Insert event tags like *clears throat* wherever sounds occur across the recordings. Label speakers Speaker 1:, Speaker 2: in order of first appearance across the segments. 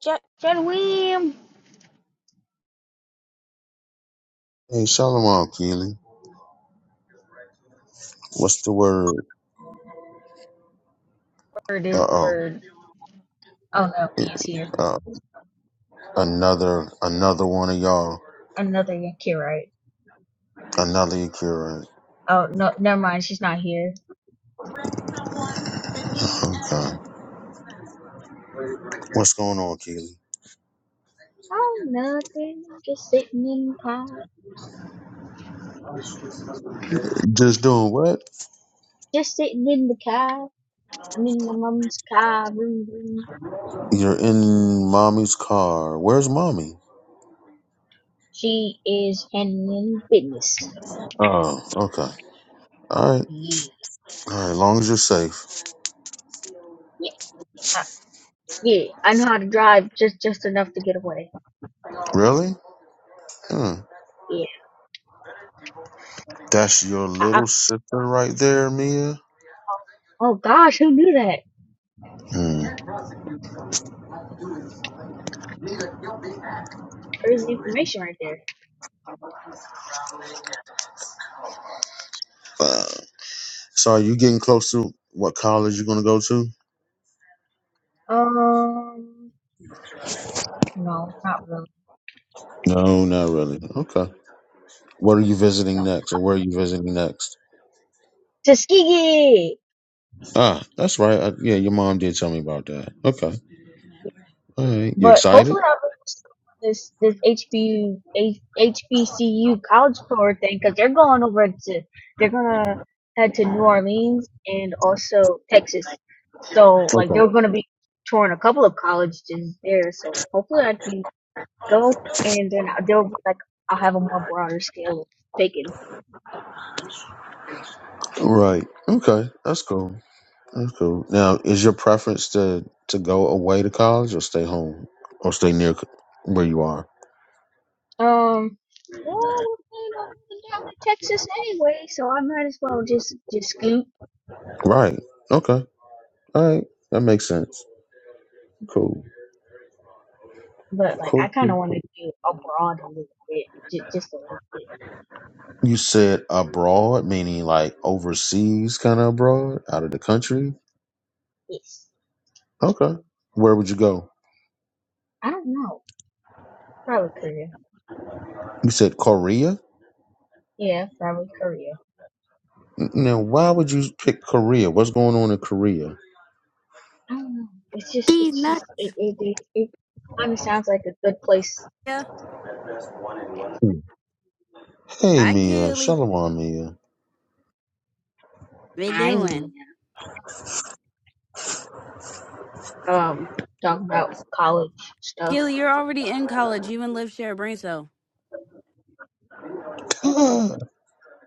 Speaker 1: Jet, Jed William.
Speaker 2: Hey, Shalom, Keely. What's the word?
Speaker 1: Bird is
Speaker 2: Uh oh.
Speaker 1: bird. Oh no, Mia's here.
Speaker 2: Uh, another, another one of y'all.
Speaker 1: Another Yankee, right?
Speaker 2: Another Akira.
Speaker 1: Oh no, never mind. She's not here.
Speaker 2: Okay. What's going on, Keely?
Speaker 1: Oh nothing. Just sitting in the car.
Speaker 2: Just doing what?
Speaker 1: Just sitting in the car. I'm in my mom's car. Room, room.
Speaker 2: You're in mommy's car. Where's mommy?
Speaker 1: She is handling business.
Speaker 2: Oh, okay. All right.
Speaker 1: Yeah,
Speaker 2: All right. Long as you're safe.
Speaker 1: yeah, uh, yeah. I know how to drive just just enough to get away.
Speaker 2: Really? Hmm.
Speaker 1: Yeah.
Speaker 2: That's your
Speaker 1: I, I,
Speaker 2: little sister right there, Mia.
Speaker 1: oh oh gosh, who knew that?
Speaker 2: Hmm.
Speaker 1: Crazy information right there.
Speaker 2: Uh, so, are you getting close to what college you're gonna go to?
Speaker 1: Um, no, not really.
Speaker 2: No, not really. Okay. What are you visiting
Speaker 1: No.
Speaker 2: next, or where are you visiting next?
Speaker 1: Tuskegee.
Speaker 2: Ah, that's right. I, yeah, your mom did tell me about that. Okay, all right. You
Speaker 1: But
Speaker 2: excited?
Speaker 1: hopefully, I'll be this this HBU H- HBCU college tour thing because they're going over to they're gonna head to New Orleans and also Texas. So like
Speaker 2: Okay.
Speaker 1: they're gonna be touring a couple of colleges there. So hopefully, I can go and then I- they'll be like I'll have a more broader scale of picking.
Speaker 2: Right. Okay, that's cool. That's cool. Now, is your preference to to go away to college or stay home or stay near c- where you are?
Speaker 1: Um. Well, we're planning on moving down to Texas anyway, so I might as well just just scoot.
Speaker 2: Right. Okay. All right. That makes sense. Cool.
Speaker 1: But like, I
Speaker 2: Cool. cool,
Speaker 1: kind
Speaker 2: cool.
Speaker 1: of want to do abroad a little bit, j- just a little bit.
Speaker 2: You said abroad, meaning like overseas, kind of abroad, out of the country.
Speaker 1: It's
Speaker 2: Okay. Where would you go?
Speaker 1: I don't know, probably Korea.
Speaker 2: You said Korea.
Speaker 1: Yeah, probably Korea.
Speaker 2: Now, why would you pick Korea? What's going on in Korea?
Speaker 1: I don't know. It's just,
Speaker 3: She's
Speaker 1: it's
Speaker 3: not.
Speaker 1: just, it, it, it, it kind of sounds like a good place.
Speaker 3: Yeah.
Speaker 2: Hmm. Hey,
Speaker 3: Hi,
Speaker 2: Mia.
Speaker 3: Kelly.
Speaker 2: Shalom, Mia.
Speaker 3: We
Speaker 1: I
Speaker 3: doing?
Speaker 1: mean, um, talk about college stuff.
Speaker 3: Kelly, you're already in college. You and Liv share a brain cell.
Speaker 2: *laughs*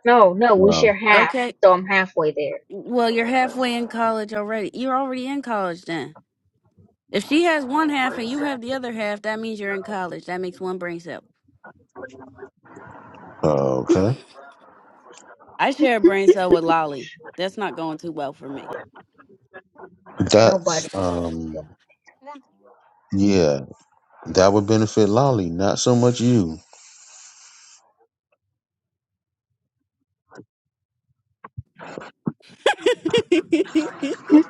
Speaker 1: No, no, we
Speaker 2: wow.
Speaker 1: share half,
Speaker 3: Okay.
Speaker 1: so I'm halfway there.
Speaker 3: Well, you're halfway in college already. You're already in college then. If she has one half and you have the other half, that means you're in college. That makes one brain cell.
Speaker 2: Oh, Okay.
Speaker 3: I share a brain cell with Lolly. That's not going too well for me.
Speaker 1: Nobody.
Speaker 2: That's, um, yeah, that would benefit Lolly, not so much you.
Speaker 3: *laughs*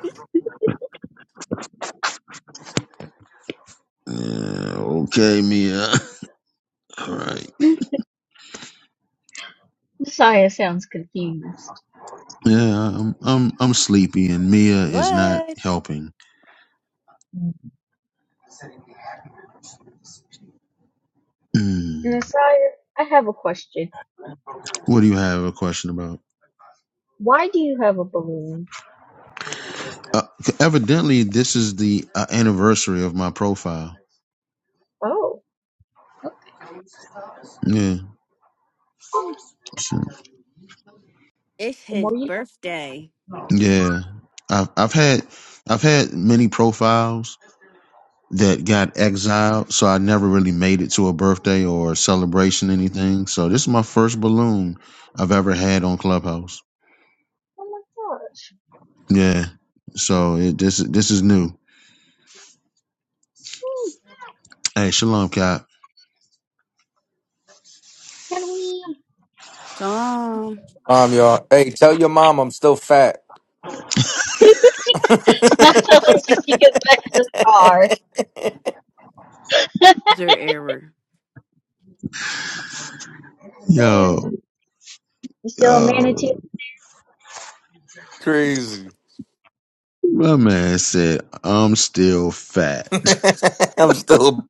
Speaker 2: Yeah, okay, Mia. *laughs* All right.
Speaker 1: *laughs* Messiah sounds confused.
Speaker 2: Yeah, I'm, I'm, I'm sleepy, and Mia is not
Speaker 3: what?
Speaker 2: helping.
Speaker 1: Mm.
Speaker 2: Hmm.
Speaker 1: Messiah, I have a question.
Speaker 2: What do you have a question about?
Speaker 1: Why do you have a balloon?
Speaker 2: Uh, evidently, this is the uh, anniversary of my profile.
Speaker 1: Oh,
Speaker 2: Yeah.
Speaker 1: oh
Speaker 2: so
Speaker 3: It's
Speaker 1: the
Speaker 3: his
Speaker 1: more you
Speaker 3: birthday.
Speaker 2: Yeah, I've I've had I've had many profiles that got exiled, so I never really made it to a birthday or a celebration, anything. So this is my first balloon I've ever had on Clubhouse.
Speaker 1: know. Oh my gosh.
Speaker 2: Yeah, so it, this this is new.
Speaker 1: Hmm,
Speaker 2: Hey, shalom, Cap.
Speaker 1: Can we?
Speaker 3: Tom,
Speaker 4: Mom, y'all. Hey, tell your mom I'm still fat.
Speaker 1: *laughs* i will tell her when she gets back to the car.
Speaker 4: *laughs*
Speaker 1: *laughs*
Speaker 3: is there error?
Speaker 2: Yo,
Speaker 1: you still a manatee?
Speaker 2: yo,
Speaker 4: Crazy.
Speaker 2: my man said I'm still
Speaker 4: *laughs*
Speaker 2: fat.
Speaker 4: I'm still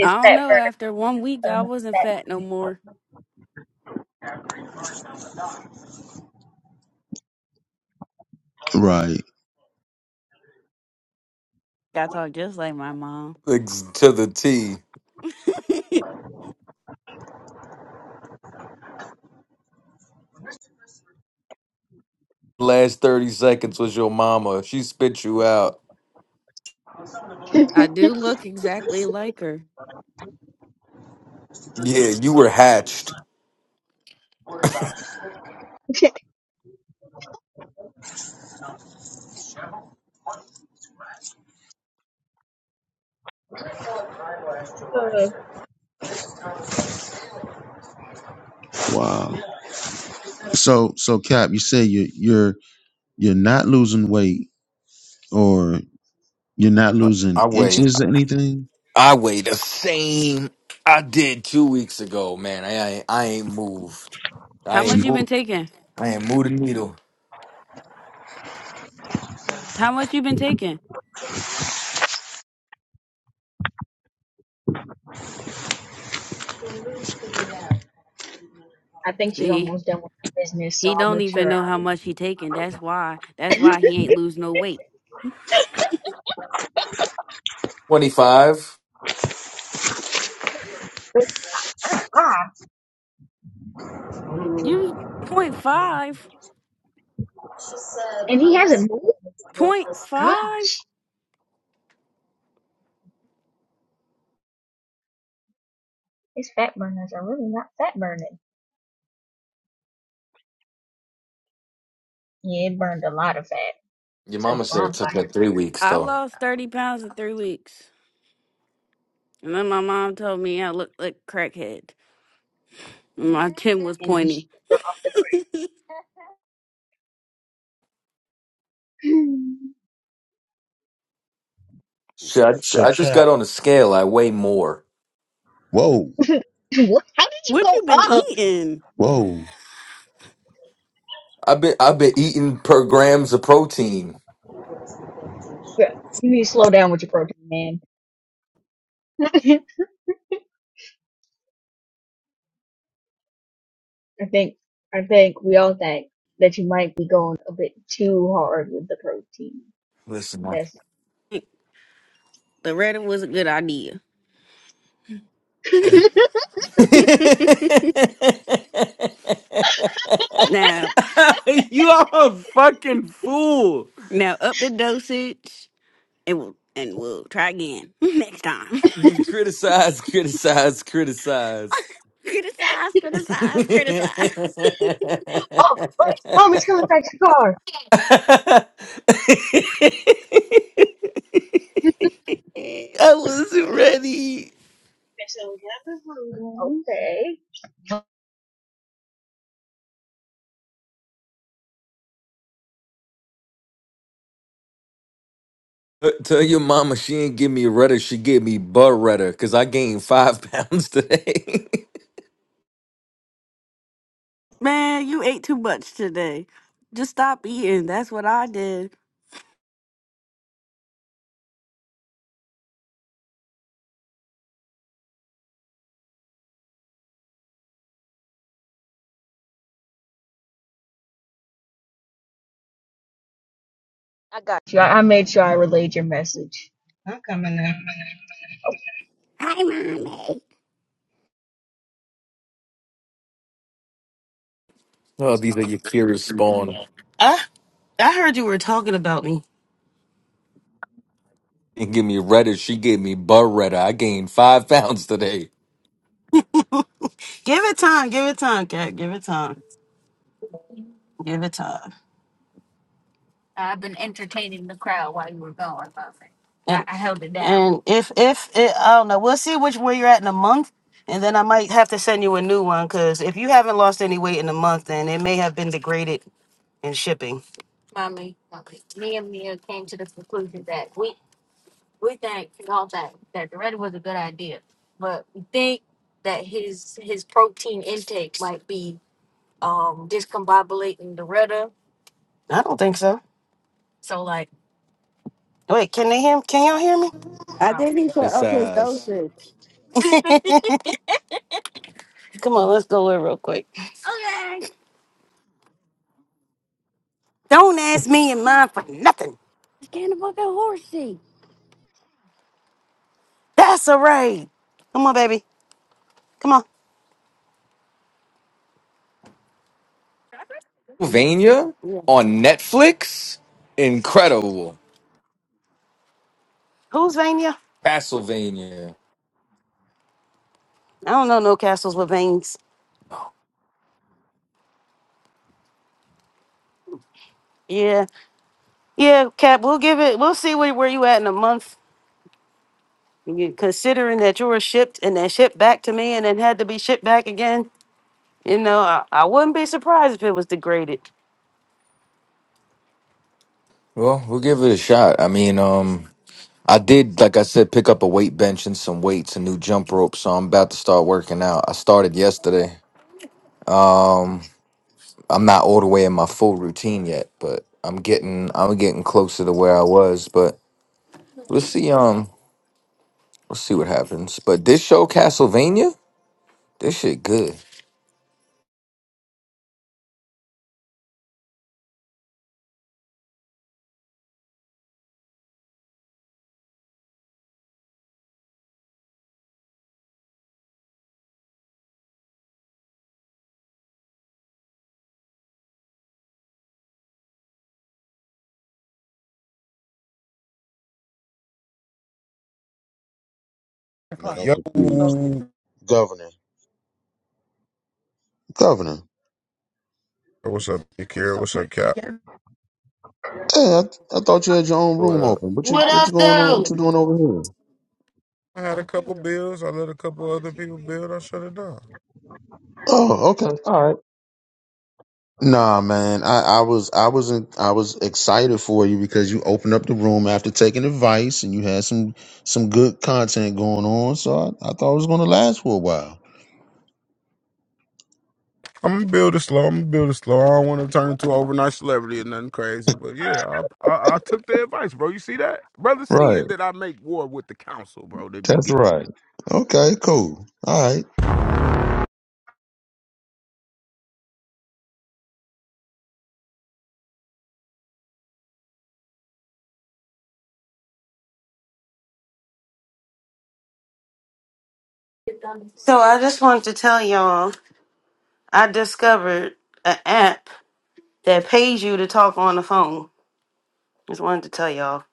Speaker 3: I don't
Speaker 1: fat
Speaker 3: know. After one week,
Speaker 1: burner.
Speaker 3: I
Speaker 1: Um,
Speaker 3: wasn't
Speaker 1: fat
Speaker 3: fat no more.
Speaker 2: *laughs* right.
Speaker 3: I talk just like my mom.
Speaker 4: ex- to the T.
Speaker 3: *laughs*
Speaker 4: Last 30 seconds was your mama. She spit you out.
Speaker 3: I do look exactly like her.
Speaker 4: Yeah, you were hatched.
Speaker 1: burner. *laughs* Uh,
Speaker 2: Wow. So so, cap, you say you you're you're not losing weight, or. You're not losing
Speaker 4: I weigh.
Speaker 2: inches or anything.
Speaker 4: I weigh the same I did two weeks ago, man. I, I, I ain't moved. I
Speaker 3: How
Speaker 4: ain't
Speaker 3: much
Speaker 2: You
Speaker 3: you been
Speaker 4: moved.
Speaker 3: taking?
Speaker 4: I ain't moved a needle.
Speaker 3: How much you been taking?
Speaker 1: I think she's
Speaker 3: See,
Speaker 1: almost done with her business, so
Speaker 3: he
Speaker 1: I'll
Speaker 3: don't
Speaker 1: make
Speaker 3: even
Speaker 1: sure.
Speaker 3: know how much he taking. That's why.
Speaker 1: I
Speaker 3: That's
Speaker 1: *laughs*
Speaker 3: why he ain't lose no weight.
Speaker 4: 25.
Speaker 1: But already lied.
Speaker 3: You point five.
Speaker 1: And he hasn't moved?
Speaker 3: Point five.
Speaker 1: Gosh. His fat burners are really not fat burning. Yeah, it burned a lot of fat.
Speaker 4: Your
Speaker 1: It's like a
Speaker 4: mama said it
Speaker 1: bonfire.
Speaker 4: took like three weeks,
Speaker 3: I
Speaker 4: though.
Speaker 3: lost thirty pounds in three weeks, and then my mom told me I looked like crackhead. My chin was
Speaker 1: And you
Speaker 3: pointy.
Speaker 1: should go off the
Speaker 4: Shit, I just,
Speaker 2: so
Speaker 4: I just
Speaker 2: cap.
Speaker 4: got on a scale. I weigh more.
Speaker 2: Whoa,
Speaker 1: cliff. *laughs* what? How did you
Speaker 3: What you
Speaker 1: go
Speaker 3: been
Speaker 1: up?
Speaker 3: eating?
Speaker 2: whoa.
Speaker 4: I've been I've been eating per grams of protein.
Speaker 1: Bro, You need to slow down with your protein, man. *laughs* I think I think we all think that you might be going a bit too hard with the protein.
Speaker 4: Listen, man.
Speaker 1: That's
Speaker 3: The Reddit was a good idea.
Speaker 1: *laughs*
Speaker 4: *laughs*
Speaker 3: Now,
Speaker 4: you are a fucking fool.
Speaker 3: now up the dosage. and we'll and we'll try again *laughs* next time.
Speaker 4: *laughs* criticize, criticize, criticize.
Speaker 3: *laughs* criticize,
Speaker 4: *laughs* I
Speaker 3: criticize, criticize.
Speaker 1: Oh, wait, mom is coming back to the car.
Speaker 4: wasn't ready.
Speaker 1: Okay.
Speaker 4: Uh, Tell your mama she ain't give me a rudder, she gave me butt rudder because I gained five *laughs* pounds today.
Speaker 3: Man, you ate too much today. Just stop eating. That's what I did.
Speaker 1: I got you. I I made sure I relayed your message. I'm coming up.
Speaker 3: Hi, mommy.
Speaker 4: Oh, these are your curious spawn.
Speaker 5: I I heard you were talking about me.
Speaker 4: And give me Reddit. She gave me Beretta. I gained five *laughs* pounds today.
Speaker 5: Give it time. Give it time, Cat. Give it time. Give it time. And and if if it, I don't know, we'll see which where you're at in a month, and then I might have to send you a new one because if you haven't lost any weight in a month, then it may have been degraded in shipping. I don't think so. Wait, can they hear? Can y'all hear me?
Speaker 3: I think he put
Speaker 4: This
Speaker 3: up his
Speaker 4: size.
Speaker 3: dosage.
Speaker 5: *laughs* Come on, let's go in real quick. Don't ask me and mine for nothing.
Speaker 3: Scan the fucking horsey.
Speaker 5: That's all right. Come on, baby. Come on.
Speaker 4: Pennsylvania on Netflix? Incredible.
Speaker 5: Who's Vania?
Speaker 4: Castlevania.
Speaker 5: I don't know no castles with veins. Yeah. Yeah, Cap, we'll give it, we'll see where, where you at in a month. You- Considering that you were shipped and then shipped back to me and then had to be shipped back again, you know, I, I wouldn't be surprised if it was degraded.
Speaker 4: Well, we'll give it a shot. I mean, um, I did, like I said, pick up a weight bench and some weights, a new jump rope, so I'm about to start working out. I started yesterday. Um, I'm not all the way in my full routine yet, but I'm getting I'm getting closer to where I was, but we'll see. Um We'll see what happens. But this show, Castlevania, this shit good.
Speaker 2: Man,
Speaker 6: o'clock.
Speaker 2: I'm
Speaker 6: Yo,
Speaker 2: confused.
Speaker 6: So
Speaker 2: Governor, governor.
Speaker 6: what's up, Big Carol? so What's up, Cap? yeah,
Speaker 2: Hey, I, th- I thought you had your own
Speaker 4: What
Speaker 2: room
Speaker 4: up?
Speaker 2: open. What you what you going on? What you doing over here?
Speaker 6: I had a couple bills. I let a couple other people build. I shut it down.
Speaker 2: Oh, okay. Nah, man. I, I was I was in, I was excited for you because you opened up the room after taking advice and you had some some good content going on. So I, I thought it was going to last for a while.
Speaker 6: I'm gonna build it slow. I'm gonna build it slow. I don't want to turn into an overnight celebrity or nothing crazy. But yeah, I, I I took the advice, bro. You see that, brother? Seeing
Speaker 2: Right.
Speaker 6: that I make war with the council, bro. They be
Speaker 2: That's
Speaker 6: get.
Speaker 2: right. Okay. Cool. All right.
Speaker 5: So I just wanted to tell y'all, I discovered an app that pays you to talk on the phone. Just wanted to tell y'all.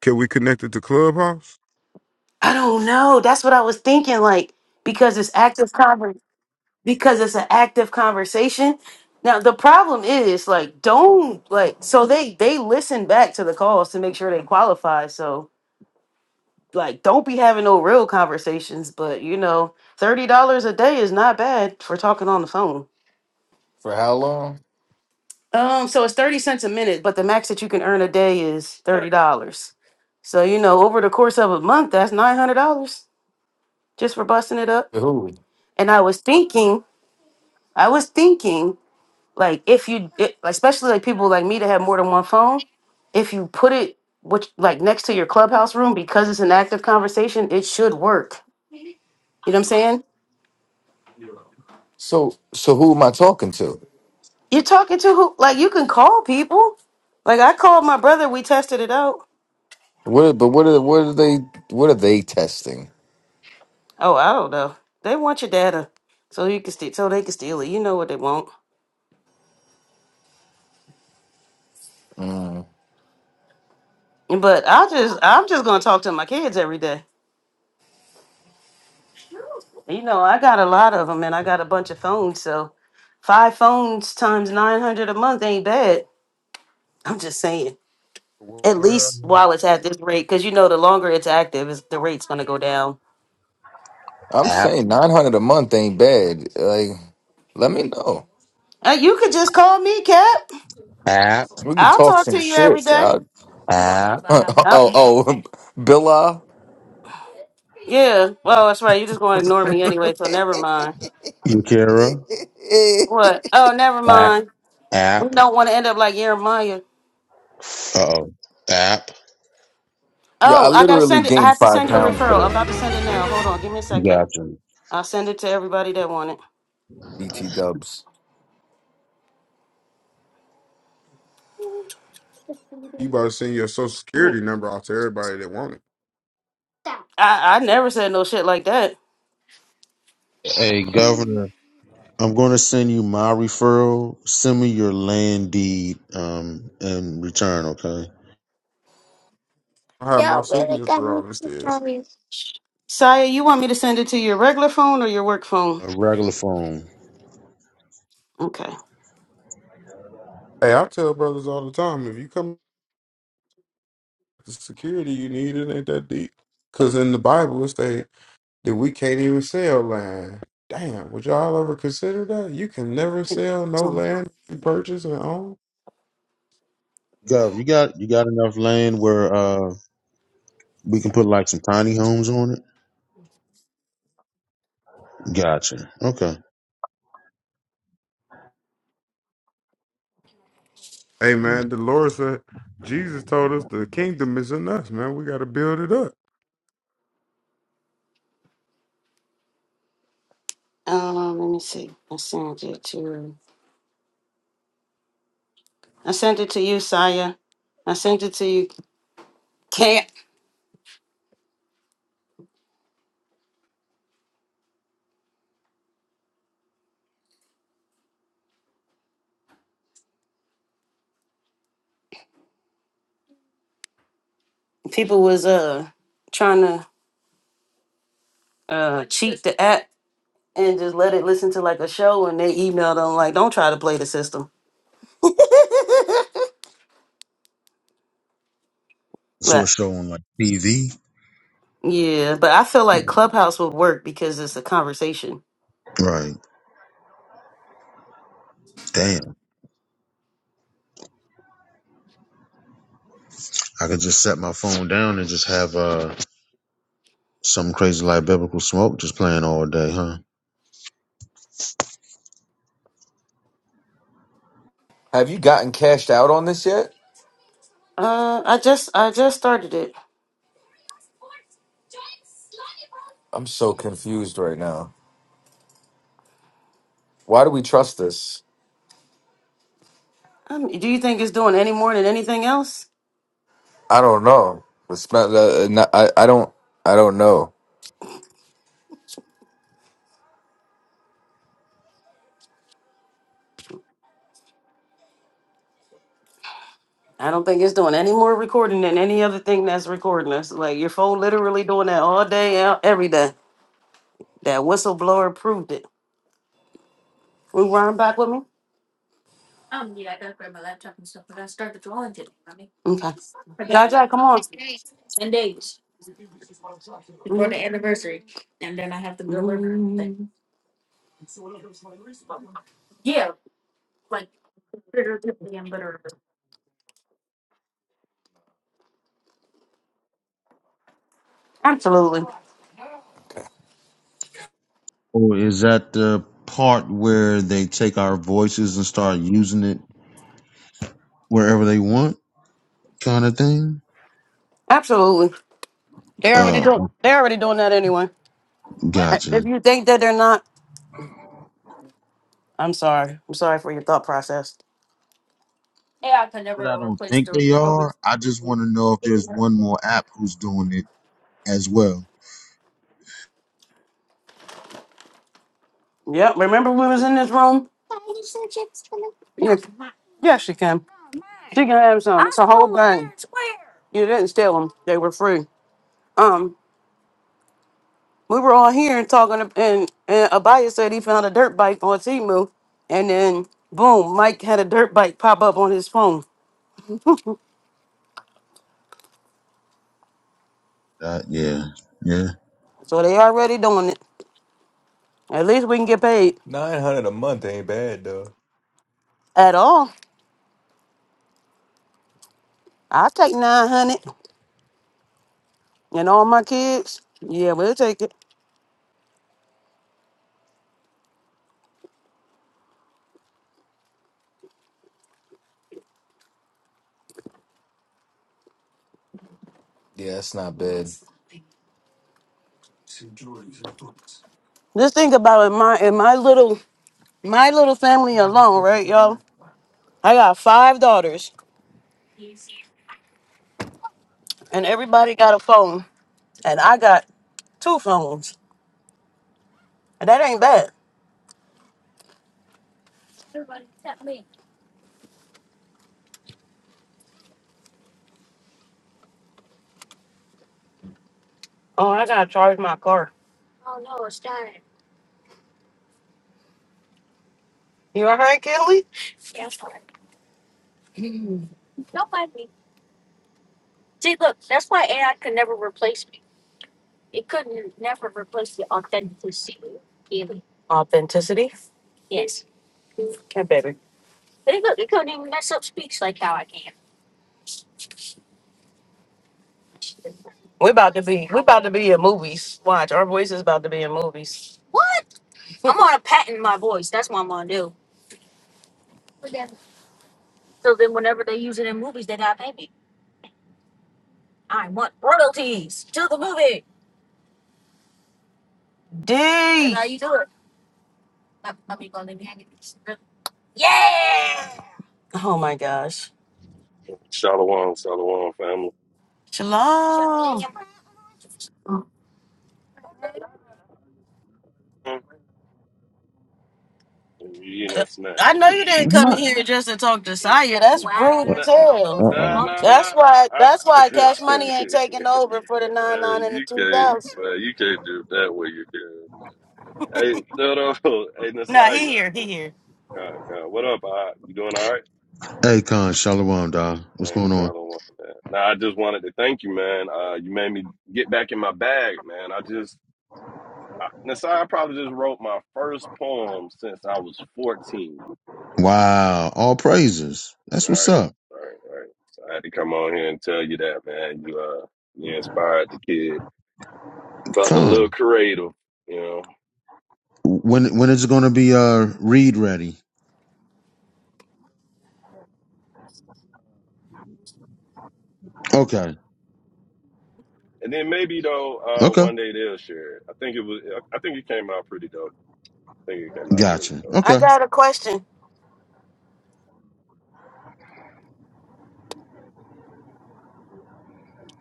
Speaker 6: Can we connect it to Clubhouse?
Speaker 5: I don't know. That's what I was thinking, like, because it's active conversation. because it's an active conversation. Now the problem is like don't like so they they listen back to the calls to make sure they qualify. So like don't be having no real conversations, but you know, thirty dollars a day is not bad for talking on the phone.
Speaker 4: For how long?
Speaker 5: Um, so it's thirty cents a minute, but the max that you can earn a day is thirty dollars. So you know, over the course of a month, that's nine hundred dollars just for busting it up.
Speaker 4: For who?
Speaker 5: And I was thinking, I was thinking like if you it, especially like people like me that have more than one phone if you put it which like next to your clubhouse room because it's an active conversation it should work you know what i'm saying
Speaker 4: So, so who am I talking to?
Speaker 5: you're talking to who like you can call people like i called my brother we tested it out
Speaker 4: What? are- But what are what are they? What are they testing?
Speaker 5: oh i don't know they want your data so you can steal so they can steal it you know what they want
Speaker 4: Mm.
Speaker 5: but i just i'm just gonna talk to my kids every day you know i got a lot of them and i got a bunch of phones so five phones times 900 a month ain't bad I'm just saying. At least while it's at this rate, because you know the longer it's active, is the rate's gonna go down.
Speaker 4: I'm
Speaker 2: App.
Speaker 4: saying nine hundred a month ain't bad. Like, let me know.
Speaker 5: Uh, you could just call me, Cap.
Speaker 2: App.
Speaker 4: We can
Speaker 5: I'll
Speaker 4: talk
Speaker 5: talk
Speaker 4: some
Speaker 5: to you every
Speaker 4: shit.
Speaker 5: day.
Speaker 4: I,
Speaker 2: App.
Speaker 4: *laughs* oh,
Speaker 5: I'll-
Speaker 4: oh, *laughs* Billa.
Speaker 5: yeah. Well, that's right. You're just gonna ignore me anyway, so never mind.
Speaker 2: Yakira,
Speaker 5: What? Oh, never
Speaker 2: app,
Speaker 5: mind. We
Speaker 2: app,
Speaker 5: don't want to end up like Jeremiah.
Speaker 2: oh, app.
Speaker 4: yeah, I
Speaker 5: Oh, I gotta
Speaker 4: literally
Speaker 5: send it. I
Speaker 4: gained
Speaker 5: have to
Speaker 4: five
Speaker 5: send you a
Speaker 4: pounds for
Speaker 5: referral. I'm
Speaker 4: the
Speaker 5: about to send it now. Hold on. Give me a second.
Speaker 2: Gotcha.
Speaker 5: I'll send it to everybody that want it.
Speaker 4: BT Dubs.
Speaker 6: You about to send your social
Speaker 5: Wait.
Speaker 6: security number out to everybody that want it.
Speaker 5: I I never said no shit like that.
Speaker 2: Hey, Governor, I'm going to send you my referral. Send me your land deed um, in return, okay?
Speaker 6: I have my signature on it still.
Speaker 5: Saya, you want me to send it to your regular phone or your work phone?
Speaker 2: A regular phone.
Speaker 5: Okay.
Speaker 6: Hey, I tell brothers all the time if you come. The security you need it ain't that deep. Cause in the Bible it say that we can't even sell land. Damn, would y'all ever consider that? You can never sell no
Speaker 5: Oh,
Speaker 6: land you purchase and own.
Speaker 2: Gov, you got you got enough land where uh we can put like some tiny homes on it. Gotcha. Okay.
Speaker 6: Hey
Speaker 2: Mm.
Speaker 6: man, the Lord said Jesus told us the kingdom is in us, man. We gotta build it up.
Speaker 5: um, let me see. I sent it to I sent it to you, Saya. I sent it to you. Can't people was uh trying to uh cheat the app and just let it listen to like a show and they emailed them like don't try to play the system.
Speaker 2: So it's
Speaker 5: But
Speaker 2: showing like TV.
Speaker 5: yeah, but I feel like Clubhouse would work because it's a conversation.
Speaker 2: Right. Damn. I could just set my phone down and just have uh some crazy like biblical smoke just playing all day, huh?
Speaker 4: Have you gotten cashed out on this yet?
Speaker 5: Uh I just I just started it.
Speaker 4: I'm so confused right now. Why do we trust this?
Speaker 5: Um, do you think it's doing any more than anything else?
Speaker 4: I don't know. The smell. Uh, no- I I don't I don't know.
Speaker 5: I don't think it's doing any more recording than any other thing that's recording us. Like your phone literally doing that all day, e- every day. That whistleblower proved it. We run back with me? Okay. Jaja, come on. Mm, Absolutely.
Speaker 4: Okay.
Speaker 2: Oh, is that the part where they take our voices and start using it wherever they want, kind of thing?
Speaker 5: Absolutely. They're already
Speaker 2: Uh,
Speaker 5: doing they're already doing that anyway. If
Speaker 2: gotcha.
Speaker 5: you think that they're not, I'm sorry. I'm sorry for your thought process.
Speaker 2: But I don't think they are. I just want to know if there's one more app who's doing it as well.
Speaker 5: Yep. Remember we was in this room? Yes. Yes, she can. She can have some. It's a whole bag. You didn't steal them. They were free. Um. we were all here and talking, and, and Abaya said he found a dirt bike on Timu, and then boom, Mike had a dirt bike pop up on his phone.
Speaker 2: Uh, yeah, yeah.
Speaker 5: So they already doing it. At least we can get paid
Speaker 4: Nine hundred a month ain't bad though.
Speaker 5: at all. I take nine hundred, and all my kids, yeah, we'll take it.
Speaker 4: Yeah, it's not bad.
Speaker 5: Just think about it, my in my little my little family alone, right, y'all? I got five daughters, and everybody got a phone, and I got two phones, and that ain't bad. Oh, I gotta charge my car. You all right, Kelly? Authenticity. Okay, baby. we about to be we about to be in movies. Watch, our voice is about to be in movies. D how you doing? Oh my gosh.
Speaker 7: Shalom, shalom, family.
Speaker 5: Shalom.
Speaker 7: Hmm, You eating a snack?
Speaker 5: I know you didn't come
Speaker 2: What?
Speaker 5: here just to talk to Saya.
Speaker 7: Hmm,
Speaker 5: That's rude
Speaker 7: Nah,
Speaker 5: as
Speaker 2: Uh
Speaker 5: hell.
Speaker 7: nah,
Speaker 2: oh.
Speaker 7: nah. nah.
Speaker 5: That's why
Speaker 7: I,
Speaker 5: that's why cash money ain't taking
Speaker 7: *laughs*
Speaker 5: over for the nine
Speaker 7: Uh,
Speaker 5: nine and the
Speaker 7: you
Speaker 5: two
Speaker 7: can't,
Speaker 5: thousand.
Speaker 7: well, you can't do it that way. You can. Hey, no, no. *laughs* Hey,
Speaker 5: No, he
Speaker 7: Nasaya.
Speaker 5: here, he
Speaker 7: Oh,
Speaker 5: here.
Speaker 7: God, God. What up? I, you doing all right?
Speaker 2: Hey, Khan, Shalom, dog. What's
Speaker 7: Man,
Speaker 2: going on?
Speaker 7: shalom, man. Nah, I just wanted to thank you, man. Uh, you made me get back in my bag, man. I just, I, Nasiah, I probably just wrote my first poem since I was 14.
Speaker 2: Wow, all praises. That's
Speaker 7: All
Speaker 2: what's
Speaker 7: right,
Speaker 2: up,
Speaker 7: all right, all right. So I had to come on here and tell you that, man. You uh, you inspired the kid. Felt a little
Speaker 2: Khan.
Speaker 7: creative, you know.
Speaker 2: When when is it gonna be uh read ready? Okay,
Speaker 7: And then maybe though, uh,
Speaker 2: okay,
Speaker 7: one day they'll share it. I think it was. I I think it came out pretty dope. I think it came out pretty
Speaker 2: gotcha.
Speaker 7: dope.
Speaker 5: I
Speaker 2: Okay,
Speaker 5: got a question.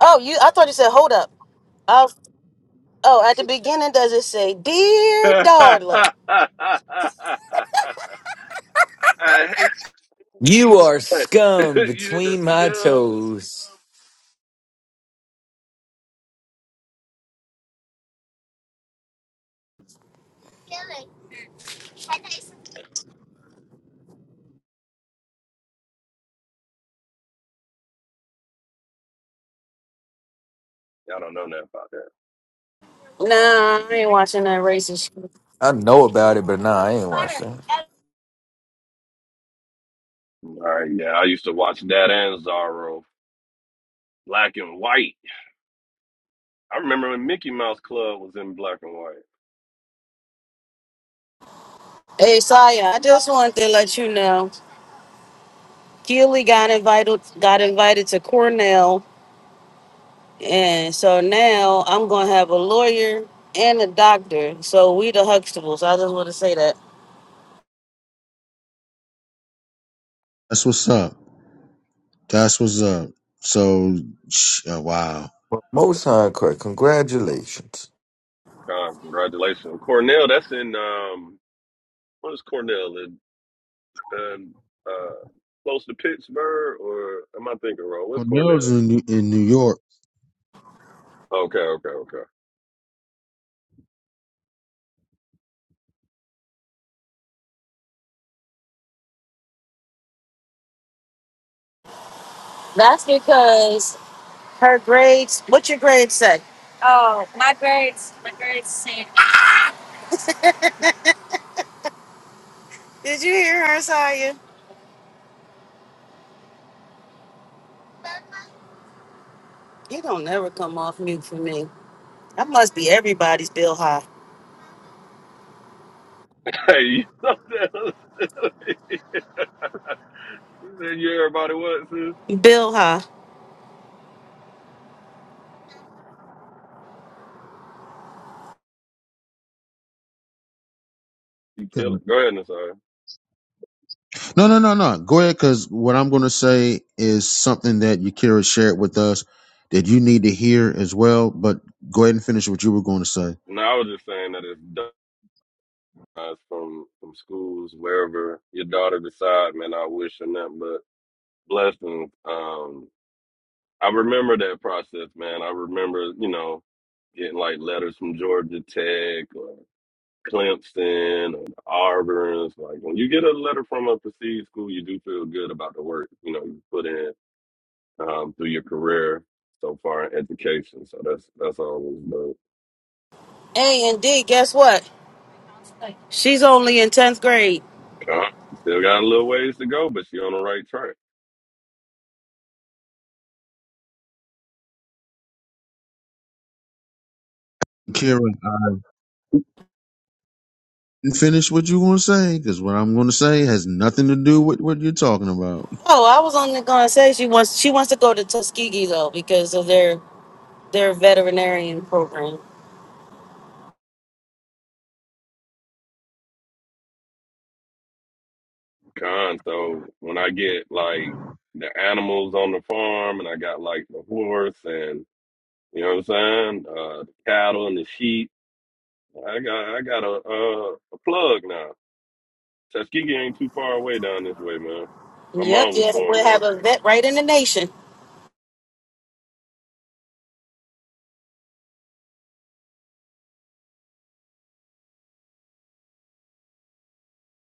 Speaker 5: Oh, you I thought you said hold up. i oh, at the beginning does it say Dear
Speaker 7: *laughs*
Speaker 5: Darla?
Speaker 7: I hate you
Speaker 4: You
Speaker 7: so
Speaker 4: are
Speaker 7: much. *laughs*
Speaker 4: scum
Speaker 7: you the
Speaker 4: between my
Speaker 7: scum.
Speaker 4: toes.
Speaker 7: Y'all don't know nothing about that.
Speaker 5: Nah, I ain't watching that racist
Speaker 4: I know about it, but nah, I ain't watched that.
Speaker 7: All right, yeah. I used to watch that and Zorro, black and white. I remember when Mickey Mouse Club was in black and white.
Speaker 5: Hey, Saya, I just wanted to let you know Keely got invited got invited to Cornell, and so now I'm gonna have a lawyer and a doctor. So we the Huxtables. I just want to say that
Speaker 2: that's what's up. That's what's up. So, sh- uh, wow.
Speaker 4: But most high court, congratulations.
Speaker 7: Con, congratulations. Well, Cornell, that's in um what is Cornell? In, in uh close to Pittsburgh or am I thinking wrong? What's
Speaker 2: Cornell's
Speaker 7: Cornell?
Speaker 2: in New, in New York.
Speaker 7: Okay, okay, okay.
Speaker 5: her grades. What your grades say? Did you hear her, Saya? You don't never come off mute for me. I must be everybody's Bill High.
Speaker 7: *laughs* Hey, you know that *laughs* You said you everybody what, sis?
Speaker 5: Bill High.
Speaker 7: You
Speaker 2: Okay.
Speaker 7: kill it. Go ahead, Nasir.
Speaker 2: No, no, no, no. Go ahead, because what I'm going to say is something that Yakira shared with us that you need to hear as well. But go ahead and finish what you were going to say.
Speaker 7: No, I was just saying that it's done uh, from from schools, wherever your daughter decide, man, I wish her nothing but blessings. Um I remember that process, man. I remember, you know, getting like letters from Georgia Tech or Clemson or Auburn. It's like when you get a letter from a prestige school, you do feel good about the work, you know, you put in um, through your career so far in education. So that's that's always dope.
Speaker 5: A and D. Guess what? She's only in tenth grade.
Speaker 7: Con still got a little ways to go, but you on the right track.
Speaker 2: Yakira, I didn't finish what you were going to say because what I'm going to say has nothing to do with what you're talking about.
Speaker 5: Oh, I was only gonna say she wants she wants to go to Tuskegee though because of their their veterinarian program.
Speaker 7: Con. So when I get like the animals on the farm and I got like the horse and. You know what I'm saying? Uh, the cattle and the sheep. I got I got a uh, a plug now. Tuskegee ain't too far away down this way, man. My
Speaker 5: Yep,
Speaker 7: mom was
Speaker 5: yes, we
Speaker 7: born there.
Speaker 5: have a vet right in the nation.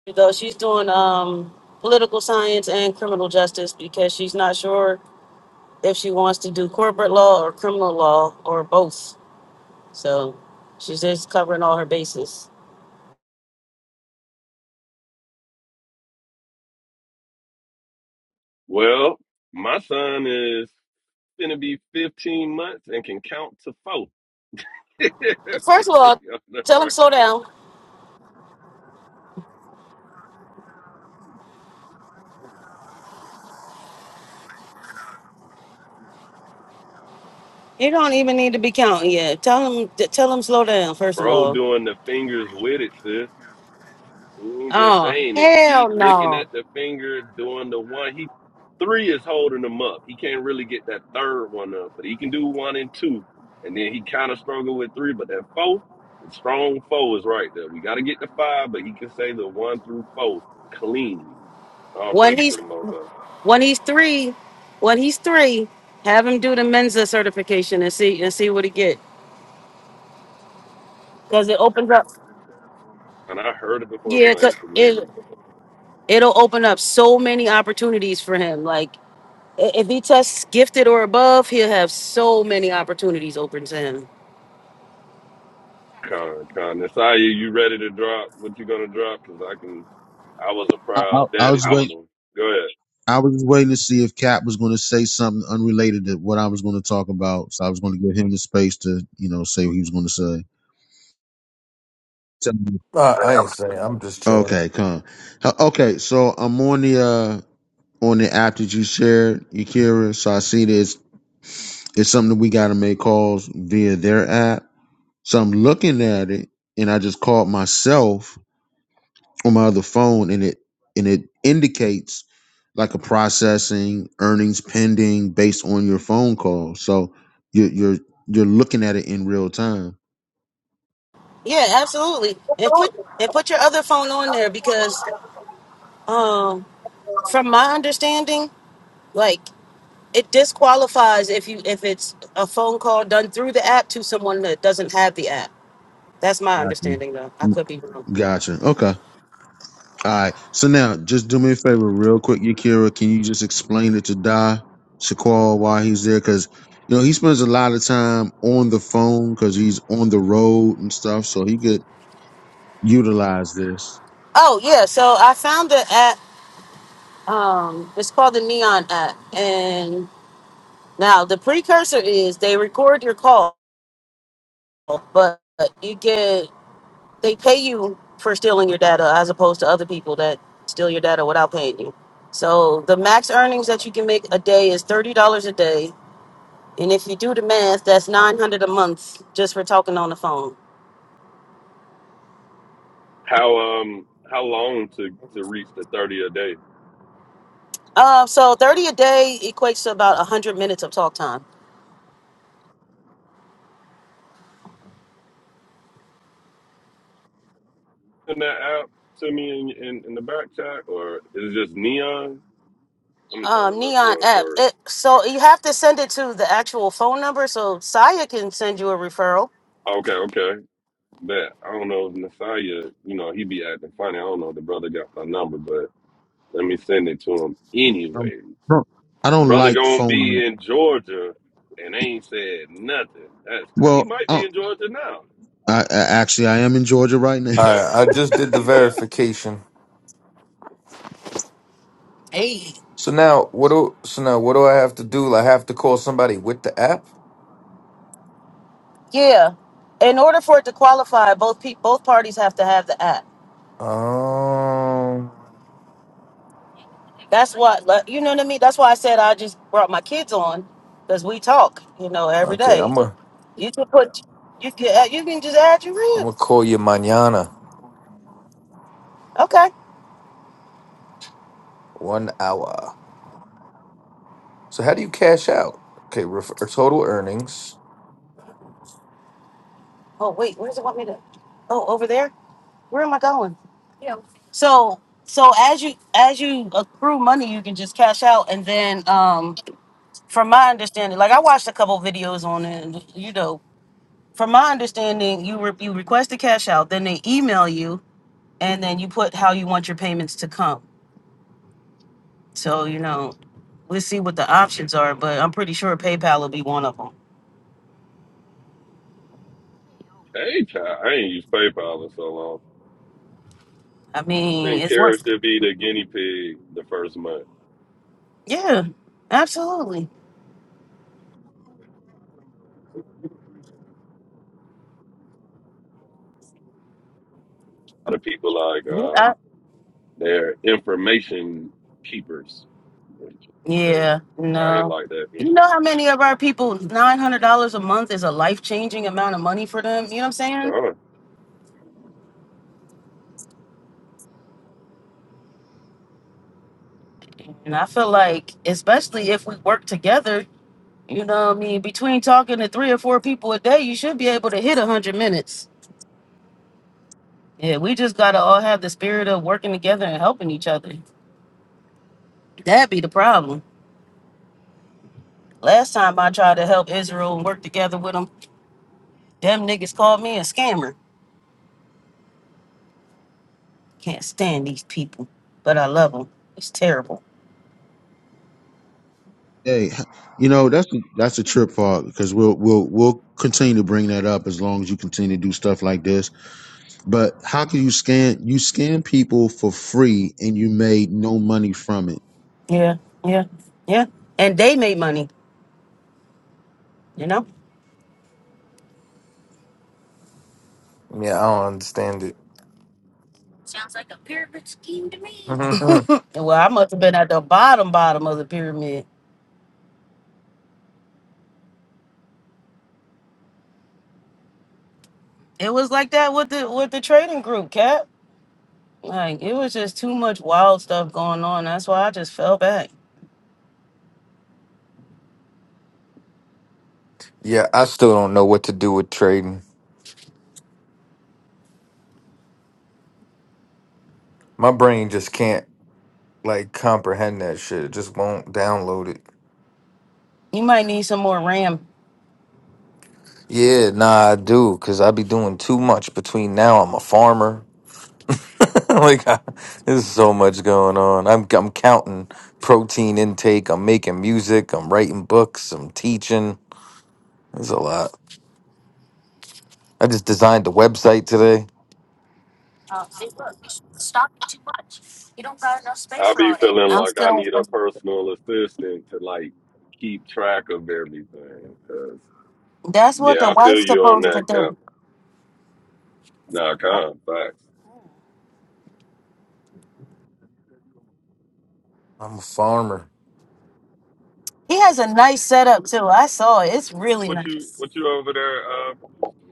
Speaker 5: You go, she's doing um, political science and criminal justice because she's not sure if she wants to do corporate law or criminal law or both. So she's just covering all her bases.
Speaker 7: Well, my son is gonna be 15 months and can count to four. *laughs*
Speaker 5: First of all, tell him slow down. You don't even need to be counting yet. Tell him, tell him slow down. First of
Speaker 7: Bro,
Speaker 5: all.
Speaker 7: doing the fingers with it, sis. He ain't just
Speaker 5: Oh
Speaker 7: saying it. He
Speaker 5: hell
Speaker 7: looking
Speaker 5: no!
Speaker 7: at the finger, doing the one. He three is holding him up. He can't really get that third one up, but he can do one and two. And then he kind of struggled with three, but that four, the strong four is right there. We got to get the five, but he can say the one through four clean. All
Speaker 5: When
Speaker 7: praise
Speaker 5: he's
Speaker 7: to the Most High.
Speaker 5: When he's three, when he's three, have him do the Mensa certification and see and see what he get. Cause it opens up.
Speaker 7: And I heard it before, but
Speaker 5: Yeah,
Speaker 7: I
Speaker 5: 'cause
Speaker 7: ain't familiar.
Speaker 5: it it'll open up so many opportunities for him. Like i- if he tests gifted or above, he'll have so many opportunities open to him.
Speaker 7: Con, Con, Nasiah, you ready to drop what you gonna drop? Cause I can. I was a
Speaker 2: I, I,
Speaker 7: proud
Speaker 2: I
Speaker 7: daddy
Speaker 2: was
Speaker 7: this
Speaker 2: waiting.
Speaker 7: morning. Go ahead.
Speaker 2: I was waiting to see if Cap was going to say something unrelated to what I was going to talk about, so I was going to give him the space to, you know, say what he was going to say.
Speaker 4: Nah, I ain't saying. I'm just chilling.
Speaker 2: Okay, come. Okay, so I'm on the uh on the app that you shared, Yakira. So I see this. It's something that we got to make calls via their app. So I'm looking at it, and I just called myself on my other phone, and it and it indicates like a processing earnings pending based on your phone call. So you're you're you're looking at it in real time.
Speaker 5: Yeah, absolutely. And put and put your other phone on there because um from my understanding, like it disqualifies if you if it's a phone call done through the app to someone that doesn't have the app. That's my understanding, though. I
Speaker 2: Gotcha.
Speaker 5: could be wrong.
Speaker 2: Gotcha. Okay. All right. So now, just do me a favor, real quick, Yakira. Can you just explain it to Da Shaquall why he's there? Because you know he spends a lot of time on the phone because he's on the road and stuff, so he could utilize this.
Speaker 5: Oh yeah, so I found the app. Um, it's called the Neon app, and now the precursor is they record your call, but you get they pay you for stealing your data as opposed to other people that steal your data without paying you. So the max earnings that you can make a day is thirty dollars a day, and if you do the math, that's nine hundred a month just for talking on the phone.
Speaker 7: How um how long to to reach the thirty a day?
Speaker 5: Uh, so thirty a day equates to about hundred minutes of talk time.
Speaker 7: Send that app to me in, in in the back chat, or is it just neon? Let me try
Speaker 5: um,
Speaker 7: to look
Speaker 5: Neon
Speaker 7: for it
Speaker 5: app.
Speaker 7: first.
Speaker 5: It, so you have to send it to the actual phone number so Saya can send you a referral.
Speaker 7: Okay, okay. That I don't know if Messiah, you know, he be acting funny. I don't know if the brother got my number, but let me send it to him
Speaker 2: Um,
Speaker 7: anyway.
Speaker 2: no, I don't
Speaker 7: Brother
Speaker 2: like
Speaker 7: gonna
Speaker 2: phone.
Speaker 7: be in Georgia and ain't said nothing. That's cra He
Speaker 2: Well,
Speaker 7: might
Speaker 2: I,
Speaker 7: be
Speaker 2: don't-
Speaker 7: in Georgia now.
Speaker 2: I, I actually I am in Georgia right now.
Speaker 7: See
Speaker 4: All
Speaker 7: that?
Speaker 4: right, I just did the
Speaker 7: See that?
Speaker 4: verification. So now what do so now what do I have to do? I have to call somebody with the app.
Speaker 5: Yeah. In order for it to qualify, both pe- both parties have to have the app.
Speaker 4: Um.
Speaker 5: That's what like, you know what I mean. That's why I said I just brought my kids on because we talk, you know, every
Speaker 4: Okay,
Speaker 5: day.
Speaker 4: I'm a
Speaker 5: You can put you can add- you can just add your
Speaker 4: I'm gonna
Speaker 5: ribs.
Speaker 4: call you mañana.
Speaker 5: Okay.
Speaker 4: One hour. So how do you cash out? Okay, refer, total earnings.
Speaker 5: Oh wait, where does it want me to? Oh, over there. Where am I going? So so as you as you accrue money, you can just cash out and then um from my understanding, like I watched a couple videos on it, and, you know, from my understanding, you re- you request a cash out, then they email you, and then you put how you want your payments to come. So you know, we'll see what the options are, but I'm pretty sure PayPal will be one of them.
Speaker 7: Hey, child, I ain't used PayPal in so long.
Speaker 5: I
Speaker 7: I
Speaker 5: mean,
Speaker 7: think
Speaker 5: it's
Speaker 7: Kara
Speaker 5: worth.
Speaker 7: should be the guinea pig the first month.
Speaker 5: Yeah, absolutely.
Speaker 7: A lot of people like
Speaker 5: Yeah,
Speaker 7: um,
Speaker 5: I-
Speaker 7: they're information keepers. They,
Speaker 5: yeah,
Speaker 7: I ain't
Speaker 5: no.
Speaker 7: like that
Speaker 5: You know
Speaker 7: either.
Speaker 5: how many of our people nine hundred dollars a month is a life changing amount of money for them. You know what I'm saying?
Speaker 7: Uh,
Speaker 5: And I feel like, especially if we work together, You know what I mean? Between talking to three or four people a day, you should be able to hit 100 minutes. Yeah, we just got to all have the spirit of working together and helping each other. That be the problem. Last time I tried to help Israel and work together with them, them niggas called me a scammer. Can't stand these people, but I love them. It's terrible.
Speaker 2: *laughs* hey, you know that's that's a trip for because we'll we'll we'll continue to bring that up as long as you continue to do stuff like this But how can you scam? You scam people for free, and you made no money from it.
Speaker 5: Yeah, yeah, yeah. And they made money, you know?
Speaker 4: Yeah, I don't understand it. *laughs* Mhm.
Speaker 5: *laughs* Well, I must have been at the bottom, bottom of the pyramid. It was like that with the with the trading group, Cap. Like it was just too much wild stuff going on. That's why I just fell back.
Speaker 4: yeah, I still don't know what to do with trading. My brain just can't like comprehend that shit. It just won't download it.
Speaker 5: You might need some more RAM.
Speaker 4: Yeah, nah, I do, cause I be doing too much between now. I'm a farmer. *laughs* like I, there's so much going on. I'm I'm counting protein intake. I'm making music. I'm writing books. I'm teaching. There's a lot. I just designed a website today.
Speaker 7: I be feeling like I need a personal assistant to like keep track of everything. 'Cause,
Speaker 5: That's what
Speaker 7: yeah,
Speaker 5: the
Speaker 7: I feel
Speaker 5: wife's
Speaker 7: you on
Speaker 5: supposed to
Speaker 7: that, Cap.
Speaker 5: do.
Speaker 7: Nah, con facts.
Speaker 4: I'm a farmer,
Speaker 5: He has a nice setup too. I saw it. It's really
Speaker 7: What you
Speaker 5: nice.
Speaker 7: what you over there? Uh,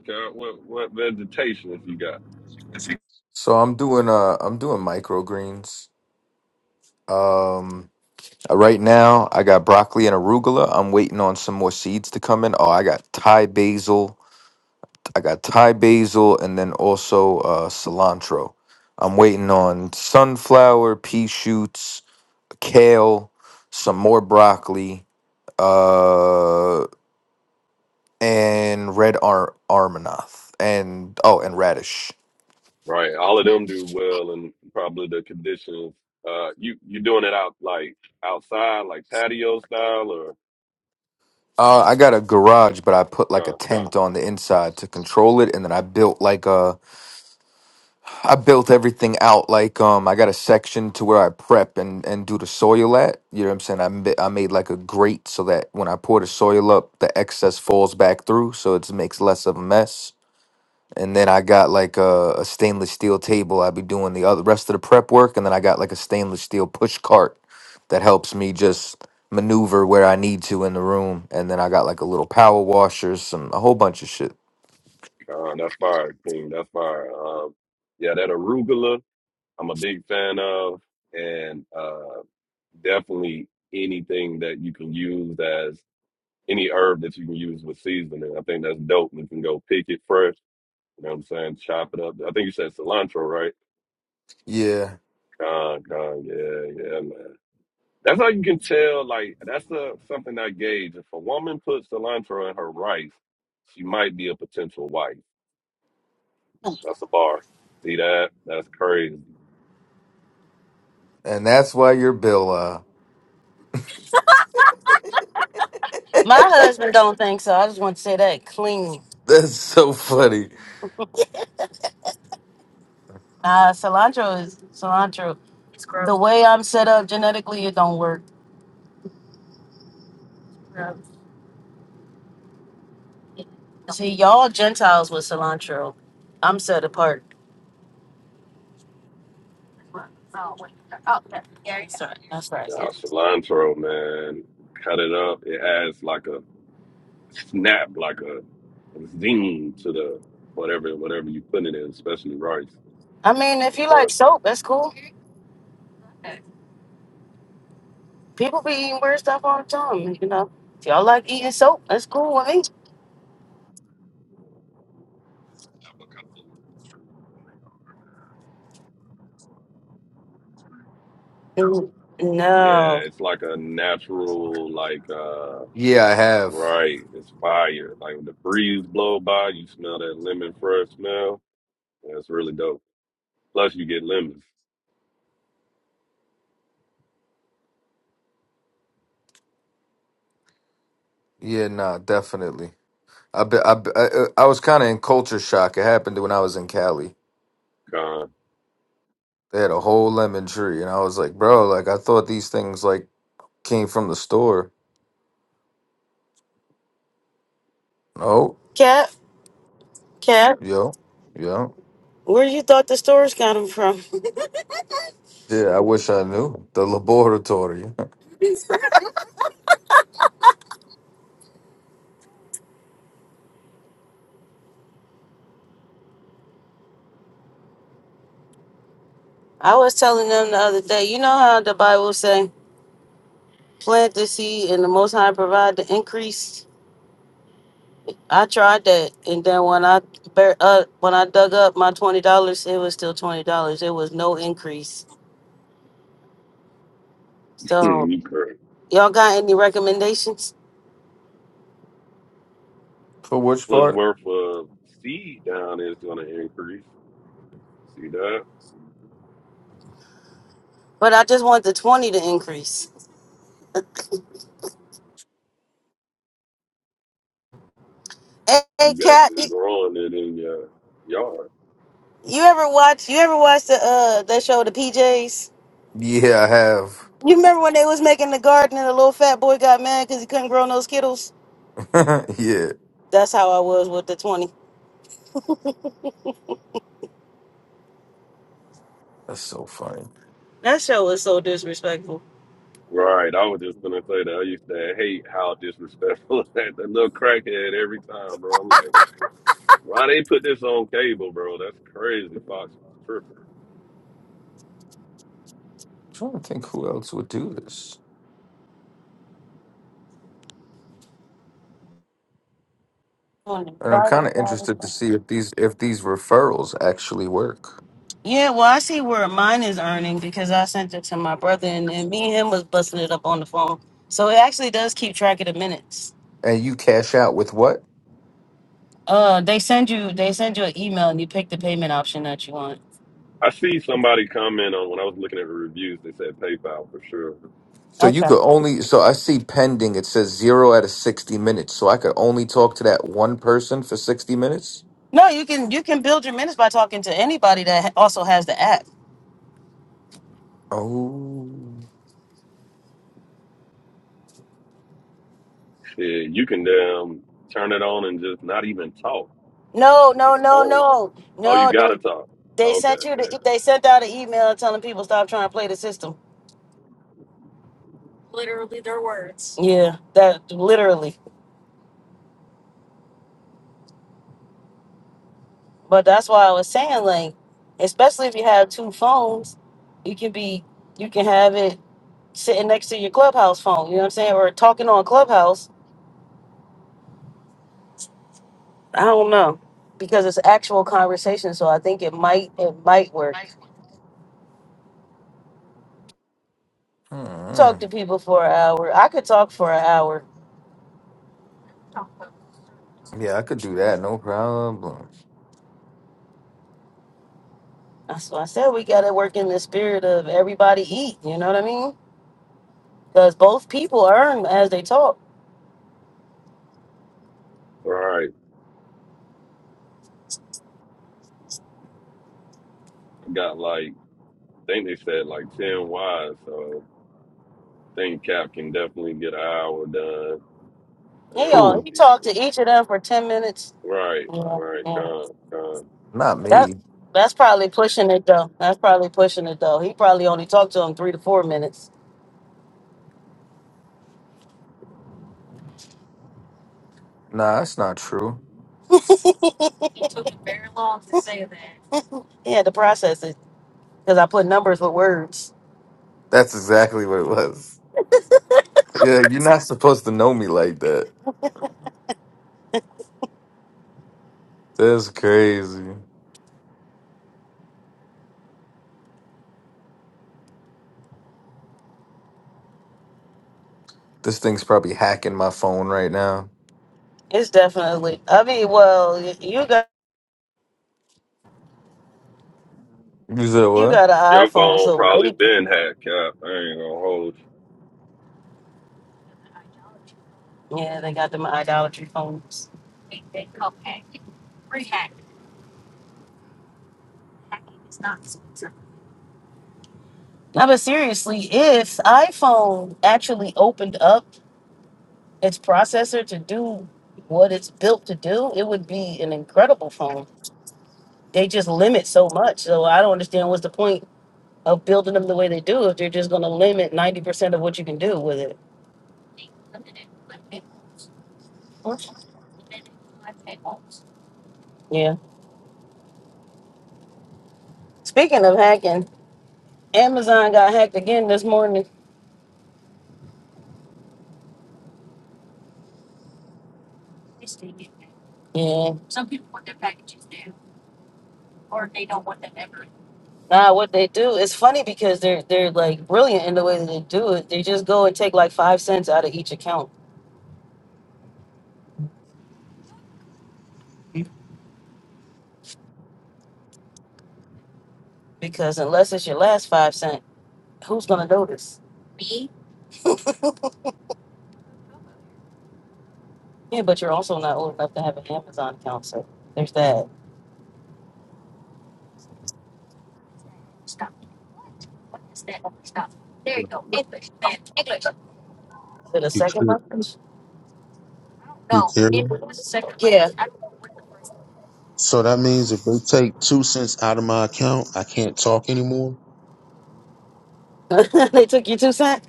Speaker 7: Cap, what what vegetations you got?
Speaker 4: so I'm doing uh I'm doing microgreens. Um, uh, right now I got broccoli and arugula. I'm waiting on some more seeds to come in. Oh, I got Thai basil. I got Thai basil and then also uh, cilantro. I'm waiting on sunflower, pea shoots, kale, some more broccoli, uh, and red ar- armanoth, and oh, and radish.
Speaker 7: Right. All of them do well and probably the conditions. Uh you you doing it out like outside, like patio style or
Speaker 4: Uh, I got a garage, but I put like a
Speaker 7: God,
Speaker 4: tent on the inside to control it, and then I built like a I built everything out. Like, um, I got a section to where I prep and and do the soil at. You know what I'm saying? I ma- I made like a grate so that when I pour the soil up, the excess falls back through, so it makes less of a mess. And then I got like a, a stainless steel table. i be doing the other rest of the prep work, and then I got like a stainless steel push cart that helps me just maneuver where I need to in the room. And then I got like a little power washer, some a whole bunch of shit.
Speaker 7: God, that's fire, King, that's fire. Um yeah, that arugula I'm a big fan of and uh definitely anything that you can use as any herb that you can use with seasoning. I think that's dope. You can go pick it fresh, you know what I'm saying? Chop it up. I think you said cilantro, right?
Speaker 4: Yeah,
Speaker 7: God, God, yeah, yeah, man. That's how you can tell. Like that's a, something I gauge. If a woman puts cilantro in her rice, she might be a potential wife. That's a bar. See that? That's crazy.
Speaker 4: and that's why your bill. Uh,
Speaker 5: My husband don't think so. I just want to say that clean.
Speaker 4: *laughs* that's so funny.
Speaker 5: Uh cilantro is cilantro. It's gross. The way I'm set up genetically, it don't work. See, y'all Gentiles with cilantro. I'm set apart. Sorry, that's
Speaker 7: Nah,
Speaker 5: right.
Speaker 7: cilantro, man. Cut it up. It adds like a snap, like a, a zing to the whatever whatever you put it in, especially rice.
Speaker 5: I mean, if you like
Speaker 7: But
Speaker 5: soap, that's cool. People be eating weird stuff all the time. You know, if y'all like eating soap, that's cool with me. Mm,
Speaker 7: yeah,
Speaker 5: No,
Speaker 7: it's like a natural like uh
Speaker 4: Yeah, I have.
Speaker 7: right. It's fire. Like when the breeze blow by, you smell that lemon fresh smell That's really dope. Plus, you get lemons.
Speaker 4: Yeah, nah, definitely. I be, I, be- I, uh, I was kind of in culture shock. It happened when I was in Cali.
Speaker 7: Con. *laughs*
Speaker 4: They had a whole lemon tree, and I was like, bro, like I thought these things like came from the store. No,
Speaker 5: Cap, Cap,
Speaker 4: yo, yo,
Speaker 5: where you thought the stores got them from?
Speaker 4: yeah. I wish I knew the laboratory.
Speaker 5: *laughs* I was telling them the other day. You know how the Bible say, "Plant the seed, and the Most High provide the increase." I tried that, and then when I bur- uh, when I dug up my twenty dollars, it was still twenty dollars. There was no increase. So,
Speaker 7: You correct.
Speaker 5: y'all got any recommendations?
Speaker 4: *laughs* For which
Speaker 7: Plus,
Speaker 4: part?
Speaker 7: worth of seed down is going to increase. See that?
Speaker 5: But I just want the twenty to increase. *laughs*
Speaker 7: You
Speaker 5: Hey, Cap.
Speaker 7: actually growing it in your yard.
Speaker 5: You ever watch? You ever watch the uh that show, the PJs?
Speaker 4: Yeah, I have.
Speaker 5: You remember when they was making the garden and the little fat boy got mad because he couldn't grow no skittles?
Speaker 4: *laughs* yeah,
Speaker 5: That's how I was with the twenty.
Speaker 4: that's so funny. I'm
Speaker 5: That show was so disrespectful.
Speaker 7: Right. I was just going to say that. I used to hate how disrespectful *laughs* that, that little crackhead every time, bro. I'm like, why they put this on cable, bro? That's crazy. Fox is tripping.
Speaker 4: trying to think who else would do this,
Speaker 5: 20.
Speaker 4: and I'm kind of interested to see if these if these referrals actually work.
Speaker 5: Yeah, well, I see where mine is earning because I sent it to my brother, and, and me and him was busting it up on the phone. So it actually does keep track of the minutes.
Speaker 4: And you cash out with what?
Speaker 5: Uh, they send you they send you an email, and you pick the payment option that you want.
Speaker 7: I see somebody comment on when I was looking at the reviews, they said PayPal for sure.
Speaker 4: So you
Speaker 5: Okay.
Speaker 4: could only so I see pending it says 0 out of 60 minutes. So I could only talk to that one person for 60 minutes?
Speaker 5: No, you can you can build your minutes by talking to anybody that ha- also has the app.
Speaker 4: Oh.
Speaker 7: Yeah, you can damn turn it on and just not even talk.
Speaker 5: No,
Speaker 7: This ain't
Speaker 5: no,
Speaker 7: the
Speaker 5: no,
Speaker 7: phone.
Speaker 5: no,
Speaker 7: Oh, you
Speaker 5: no.
Speaker 7: gotta
Speaker 5: They
Speaker 7: talk.
Speaker 5: they
Speaker 7: Okay,
Speaker 5: sent you
Speaker 7: okay.
Speaker 5: the they sent out an email telling people stop trying to play the system. Literally, their words. Yeah, that literally. But that's why I was saying like, especially if you have two phones, you can be you can have it sitting next to your clubhouse phone. You know what I'm saying, or talking on clubhouse. I don't know because it's actual conversation, so I think it might it might work.
Speaker 4: hmm.
Speaker 5: Talk to people for an hour. I could talk for an hour.
Speaker 4: Yeah, I could do that. No problem.
Speaker 5: That's why I said we gotta work in the spirit of everybody eat. You know what I mean? Because both people earn as they talk.
Speaker 7: All right. Got like I think they said like ten wise, so I think Cap can definitely get an hour done and
Speaker 5: Hey
Speaker 7: it
Speaker 5: y'all,
Speaker 4: Who?
Speaker 7: won't
Speaker 5: he
Speaker 7: be
Speaker 5: talked to
Speaker 7: sus-
Speaker 5: each of them for ten minutes.
Speaker 7: Right,
Speaker 5: Yeah,
Speaker 7: right,
Speaker 5: yeah.
Speaker 7: con, con.
Speaker 4: Not
Speaker 5: That
Speaker 4: me.
Speaker 5: that's probably pushing it though. That's probably pushing it though. He probably only talked to him three to four minutes.
Speaker 4: Nah, that's not true.
Speaker 5: He had to process it because I put numbers with words.
Speaker 4: That's exactly what it was. Yeah, you're not supposed to know me like that. That's crazy. This thing's probably hacking my phone right now.
Speaker 5: It's definitely. I mean, well, y- you got
Speaker 4: You said
Speaker 5: you
Speaker 4: what?
Speaker 5: got an
Speaker 7: Your
Speaker 5: iPhone,
Speaker 7: phone
Speaker 5: so
Speaker 7: probably
Speaker 5: maybe.
Speaker 7: been hacked, Cap. I ain't gonna hold
Speaker 5: Yeah, they got them idolatry phones. No, but seriously, if iPhone actually opened up its processor to do what it's built to do, it would be an incredible phone. They just limit so much. So I don't understand what's the point of building them the way they do if they're just going to limit 90% of what you can do with it. Yeah. Speaking of hacking, Amazon got hacked again this morning. Yeah. Nah, what they do, it's funny because they're they're like brilliant in the way that they do it. They just go and take like five cents out of each account because unless it's your last five cent, who's gonna notice? Yeah, but you're also not old enough to have an Amazon account, so there's that. Is it a
Speaker 2: You
Speaker 5: second
Speaker 2: care?
Speaker 5: language?
Speaker 2: You
Speaker 5: No,
Speaker 2: care?
Speaker 5: it was a second language. Yeah.
Speaker 2: So that means if they take two cents out of my account, I can't talk anymore.
Speaker 5: *laughs* I don't know what the first *laughs* they took you two cent.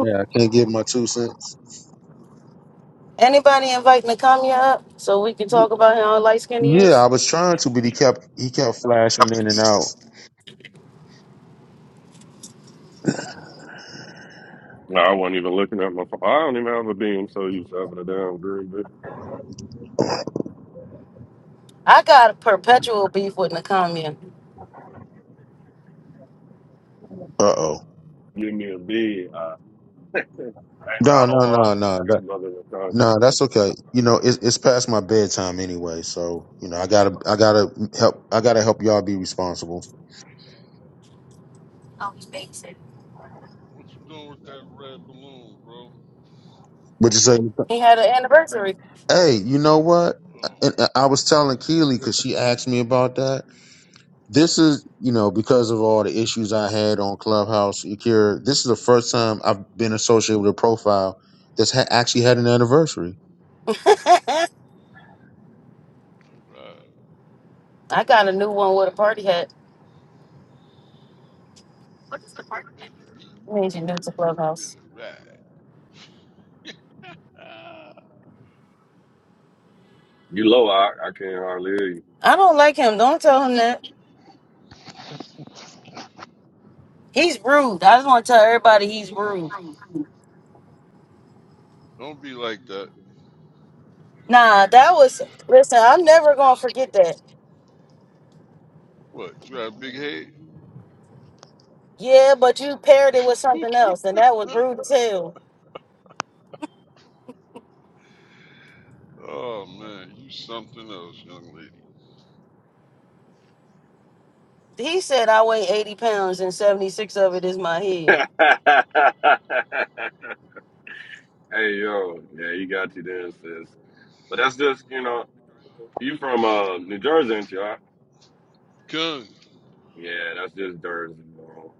Speaker 2: Yeah, I can't give my two cents.
Speaker 5: Anybody invite Nakamiya up so we can talk about how light skinned he
Speaker 2: Yeah, I
Speaker 5: is?
Speaker 2: was trying to, but he kept he kept flashing in and out.
Speaker 7: you. No, I wasn't even looking at my phone. I don't even have a beam, so you having a damn green but
Speaker 5: I got a perpetual beef with Nakamiya.
Speaker 2: Uh oh.
Speaker 7: give me a beam. I *laughs* Thanks, I
Speaker 2: No,
Speaker 7: don't
Speaker 2: no, no,
Speaker 7: want
Speaker 2: no.
Speaker 7: good brother. You're talking.
Speaker 2: No,
Speaker 7: man.
Speaker 2: that's okay. You know, it's it's past my bedtime anyway, so you know, I gotta I gotta help I gotta help y'all be responsible.
Speaker 8: What you doing with that red balloon, bro?
Speaker 2: But you say,
Speaker 5: He had an anniversary.
Speaker 2: hey, you know what?
Speaker 8: Oh,
Speaker 2: And I I was telling Keely because she asked me about that. This is, you know, because of all the issues I had on Clubhouse, Akira. This is the first time I've been associated with a profile that's ha- actually had an anniversary.
Speaker 5: *laughs* I
Speaker 8: all right.
Speaker 5: got a new one with a party hat.
Speaker 8: Ready to eat,
Speaker 5: Means
Speaker 8: ready
Speaker 5: you're new
Speaker 8: to
Speaker 5: to
Speaker 8: root, ready
Speaker 5: Clubhouse.
Speaker 8: to ride. Ah,
Speaker 7: You low, I, I can't hardly hear you.
Speaker 5: I don't like him. Don't tell him that. He's rude. I just want to tell everybody he's rude.
Speaker 8: don't be like that.
Speaker 5: Nah, that was. Listen, I'm never gonna forget that.
Speaker 8: What, you got a big head?
Speaker 5: Yeah, but you paired it with something else, and that was rude as hell.
Speaker 8: Oh, man, you something else, young lady.
Speaker 5: He said I weigh 80 pounds and 76 of it is my
Speaker 7: *laughs*
Speaker 5: head.
Speaker 7: hey yo, yeah, you got you then, sis. But that's just you know, you from uh New Jersey, ain't you? Right?
Speaker 8: Gun,
Speaker 7: Yeah, that's just Jersey, bro.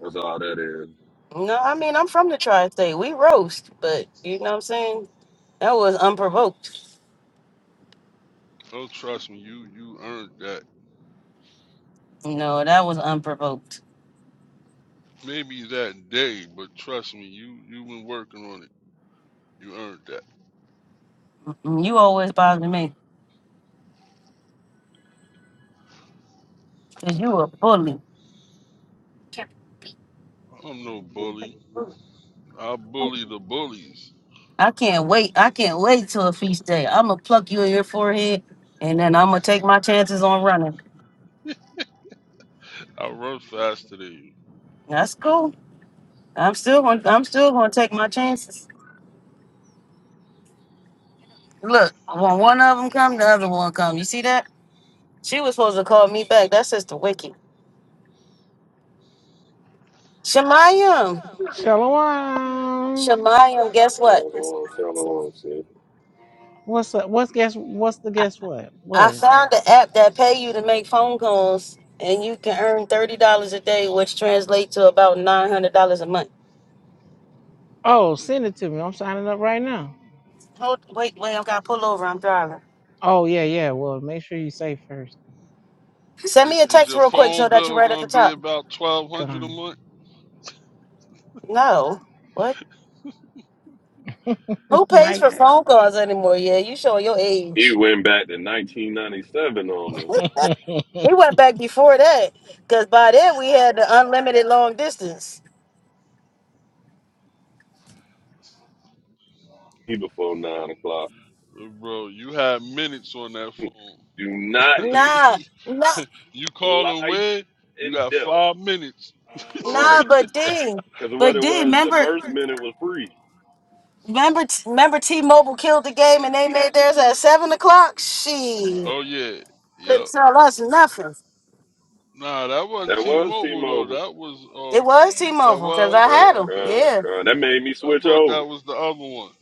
Speaker 7: That's all that is.
Speaker 5: No, I mean, I'm from the tri state. We roast, but you know what I'm saying? That was unprovoked.
Speaker 8: oh, trust me, you you earned that.
Speaker 5: No, that was unprovoked.
Speaker 8: Maybe that day, but trust me, you you been working on it. You earned that.
Speaker 5: Mm, You always bother me because you a bully.
Speaker 8: I'm no bully. I bully the bullies.
Speaker 5: I can't wait. I can't wait till a feast day. I'm going to pluck you in your forehead and then I'm going to take my chances on running.
Speaker 8: I run faster than you.
Speaker 5: That's cool. I'm still going I'm still going to take my chances. Look, when one of them come, the other one come. You see that? She was supposed to call me back. That's just the wicked. Shemayim,
Speaker 9: Shalom.
Speaker 5: Shemayim, guess what?
Speaker 7: So, so long, sis.
Speaker 9: What's up? What's guess? What's the
Speaker 5: I,
Speaker 9: guess? What?
Speaker 5: I
Speaker 9: What?
Speaker 5: found the app that pay you to make phone calls, and you can earn thirty dollars a day, which translates to about nine hundred dollars a month.
Speaker 9: Oh, send it to me. I'm signing up right now.
Speaker 5: Hold, wait, wait, I've got to pull over. I'm driving.
Speaker 9: Oh yeah, yeah. Well, make sure you say first.
Speaker 5: Send me a
Speaker 8: I- Is
Speaker 5: text
Speaker 8: your
Speaker 5: real quick so
Speaker 8: phone
Speaker 5: that you're
Speaker 8: bill
Speaker 5: right at the
Speaker 8: gonna be
Speaker 5: top.
Speaker 8: about twelve hundred a
Speaker 9: Gone.
Speaker 8: month?
Speaker 5: No, what? Who pays
Speaker 9: Mike,
Speaker 5: for phone calls anymore? Yeah, you showing your age.
Speaker 7: He went back to 1997 on us.
Speaker 5: We went back before that because by then we had the unlimited long distance.
Speaker 7: He before nine o'clock.
Speaker 8: Bro, you had minutes on that phone.
Speaker 7: Do not use
Speaker 5: Nah, nah,
Speaker 8: *laughs* you call
Speaker 7: life
Speaker 8: away, you
Speaker 7: and
Speaker 8: got
Speaker 7: death,
Speaker 8: five minutes.
Speaker 5: nah.
Speaker 7: right?
Speaker 5: But D,
Speaker 7: Because what
Speaker 5: but
Speaker 7: it
Speaker 5: D,
Speaker 7: was, the
Speaker 5: remember,
Speaker 7: first minute was free.
Speaker 5: remember, remember, T-Mobile killed the game and they made theirs at seven o'clock. She
Speaker 8: Oh yeah,
Speaker 5: couldn't
Speaker 8: yep.
Speaker 5: tell us nothing.
Speaker 8: Nah, that wasn't
Speaker 7: That was
Speaker 8: T-Mobile though.
Speaker 7: T-Mobile.
Speaker 8: That was
Speaker 5: It
Speaker 8: uh,
Speaker 5: was
Speaker 8: that
Speaker 5: T-Mobile because
Speaker 8: was
Speaker 5: I
Speaker 7: Yep,
Speaker 5: had them.
Speaker 8: okay.
Speaker 7: con,
Speaker 5: Yeah,
Speaker 7: con. That made me
Speaker 8: I
Speaker 7: switch
Speaker 8: thought
Speaker 7: over.
Speaker 8: that was the other one.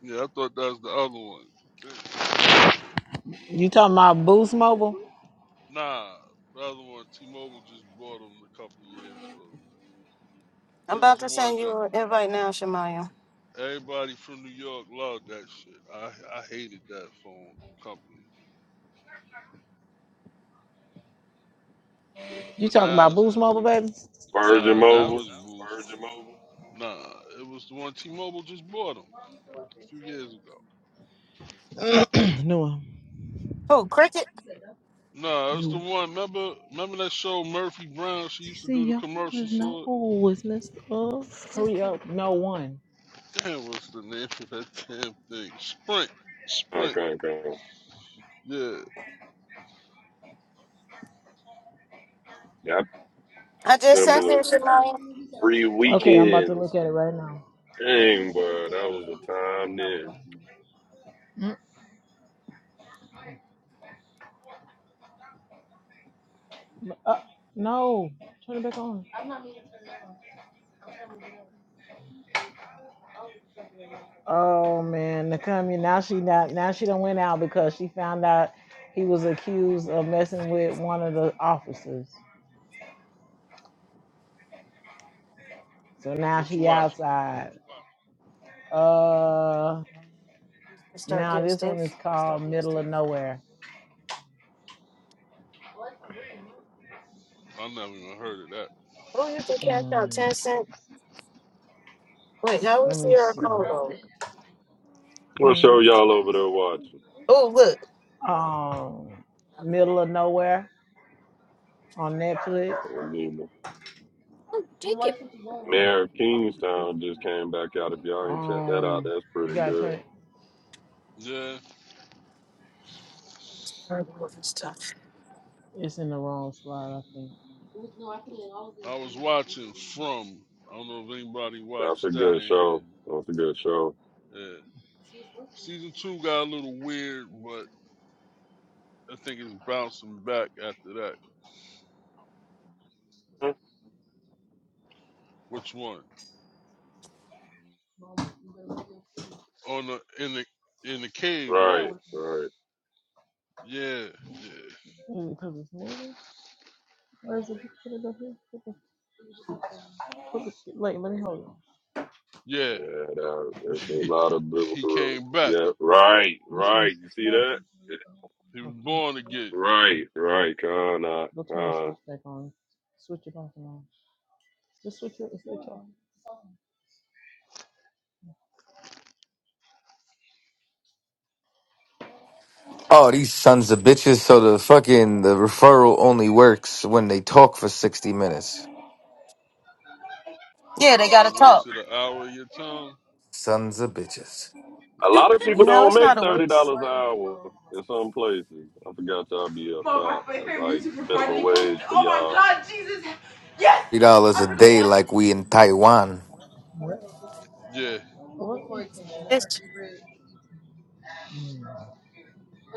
Speaker 8: Yeah, I thought that was the other one.
Speaker 9: you talking about Boost Mobile?
Speaker 8: Nah, the other one. T-Mobile just bought them a couple years ago.
Speaker 5: I'm
Speaker 8: It was
Speaker 5: about
Speaker 8: the
Speaker 5: to
Speaker 8: one
Speaker 5: send
Speaker 8: that
Speaker 5: you an invite now, Shamaya.
Speaker 8: everybody from New York loved. That shit. I I hated that phone company.
Speaker 9: You
Speaker 8: But
Speaker 9: talking
Speaker 8: now
Speaker 9: about
Speaker 8: it's the
Speaker 9: Boost Mobile,
Speaker 8: Boost.
Speaker 9: baby?
Speaker 7: Virgin
Speaker 8: Nah, now
Speaker 7: Mobile.
Speaker 8: it's Boost. Nah, it was the one T-Mobile just bought them a few years ago.
Speaker 9: *clears throat* no one.
Speaker 5: Who? Cricket?
Speaker 8: Nah, it's the one. Remember, remember that show Murphy Brown? She used to
Speaker 9: See,
Speaker 8: do the
Speaker 9: y'all is
Speaker 8: commercials
Speaker 9: no
Speaker 8: for. it?
Speaker 9: it's messed up. Hurry up. No one.
Speaker 8: *laughs* Damn, what's the name of that damn thing? Sprint, Sprint.
Speaker 7: Okay, okay.
Speaker 8: Yeah,
Speaker 7: Yeah, I can't come. Got
Speaker 5: I just sent
Speaker 7: similar.
Speaker 5: it, Shamaya.
Speaker 7: Free
Speaker 9: Okay, I'm about to
Speaker 7: weekends.
Speaker 9: look at it right now.
Speaker 7: Dang, boy, that
Speaker 8: yeah.
Speaker 7: was the time then.
Speaker 9: Mm, Uh, no. Turn it back on. Oh man, Nakami. Now she not now she done went out because she found out he was accused of messing with one of the officers. So now
Speaker 8: What you
Speaker 9: she
Speaker 8: watching?
Speaker 9: outside. Uh
Speaker 5: Let's Start
Speaker 9: now
Speaker 5: getting
Speaker 9: this one is
Speaker 5: stuff.
Speaker 9: called Middle of Nowhere.
Speaker 8: I never even heard of that.
Speaker 5: Oh, you can cash out
Speaker 9: Hmm,
Speaker 5: ten cent. Wait, how
Speaker 9: let
Speaker 5: was
Speaker 9: me
Speaker 5: your
Speaker 9: see.
Speaker 5: phone?
Speaker 7: What
Speaker 9: Hmm.
Speaker 7: show y'all over there watching?
Speaker 5: Oh, look.
Speaker 9: Um Middle of Nowhere on Netflix.
Speaker 7: I wouldn't even. Mayor of Kingstown just came back out. If y'all ain't check that out,
Speaker 9: Um
Speaker 7: that's
Speaker 9: you
Speaker 7: pretty
Speaker 9: gotta turn
Speaker 7: good.
Speaker 9: it-
Speaker 8: Yeah,
Speaker 9: it's in the wrong slide, I think.
Speaker 8: I was watching from. I don't know if anybody
Speaker 7: That's a
Speaker 8: watched that
Speaker 7: good
Speaker 8: in
Speaker 7: show. That's a good show.
Speaker 8: here. Yeah, season two got a little weird, but I think it's bouncing back after that.
Speaker 7: Huh?
Speaker 8: Which one? On the in the in the cave, right?
Speaker 7: Right, right.
Speaker 8: Yeah,
Speaker 9: Is it because it's moving? Where's the put it Put the, put the, wait, let me hold it.
Speaker 8: yeah,
Speaker 7: Yeah, that, that's a
Speaker 9: Hmm.
Speaker 8: yeah.
Speaker 7: lot of
Speaker 8: *laughs* he
Speaker 7: biblical.
Speaker 8: came back.
Speaker 7: Yeah, right,
Speaker 9: This
Speaker 8: Yeah,
Speaker 7: right.
Speaker 9: one's
Speaker 7: You see that?
Speaker 8: he was
Speaker 9: okay.
Speaker 8: born again.
Speaker 7: Right, right. Con, uh,
Speaker 9: Go turn the
Speaker 7: con.
Speaker 9: switch back on. Switch it off and on. Just switch it. Switch it off.
Speaker 4: Oh, these sons of bitches. So the fucking the referral only works when they talk for 60 minutes.
Speaker 5: Yeah,
Speaker 8: Oh,
Speaker 5: they
Speaker 8: so he
Speaker 5: gotta talk.
Speaker 8: wasted an hour of your time.
Speaker 4: Sons of bitches.
Speaker 7: A lot of people
Speaker 9: What?
Speaker 5: No,
Speaker 7: don't
Speaker 5: it's
Speaker 7: make
Speaker 5: not a
Speaker 7: thirty
Speaker 5: waste.
Speaker 7: dollars an hour in some places. I forgot y'all be up top. That's like minimum wage for y'all
Speaker 4: Three dollars a day, like we in Taiwan.
Speaker 9: What?
Speaker 8: Yeah.
Speaker 9: what? That's her
Speaker 5: It's
Speaker 9: favorite?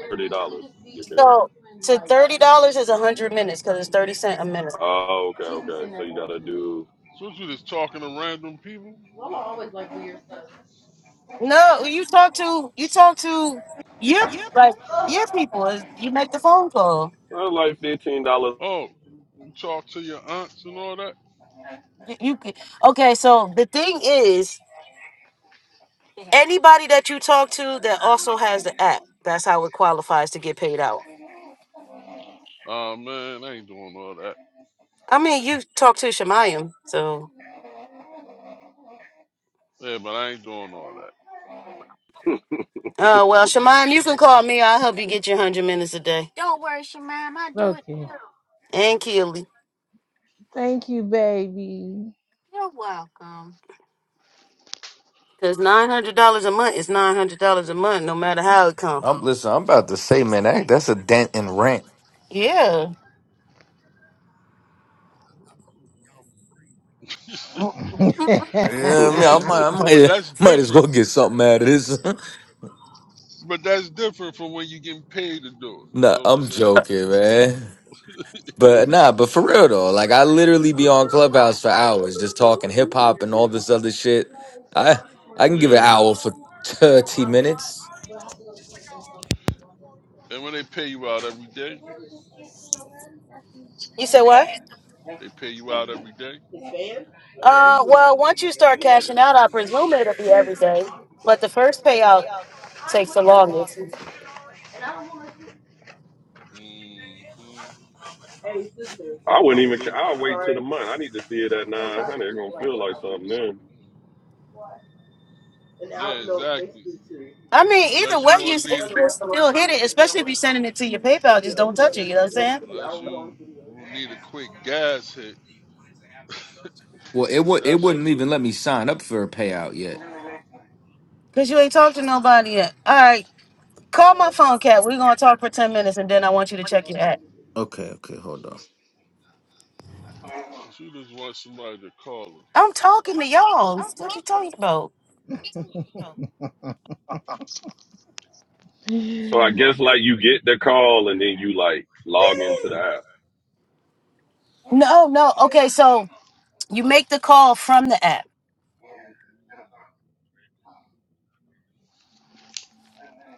Speaker 7: thirty dollars. You can.
Speaker 5: so to thirty dollars is a hundred minutes because it's thirty cent a minute.
Speaker 7: Oh, okay, okay. So you gotta do
Speaker 8: So you just talking to random people?
Speaker 5: No, you talk to you talk to your like your people. is- You make the phone call.
Speaker 7: uh, like fifteen *laughs* dollars.
Speaker 8: Oh, you talk to your aunts and all that?
Speaker 5: You you could- okay? So the thing is, anybody that you talk to that also has the app, that's how it qualifies to get paid out.
Speaker 8: Oh man, I ain't doing all that.
Speaker 5: I mean, you talk to Shemayim, so.
Speaker 8: Yeah, but I ain't doing all that.
Speaker 5: Oh well, Shemayim, you can call me. I'll help you get your hundred minutes a day,
Speaker 9: Okay.
Speaker 5: and Keely.
Speaker 9: Thank you, baby.
Speaker 5: Cause nine hundred dollars a month is nine hundred dollars a month, no matter how it comes.
Speaker 4: I'm listen. I'm about to say, man, that, that's a dent in rent.
Speaker 5: Yeah.
Speaker 4: Yeah, I,
Speaker 7: I
Speaker 4: mean, I
Speaker 8: Yeah,
Speaker 4: might, I
Speaker 9: *laughs*
Speaker 8: but
Speaker 4: might,
Speaker 8: that's
Speaker 4: *laughs* might as
Speaker 8: different.
Speaker 4: well get something out of this.
Speaker 8: But that's different from when you getting paid to do it. You
Speaker 4: *laughs* nah,
Speaker 8: know what I'm
Speaker 4: I'm
Speaker 8: saying?
Speaker 4: joking, man. But nah, but for real though, like I literally be on Clubhouse for hours just talking hip hop and all this other shit. I I can give an
Speaker 8: Yeah.
Speaker 4: hour for thirty minutes.
Speaker 8: And when they pay you out every day,
Speaker 5: You said what?
Speaker 8: they pay you out every day.
Speaker 5: Uh, well, once you start cashing out, I presume it'll be every day. But the first payout takes the longest.
Speaker 8: hmm
Speaker 7: wouldn't even. ca- I'll wait till the month. I need to see it at nine hundred. It's gonna feel like something then.
Speaker 8: Yeah, exactly.
Speaker 5: I mean, either
Speaker 8: Unless
Speaker 5: way,
Speaker 8: you
Speaker 5: you
Speaker 8: want to
Speaker 5: s- it's-
Speaker 8: need,
Speaker 5: you're still hitting, especially if you're sending it to your PayPal. Just don't touch it. You know what I'm saying?
Speaker 8: unless you you need a quick gas hit,
Speaker 4: Well, it
Speaker 8: cause
Speaker 4: would it
Speaker 8: that's what
Speaker 4: wouldn't even let me sign up for a payout yet.
Speaker 5: Cause you ain't talked to nobody yet. All right, call my phone, cat. We're gonna talk for ten minutes, and then I want you to check your app.
Speaker 4: Okay, okay, hold on.
Speaker 8: if you just want somebody to call her.
Speaker 5: I'm talking to y'all. What you talking about?
Speaker 9: So
Speaker 7: So I
Speaker 9: I
Speaker 7: guess
Speaker 9: guess
Speaker 7: like you
Speaker 9: like you.
Speaker 7: get the call and then you like log into the app.
Speaker 5: No, no. Okay, so you make the call from the app.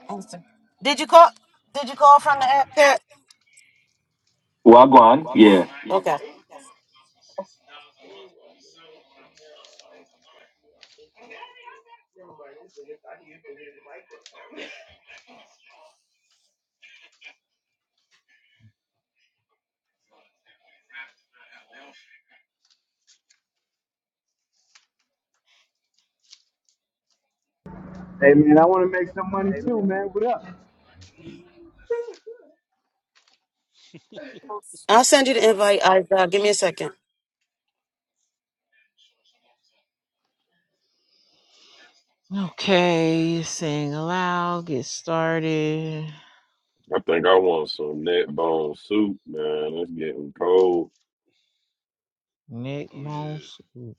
Speaker 5: Awesome. Did you call? Did you call from the app, Cat? Well, go on. Yeah. Okay.
Speaker 10: Hey man, I want to make some money too, man. What up?
Speaker 5: I'll send you the invite. I uh, give me a second.
Speaker 9: okay. Sing aloud. Get started.
Speaker 7: I think I want some net bone soup, man. It's getting cold.
Speaker 9: Nick
Speaker 8: Oh
Speaker 9: Bone
Speaker 8: yeah,
Speaker 9: Soup.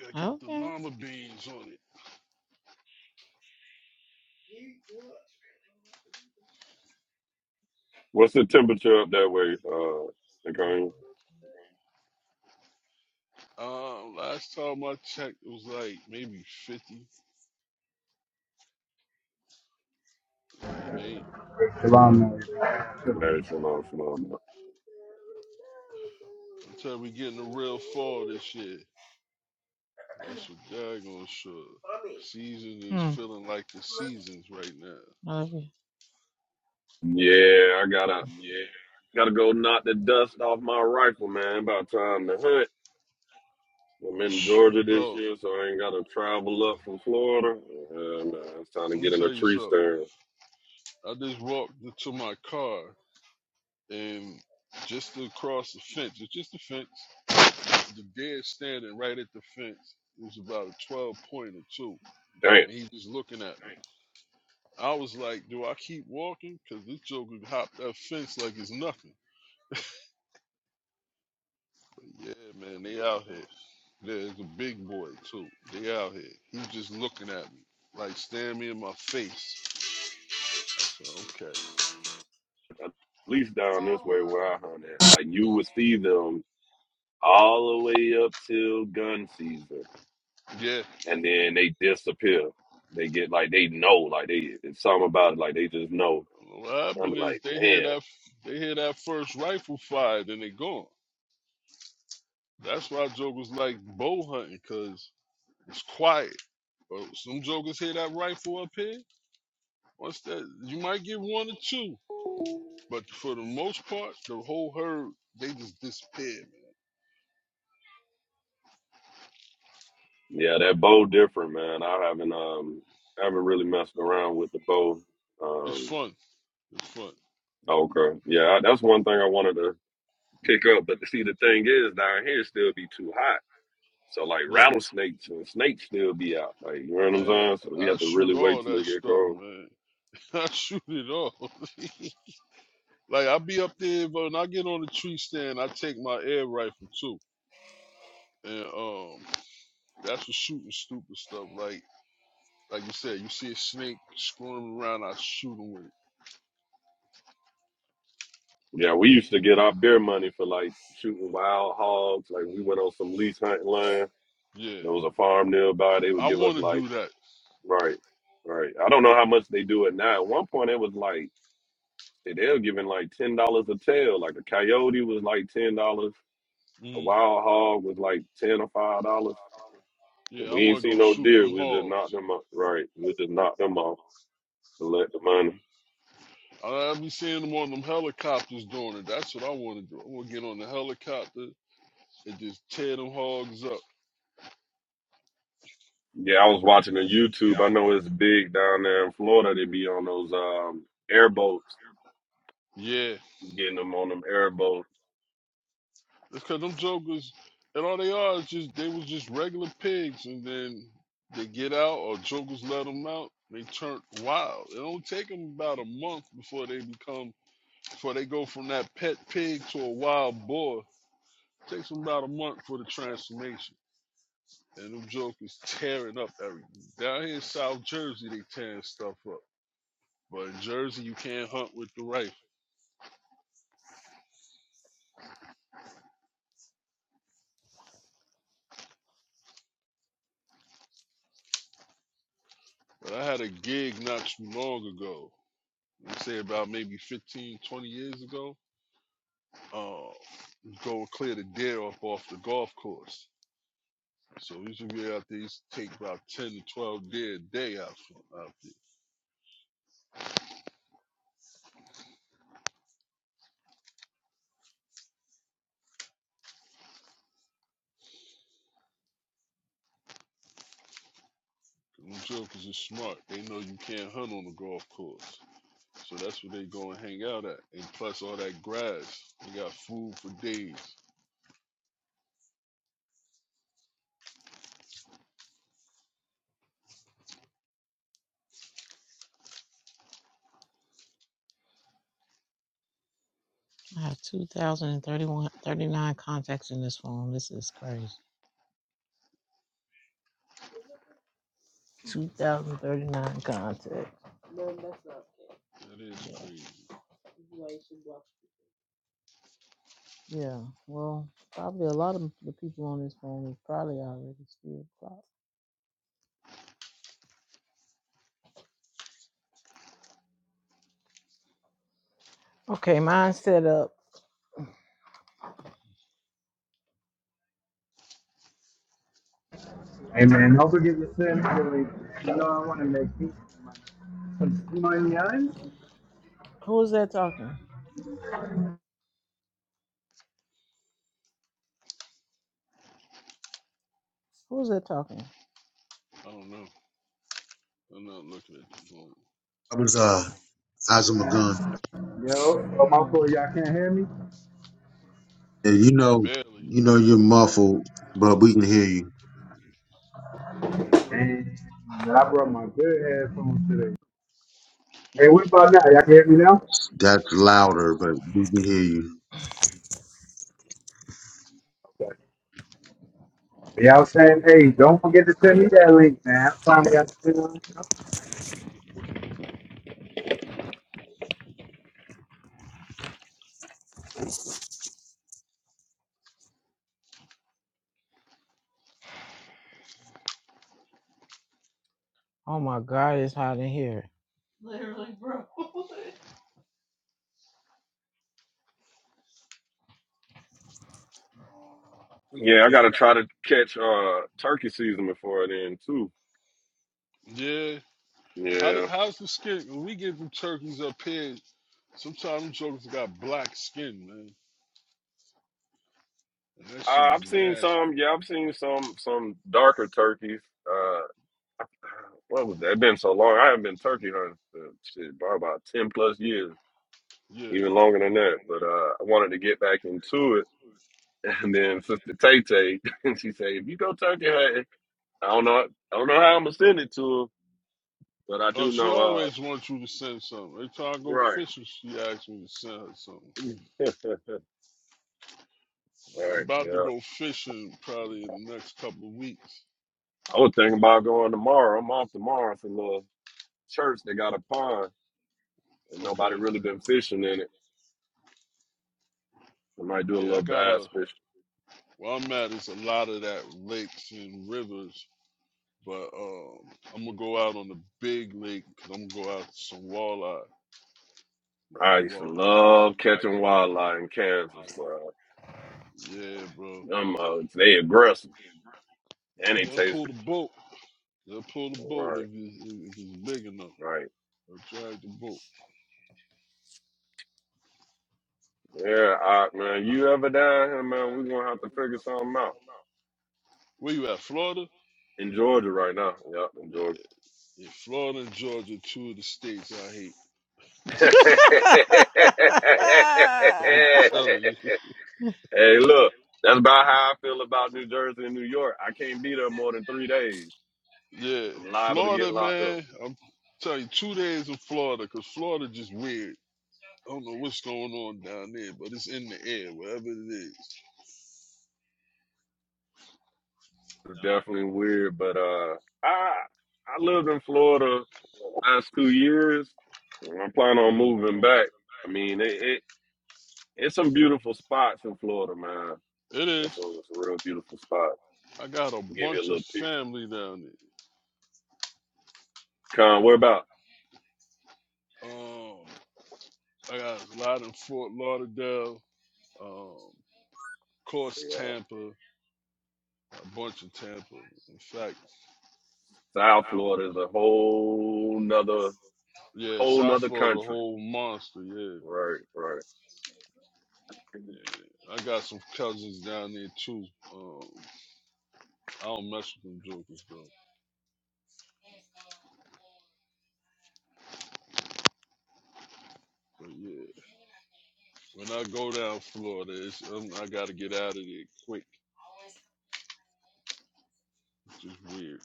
Speaker 8: gotta get the
Speaker 9: Okay.
Speaker 8: llama beans on it.
Speaker 7: What's the temperature up that way, uh, Nicole?
Speaker 8: Um, last time I checked, it was like maybe fifty. Yeah, it ain't
Speaker 10: Shalom, man.
Speaker 7: Glad shalom, shalom.
Speaker 8: until we get in the real fall this year. That's for daggone sure. Season is
Speaker 9: Hmm.
Speaker 8: feeling like the seasons right now,
Speaker 9: I love you.
Speaker 7: Yeah, I gotta gotta go knock the dust off my rifle, man. About time to hunt. I'm in
Speaker 8: Shh,
Speaker 7: Georgia this
Speaker 8: bro.
Speaker 7: year, so I ain't gotta travel up from Florida. And, uh, it's time to
Speaker 8: Let me
Speaker 7: get in a
Speaker 8: tell you
Speaker 7: tree
Speaker 8: something.
Speaker 7: stand.
Speaker 8: I just walked into my car and just across the fence, it's just the fence. The dead standing right at the fence. It was about a 12 pointer too,
Speaker 7: Damn,
Speaker 8: and he's just looking at me. I was like, do I keep walking? Cause this joker hopped that fence like it's nothing. But yeah, man, they out here. There's a big boy too. They out here. He's just looking at me, like staring me in my face. I said, okay.
Speaker 7: at least down this way where I hunt at. Like you would see them all the way up till gun season,
Speaker 8: Yeah.
Speaker 7: and then they disappear. They get like they know, like they it's something about it, like they just know.
Speaker 8: What
Speaker 7: I'm
Speaker 8: happened is
Speaker 7: like,
Speaker 8: they hear
Speaker 7: damn.
Speaker 8: that they hear that first rifle fire, then they gone. That's why jokers like bow hunting, cause it's quiet. But some jokers hear that rifle up here. Once that you might get one or two, but for the most part, the whole herd they just disappear, man.
Speaker 7: Yeah, that bow different, man. I haven't um haven't really messed around with the bow.
Speaker 8: It's
Speaker 7: Um
Speaker 8: fun. It's fun.
Speaker 7: okay. Yeah, I, that's one thing I wanted to pick up, but see the thing is down here it still be too hot. So like
Speaker 8: Yeah,
Speaker 7: rattlesnakes and snakes still be out. Like you know what I'm
Speaker 8: man.
Speaker 7: saying? So we
Speaker 8: I
Speaker 7: have to really
Speaker 8: shoot
Speaker 7: wait
Speaker 8: all
Speaker 7: till it
Speaker 8: that
Speaker 7: get
Speaker 8: stuff,
Speaker 7: cold.
Speaker 8: man. *laughs* I shoot it all. *laughs* like I be up there, but when I get on the tree stand, I take my air rifle too, and um, that's for shooting stupid stuff like Like you said, you see a snake squirming around, I shoot him with it.
Speaker 7: Yeah, we used to get our beer money for like shooting wild hogs. Like we went on some lease hunting land.
Speaker 8: Yeah,
Speaker 7: There was a farm nearby. They would
Speaker 8: I
Speaker 7: give us
Speaker 8: want to
Speaker 7: like
Speaker 8: do that.
Speaker 7: Right, right. I don't know how much they do it now. At one point, it was like shit, they were giving like ten dollars a tail. Like a coyote was like ten dollars. A
Speaker 8: Mm.
Speaker 7: wild hog was like ten or five dollars.
Speaker 8: Yeah, I
Speaker 7: We ain't
Speaker 8: want to
Speaker 7: seen
Speaker 8: go
Speaker 7: no
Speaker 8: shoot
Speaker 7: deer.
Speaker 8: them
Speaker 7: We just knocked
Speaker 8: hogs.
Speaker 7: them off. Right, we just knocked them off to let the money.
Speaker 8: I I be seeing them on them helicopters doing it. That's what I want to do. I want to get on the helicopter and just tear them hogs up.
Speaker 7: Yeah, I was watching on YouTube. I know it's big down there in Florida. They be on those um airboats,
Speaker 8: Yeah,
Speaker 7: getting them on them airboats.
Speaker 8: because them jokers, and all they are is just they was just regular pigs, and then they get out or jokers let them out. They turn wild. It don't take them about a month before they become Before they go from that pet pig to a wild boar, takes them about a month for the transformation. And them jokers tearing up everything. Down here in South Jersey, they tearing stuff up. But in Jersey, you can't hunt with the rifle. But I had a gig not too long ago. I'd say about maybe 15, 20 years ago. Uh, go and clear the deer up off the golf course. So we should be out there. Used to take about ten to twelve deer a day out from out there. Them jokers are smart. They know you can't hunt on the golf course. So that's where they go and hang out at. And plus all that grass. They got food for days.
Speaker 9: I have two thousand and thirty-one, thirty-nine contacts in this phone. This is crazy. 2039 contacts.
Speaker 8: That is
Speaker 9: Yeah.
Speaker 8: crazy.
Speaker 9: Yeah. Well, probably a lot of the people on this phone is probably already still clocked. Okay, mine set up.
Speaker 10: Hey man, don't forget your sin, really. You know I want to make peace. Some money, onions.
Speaker 9: Who is that talking? Who is that talking?
Speaker 8: I don't know. I'm not looking at the phone.
Speaker 2: I was uh, Azam Gun.
Speaker 10: Yo, oh, my fault,
Speaker 9: Mm.
Speaker 10: y'all can't hear me.
Speaker 2: And you know,
Speaker 8: Barely.
Speaker 2: you know, you're muffled, but we can hear you.
Speaker 10: And I brought my good headphones today. Hey, what about now? Y'all can hear me now?
Speaker 2: That's louder, but we can hear you.
Speaker 10: Okay. Y'all saying, hey, don't forget to send me that link, man. I'm trying to get the link.
Speaker 9: Oh my God, it's hot in here.
Speaker 7: Yeah, I gotta try to catch uh turkey season before then too.
Speaker 8: Yeah. How the,
Speaker 7: Yeah.
Speaker 8: how's the skin? When we get them turkeys up here, sometimes them jokers got black skin, man. And that shit
Speaker 7: Uh,
Speaker 8: is
Speaker 7: I've seen
Speaker 8: nasty.
Speaker 7: some. Yeah, I've seen some some darker turkeys. Uh, *sighs* what was that? It's been so long. I haven't been turkey hunting for shit, probably about ten plus years,
Speaker 8: Yeah.
Speaker 7: even longer than that. But uh, I wanted to get back into it. *laughs* And then Sister Tay Tay, *laughs* she said, "If you go turkey hunting, I don't know, I don't know how I'm gonna send it to her, but I
Speaker 8: Oh,
Speaker 7: do
Speaker 8: she
Speaker 7: know." Uh,
Speaker 8: always wants you to send something. Every time I go
Speaker 7: right,
Speaker 8: fishing, she asks me to send her something.
Speaker 7: *laughs* right,
Speaker 8: Yeah, I'm about to
Speaker 7: yeah.
Speaker 8: go fishing probably in the next couple of weeks.
Speaker 7: I was thinking about going tomorrow. I'm off tomorrow. It's a little church. that got a pond, and nobody
Speaker 8: Okay.
Speaker 7: really been fishing in it. I might do a
Speaker 8: Yeah, I
Speaker 7: little
Speaker 8: got a
Speaker 7: bass fishing.
Speaker 8: Well, I'm at is a lot of that lakes and rivers, but um, I'm gonna go out on the big lake because i 'cause I'm gonna go out to some walleye.
Speaker 7: I
Speaker 8: Some
Speaker 7: used to
Speaker 8: walleye.
Speaker 7: love catching wildlife in Kansas, bro.
Speaker 8: Yeah, bro.
Speaker 7: Them mugs, they aggressive and they
Speaker 8: They'll
Speaker 7: taste
Speaker 8: pull
Speaker 7: good.
Speaker 8: the boat. They'll pull the boat
Speaker 7: Right,
Speaker 8: if it's, if it's big enough.
Speaker 7: right.
Speaker 8: They'll drag the boat.
Speaker 7: Yeah, I, man, you ever down here, man, we're gonna have to figure something out.
Speaker 8: Where you at, Florida?
Speaker 7: In Georgia right now. Yep, in
Speaker 8: Yeah,
Speaker 7: Georgia.
Speaker 8: yeah, Florida and Georgia, two of the states I hate.
Speaker 7: *laughs* hey,
Speaker 8: *laughs* I'm telling you.
Speaker 7: look, that's about how I feel about New Jersey and New York. I can't be there more than three days.
Speaker 8: Yeah,
Speaker 7: I'm liable to get
Speaker 8: Florida,
Speaker 7: locked up.
Speaker 8: man. I'm telling you, two days in Florida because Florida just weird. I don't know what's going on down there, but it's in the air, wherever it is.
Speaker 7: was definitely weird, but uh, I I lived in Florida the last two years. and I'm planning on
Speaker 8: Mm-hmm.
Speaker 7: moving back. I mean, it, it it's some beautiful spots in Florida, man.
Speaker 8: It is.
Speaker 7: That's a, it's a real beautiful spot.
Speaker 8: I got a
Speaker 7: Give you a
Speaker 8: bunch of
Speaker 7: little piece.
Speaker 8: family down there.
Speaker 7: Con, where about?
Speaker 8: Um, I got a lot in Fort Lauderdale, um, of course
Speaker 7: Yeah,
Speaker 8: Tampa, a bunch of Tampa. In fact,
Speaker 7: South
Speaker 8: uh,
Speaker 7: Florida is a whole nother
Speaker 8: yeah,
Speaker 7: whole
Speaker 8: South
Speaker 7: nother
Speaker 8: Florida's a
Speaker 7: country.
Speaker 8: whole monster. Yeah,
Speaker 7: Right, right. Yeah,
Speaker 8: yeah. I got some cousins down there too. Um, I don't mess with them jokers though. But yeah, when I go down Florida, it's, um, I gotta get out of there quick. Just weird.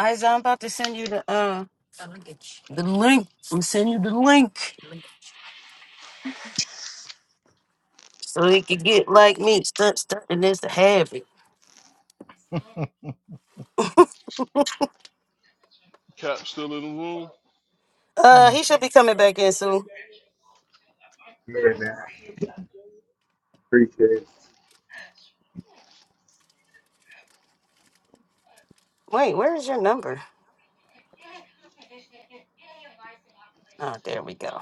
Speaker 5: Isa, I'm about to send you the uh the link. I'm sending you the link so he can get like me. Start starting this to have it.
Speaker 8: Cap still in the room?
Speaker 5: Uh, he should be coming back in soon.
Speaker 10: Yeah, man. Appreciate it.
Speaker 5: Wait, where is your number? Oh, there we go.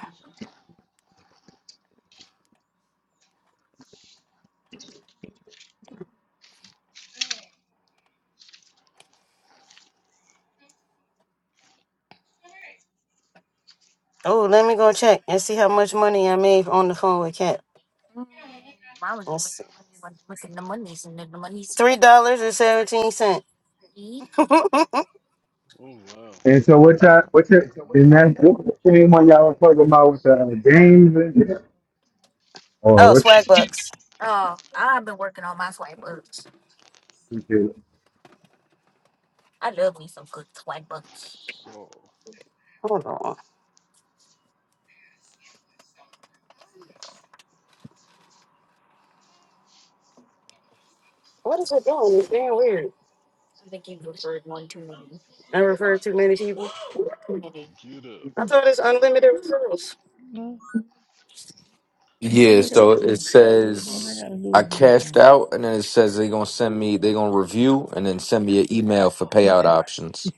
Speaker 5: Oh, let me go check and see how much money I made on the phone with Cat. Three dollars and seventeen cent. *laughs* oh,
Speaker 8: Oh wow.
Speaker 10: And so what y'all, What's your,
Speaker 8: You
Speaker 10: and that's what the same one y'all were talking about with the uh, games and shit? Oh, which
Speaker 5: swag bucks.
Speaker 10: okay.
Speaker 8: saw.
Speaker 5: Hold on. What is it doing? It's being weird. I refer to many people.
Speaker 8: Get up.
Speaker 5: I thought it's unlimited referrals.
Speaker 9: No, what
Speaker 4: Yeah,
Speaker 9: they got
Speaker 4: so
Speaker 9: to do?
Speaker 4: it
Speaker 8: Give a
Speaker 9: All
Speaker 8: fuck.
Speaker 9: they
Speaker 4: says
Speaker 9: got to do
Speaker 4: I
Speaker 9: is
Speaker 4: cashed
Speaker 9: anything.
Speaker 4: out, and then it says they're gonna send me, they're gonna review, and then send me an email for payout options.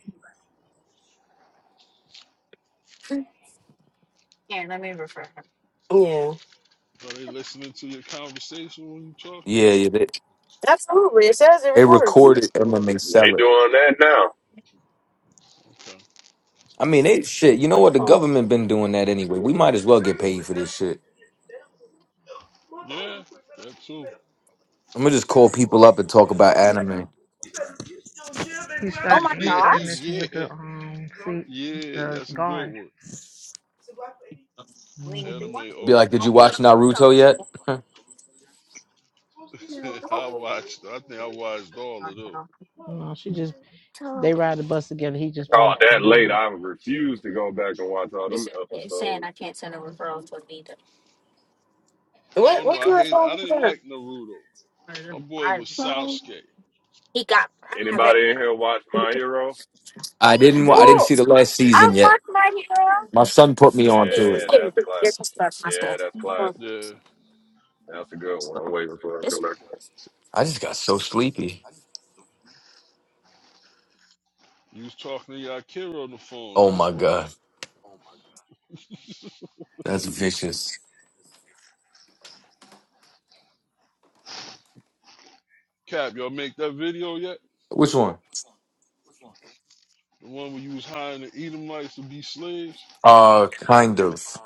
Speaker 5: Yeah.
Speaker 8: Are they listening to your conversation when you talking?
Speaker 4: Yeah, yeah, they,
Speaker 5: Absolutely. It says it
Speaker 4: they
Speaker 5: records.
Speaker 4: record it and then they
Speaker 7: They
Speaker 4: sell it.
Speaker 7: doing that now.
Speaker 8: Okay.
Speaker 4: I mean, they shit. You know what? The government been doing that anyway. We might as well get paid for this shit.
Speaker 8: Yeah, that too.
Speaker 4: I'm gonna just call people up and talk about anime.
Speaker 9: He
Speaker 8: *laughs*
Speaker 9: started. He
Speaker 8: yeah,
Speaker 9: started messing with
Speaker 8: yeah,
Speaker 9: the um seat,
Speaker 8: yeah.
Speaker 9: the
Speaker 8: That's a good
Speaker 9: guard.
Speaker 8: one.
Speaker 9: Mm-hmm.
Speaker 8: Anime
Speaker 4: Be
Speaker 8: off
Speaker 4: like,
Speaker 8: the
Speaker 4: did you
Speaker 8: hook.
Speaker 4: watch Naruto yet? *laughs*
Speaker 8: *laughs* I watched. I think I watched all of them.
Speaker 9: No, she just they ride the bus together. He just been.
Speaker 7: Called that late. I refuse to go back and watch all them episodes.
Speaker 8: I
Speaker 5: What
Speaker 8: don't know.
Speaker 5: what
Speaker 8: I
Speaker 5: kind of
Speaker 8: hate.
Speaker 5: phone
Speaker 8: I
Speaker 5: is
Speaker 8: didn't
Speaker 5: that?
Speaker 8: like Naruto. My boy was Sasuke.
Speaker 7: Anybody in here watch My Hero?
Speaker 4: I didn't. wa- I didn't
Speaker 7: Academia.
Speaker 4: see the last season yet. My son put me on to it.
Speaker 7: Yeah,
Speaker 8: Yeah,
Speaker 7: that's classic. Yeah, that's classic.
Speaker 8: yeah.
Speaker 7: That's a good one. I'm waiting for it to come back up.
Speaker 4: I just got so sleepy.
Speaker 8: You was talking to Yakira on the phone.
Speaker 4: Oh
Speaker 8: That's
Speaker 4: my
Speaker 8: why.
Speaker 4: god, that's vicious.
Speaker 8: Cap, y'all make that video yet?
Speaker 4: Which one?
Speaker 8: The one where you was hiring the Edomites to be slaves? *laughs*
Speaker 4: Uh, kind of.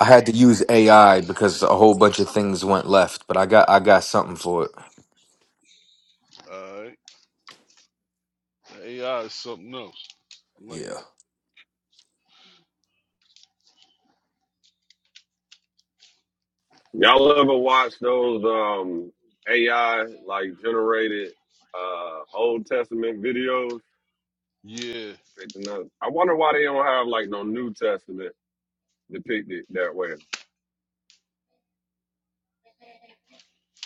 Speaker 4: I had to
Speaker 8: Okay.
Speaker 4: use AI because a whole bunch of things went left, but I got I got something for it.
Speaker 8: All right. The AI is something else. I like
Speaker 4: Yeah.
Speaker 8: that.
Speaker 7: Y'all ever watch those um AI like generated uh Old Testament videos?
Speaker 8: Yeah.
Speaker 7: Picking up- I wonder why they don't have like no New Testament depicted that way.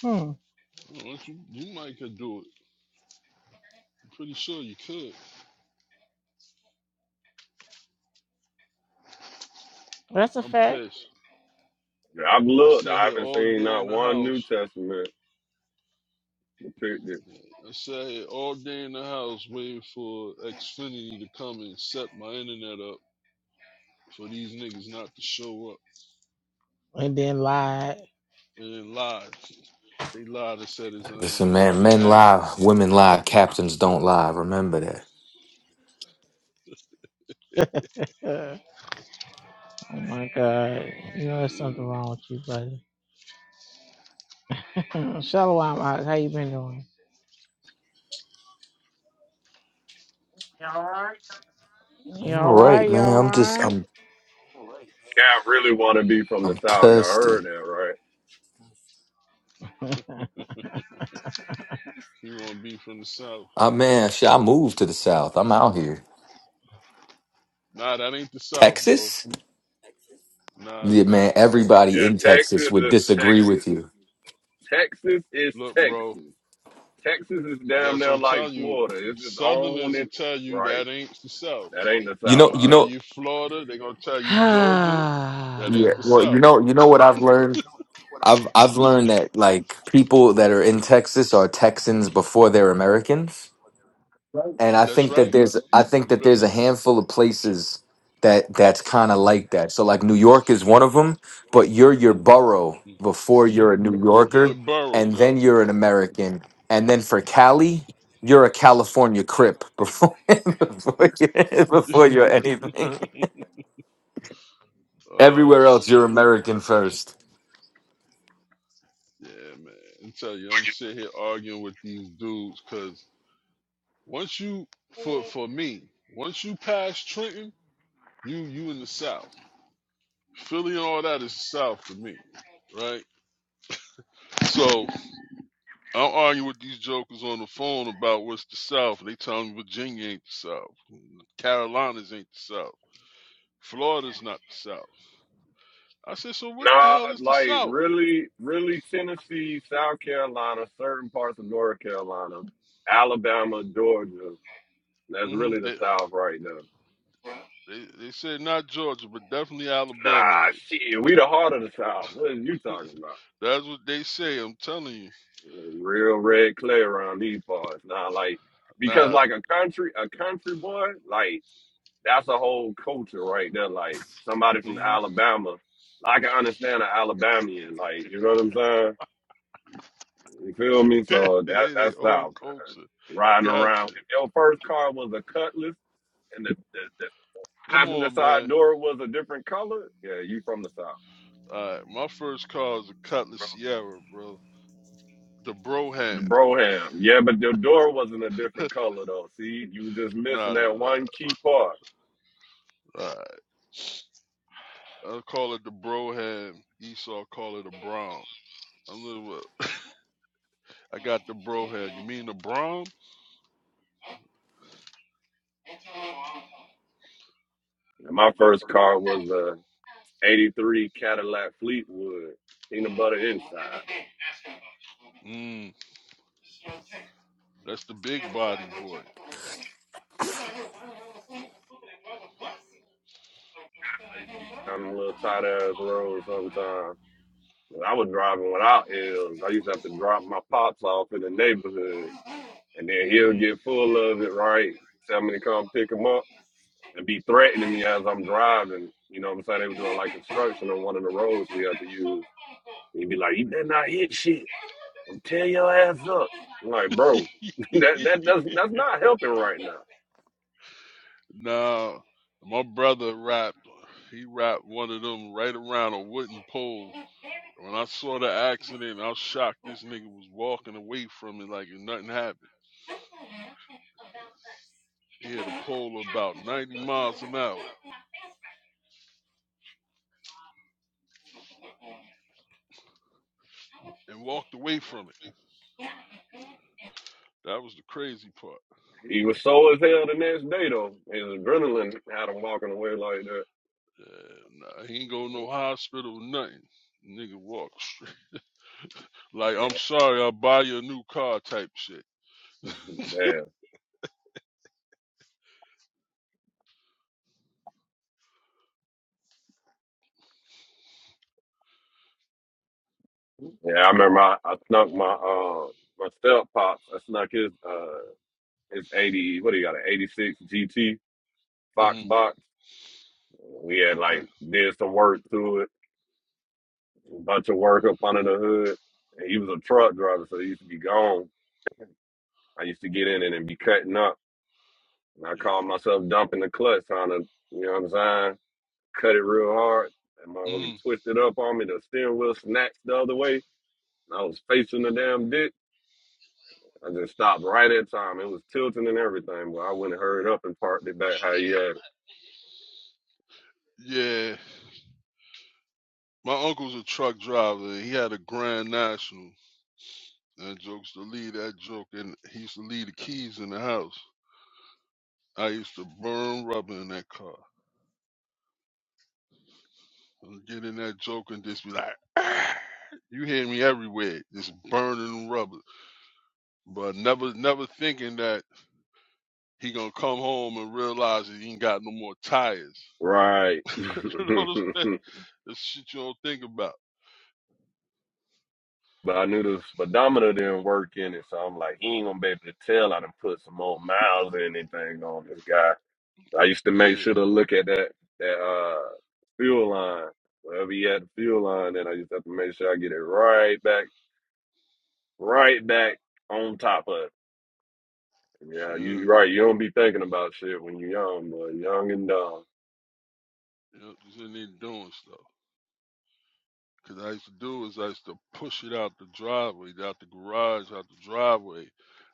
Speaker 9: Hmm.
Speaker 8: I don't know, you, you might could do it. I'm pretty sure you could.
Speaker 9: That's a
Speaker 8: I'm
Speaker 9: fact.
Speaker 8: pissed.
Speaker 7: Yeah, I've
Speaker 8: I'm
Speaker 7: looked,
Speaker 8: sitting
Speaker 7: I
Speaker 8: here
Speaker 7: haven't
Speaker 8: all
Speaker 7: seen
Speaker 8: day in
Speaker 7: not
Speaker 8: the
Speaker 7: one
Speaker 8: house.
Speaker 7: New Testament depicted.
Speaker 8: I sat here all day in the house waiting for Xfinity to come and set my internet up for these niggas not to show up.
Speaker 9: and then lied.
Speaker 8: And then lied. They lied and said it's,
Speaker 4: Listen,
Speaker 8: um, they
Speaker 4: man,
Speaker 8: couldn't
Speaker 4: men lie,
Speaker 8: access
Speaker 4: women
Speaker 8: anything.
Speaker 4: lie, captains
Speaker 8: You,
Speaker 4: don't lie. Remember that.
Speaker 9: Uh, oh my God, you know there's
Speaker 8: ooh,
Speaker 9: something wrong with you, brother. *clears throat* Mm, Shalom, Ak, how you been doing? You
Speaker 4: I'm
Speaker 9: all
Speaker 4: all right,
Speaker 9: right? You
Speaker 4: man.
Speaker 9: all
Speaker 4: I'm just
Speaker 9: right?
Speaker 4: I'm
Speaker 7: Yeah, I really want to be from the
Speaker 4: I'm
Speaker 7: South. Y'all heard
Speaker 4: thirsty.
Speaker 7: that, right?
Speaker 8: he want to be from the South.
Speaker 4: I man, shit, I moved to the south. I'm out here.
Speaker 8: Nah, that ain't the South, bro.
Speaker 4: Texas?
Speaker 8: Nah, it's
Speaker 4: Yeah,
Speaker 8: nothing.
Speaker 4: man,
Speaker 8: So
Speaker 4: everybody in
Speaker 7: Yeah,
Speaker 4: Texas
Speaker 7: Texas
Speaker 4: would
Speaker 7: is
Speaker 4: disagree with
Speaker 7: Texas.
Speaker 4: you.
Speaker 7: Texas is
Speaker 8: look, bro,
Speaker 7: Texas. Texas is damn
Speaker 8: that's what
Speaker 7: near
Speaker 8: I'm
Speaker 7: like
Speaker 8: telling you.
Speaker 7: Florida. It's its own
Speaker 8: Southerners will
Speaker 7: and
Speaker 8: tell you
Speaker 7: right.
Speaker 8: that ain't the South.
Speaker 7: That ain't the
Speaker 4: You
Speaker 7: South.
Speaker 4: know,
Speaker 8: They'll
Speaker 4: you
Speaker 7: I,
Speaker 8: tell
Speaker 4: know,
Speaker 8: you Florida. They're gonna tell you Georgia. That ain't
Speaker 4: yeah.
Speaker 8: the
Speaker 4: Well, you
Speaker 8: South.
Speaker 4: know, you know what I've learned I've I've learned that like people that are in Texas are Texans before they're Americans, and I
Speaker 8: That's
Speaker 4: think that
Speaker 8: right.
Speaker 4: there's I think
Speaker 8: You
Speaker 4: that
Speaker 8: better
Speaker 4: there's a
Speaker 8: believe
Speaker 4: handful of places that that's kind of like that. So like New York is one of them, but you're your borough
Speaker 8: it.
Speaker 4: before you're a New
Speaker 8: You your
Speaker 4: Yorker,
Speaker 8: borough,
Speaker 4: and
Speaker 8: yo.
Speaker 4: then you're an American, and then for Cali, you're a California Crip before *laughs* before, you, before you're anything.
Speaker 8: Oh
Speaker 4: Everywhere else,
Speaker 8: shit.
Speaker 4: you're American first.
Speaker 8: Yeah, man. I am telling you, I'm sitting here arguing with these dudes because once you for for me, once you pass Trenton, you you in the South. Philly and all that is the South for me. Right? So I'm arguing with these jokers on the phone about what's the South. They tell me Virginia ain't the South. Carolinas ain't the South. Florida's not the South. I said, so what the
Speaker 7: nah,
Speaker 8: hell is the
Speaker 7: like
Speaker 8: South?
Speaker 7: really, really Tennessee, South Carolina, certain parts of North Carolina, Alabama, Georgia. That's
Speaker 8: hmm
Speaker 7: really the
Speaker 8: They,
Speaker 7: South right now.
Speaker 8: they, they said not Georgia, but definitely
Speaker 7: Nah,
Speaker 8: Alabama is.
Speaker 7: shit, we the heart of the South. What are you talking about?
Speaker 8: That's what they say. I'm telling you.
Speaker 7: Real red clay around these parts. Nah, like because
Speaker 8: Nah.
Speaker 7: like a country, a country boy, like. that's a whole culture right there. Like somebody from
Speaker 8: hmm
Speaker 7: Alabama, I can understand an Alabamian. Like you know what I'm saying? You feel me?
Speaker 8: *laughs* they
Speaker 7: So that
Speaker 8: they
Speaker 7: that's
Speaker 8: old
Speaker 7: South. man.
Speaker 8: culture.
Speaker 7: riding around.
Speaker 8: Gotcha.
Speaker 7: If your first car was a Cutlass and the the, the
Speaker 8: Come
Speaker 7: passenger
Speaker 8: on,
Speaker 7: side
Speaker 8: man.
Speaker 7: door was a different color, yeah, you from the south.
Speaker 8: All right. My first car is a Cutlass Sierra, bro. The bro
Speaker 7: The
Speaker 8: hand.
Speaker 7: Broham, yeah, but the door wasn't a different color though. See, you just
Speaker 8: Nah,
Speaker 7: missing
Speaker 8: nah,
Speaker 7: that
Speaker 8: nah.
Speaker 7: one key part.
Speaker 8: All right. I call it the bro Broham. Esau call it a Brom. I'm little, uh, I got the bro Broham. You mean the Brom?
Speaker 7: And my first car was a '83 Cadillac Fleetwood peanut butter inside.
Speaker 8: Mm, that's the big body boy.
Speaker 7: I'm a little tight ass road sometimes. I was driving without L's. I used to have to drop my pops off in the neighborhood, and then he'll
Speaker 8: mm hmm
Speaker 7: get full of it, right? Tell me to come pick him up and be threatening me as I'm driving. You know what I'm saying? They were doing like construction on one of the roads we had to use. he'd be like, "You better not hit shit. I'm tear your ass up." I'm like, bro, *laughs*
Speaker 8: *laughs*
Speaker 7: that that that's that's not helping right now.
Speaker 8: now, my brother rapped. He rapped one of them right around a wooden pole. When I saw the accident, I was shocked. This nigga was walking away from it like if nothing happened. He had a pole about 90 miles an hour and walked away from it. That was the crazy part.
Speaker 7: He was sore as hell the next day though. His adrenaline had him walking away like that.
Speaker 8: Yeah, nah, he ain't go to no hospital, nothing. Nigga walk straight. *laughs* Like, I'm
Speaker 7: Yeah,
Speaker 8: sorry, I'll buy you a new car type shit.
Speaker 7: *laughs* damn. Yeah, I remember I, I snuck my uh my step pops. I snuck his uh his eighty what do you got an eighty six GT Fox
Speaker 8: hmm
Speaker 7: box. We had
Speaker 8: Okay.
Speaker 7: like did some work to it, a bunch of work up under the hood. And he was a truck driver, so he used to be gone. I used to get in it and be cutting up. And I called
Speaker 8: Yeah.
Speaker 7: myself dumping the clutch, trying to you know what I'm saying, cut it real hard. And motherfucker
Speaker 8: hmm
Speaker 7: twisted up on me. The steering wheel snatched the other way. And I was facing the damn ditch. I just stopped right at time. It was tilting and everything, but I went and hurried up and parked it back how you had it.
Speaker 8: Yeah. My uncle's a truck driver. He had a Grand National. That joke's to lead that joke, and he used to leave the keys in the house. I used to burn rubber in that car. I'd get in that joke and just be like, "Ah." you hear me everywhere, just burning rubber. But never, never thinking that. He gonna come home and realize that he ain't got no more tires.
Speaker 7: Right. *laughs* but
Speaker 8: *laughs* you know what I'm saying? That's shit you don't think about.
Speaker 7: I knew the speedometer didn't work in it, so I'm like, he ain't gonna be able to tell I done put some more miles or anything on this guy. I used to make
Speaker 8: Yeah,
Speaker 7: sure to look at that that uh fuel line. Wherever he had the fuel line, then I used to have to make sure I get it right back, right back on top of it. Yeah, you
Speaker 8: sure.
Speaker 7: right. You don't be thinking about shit when you're young, but young and dumb.
Speaker 8: Yep, just in there doing stuff. Cause I used to do is I used to push it out the driveway, out the garage, out the driveway.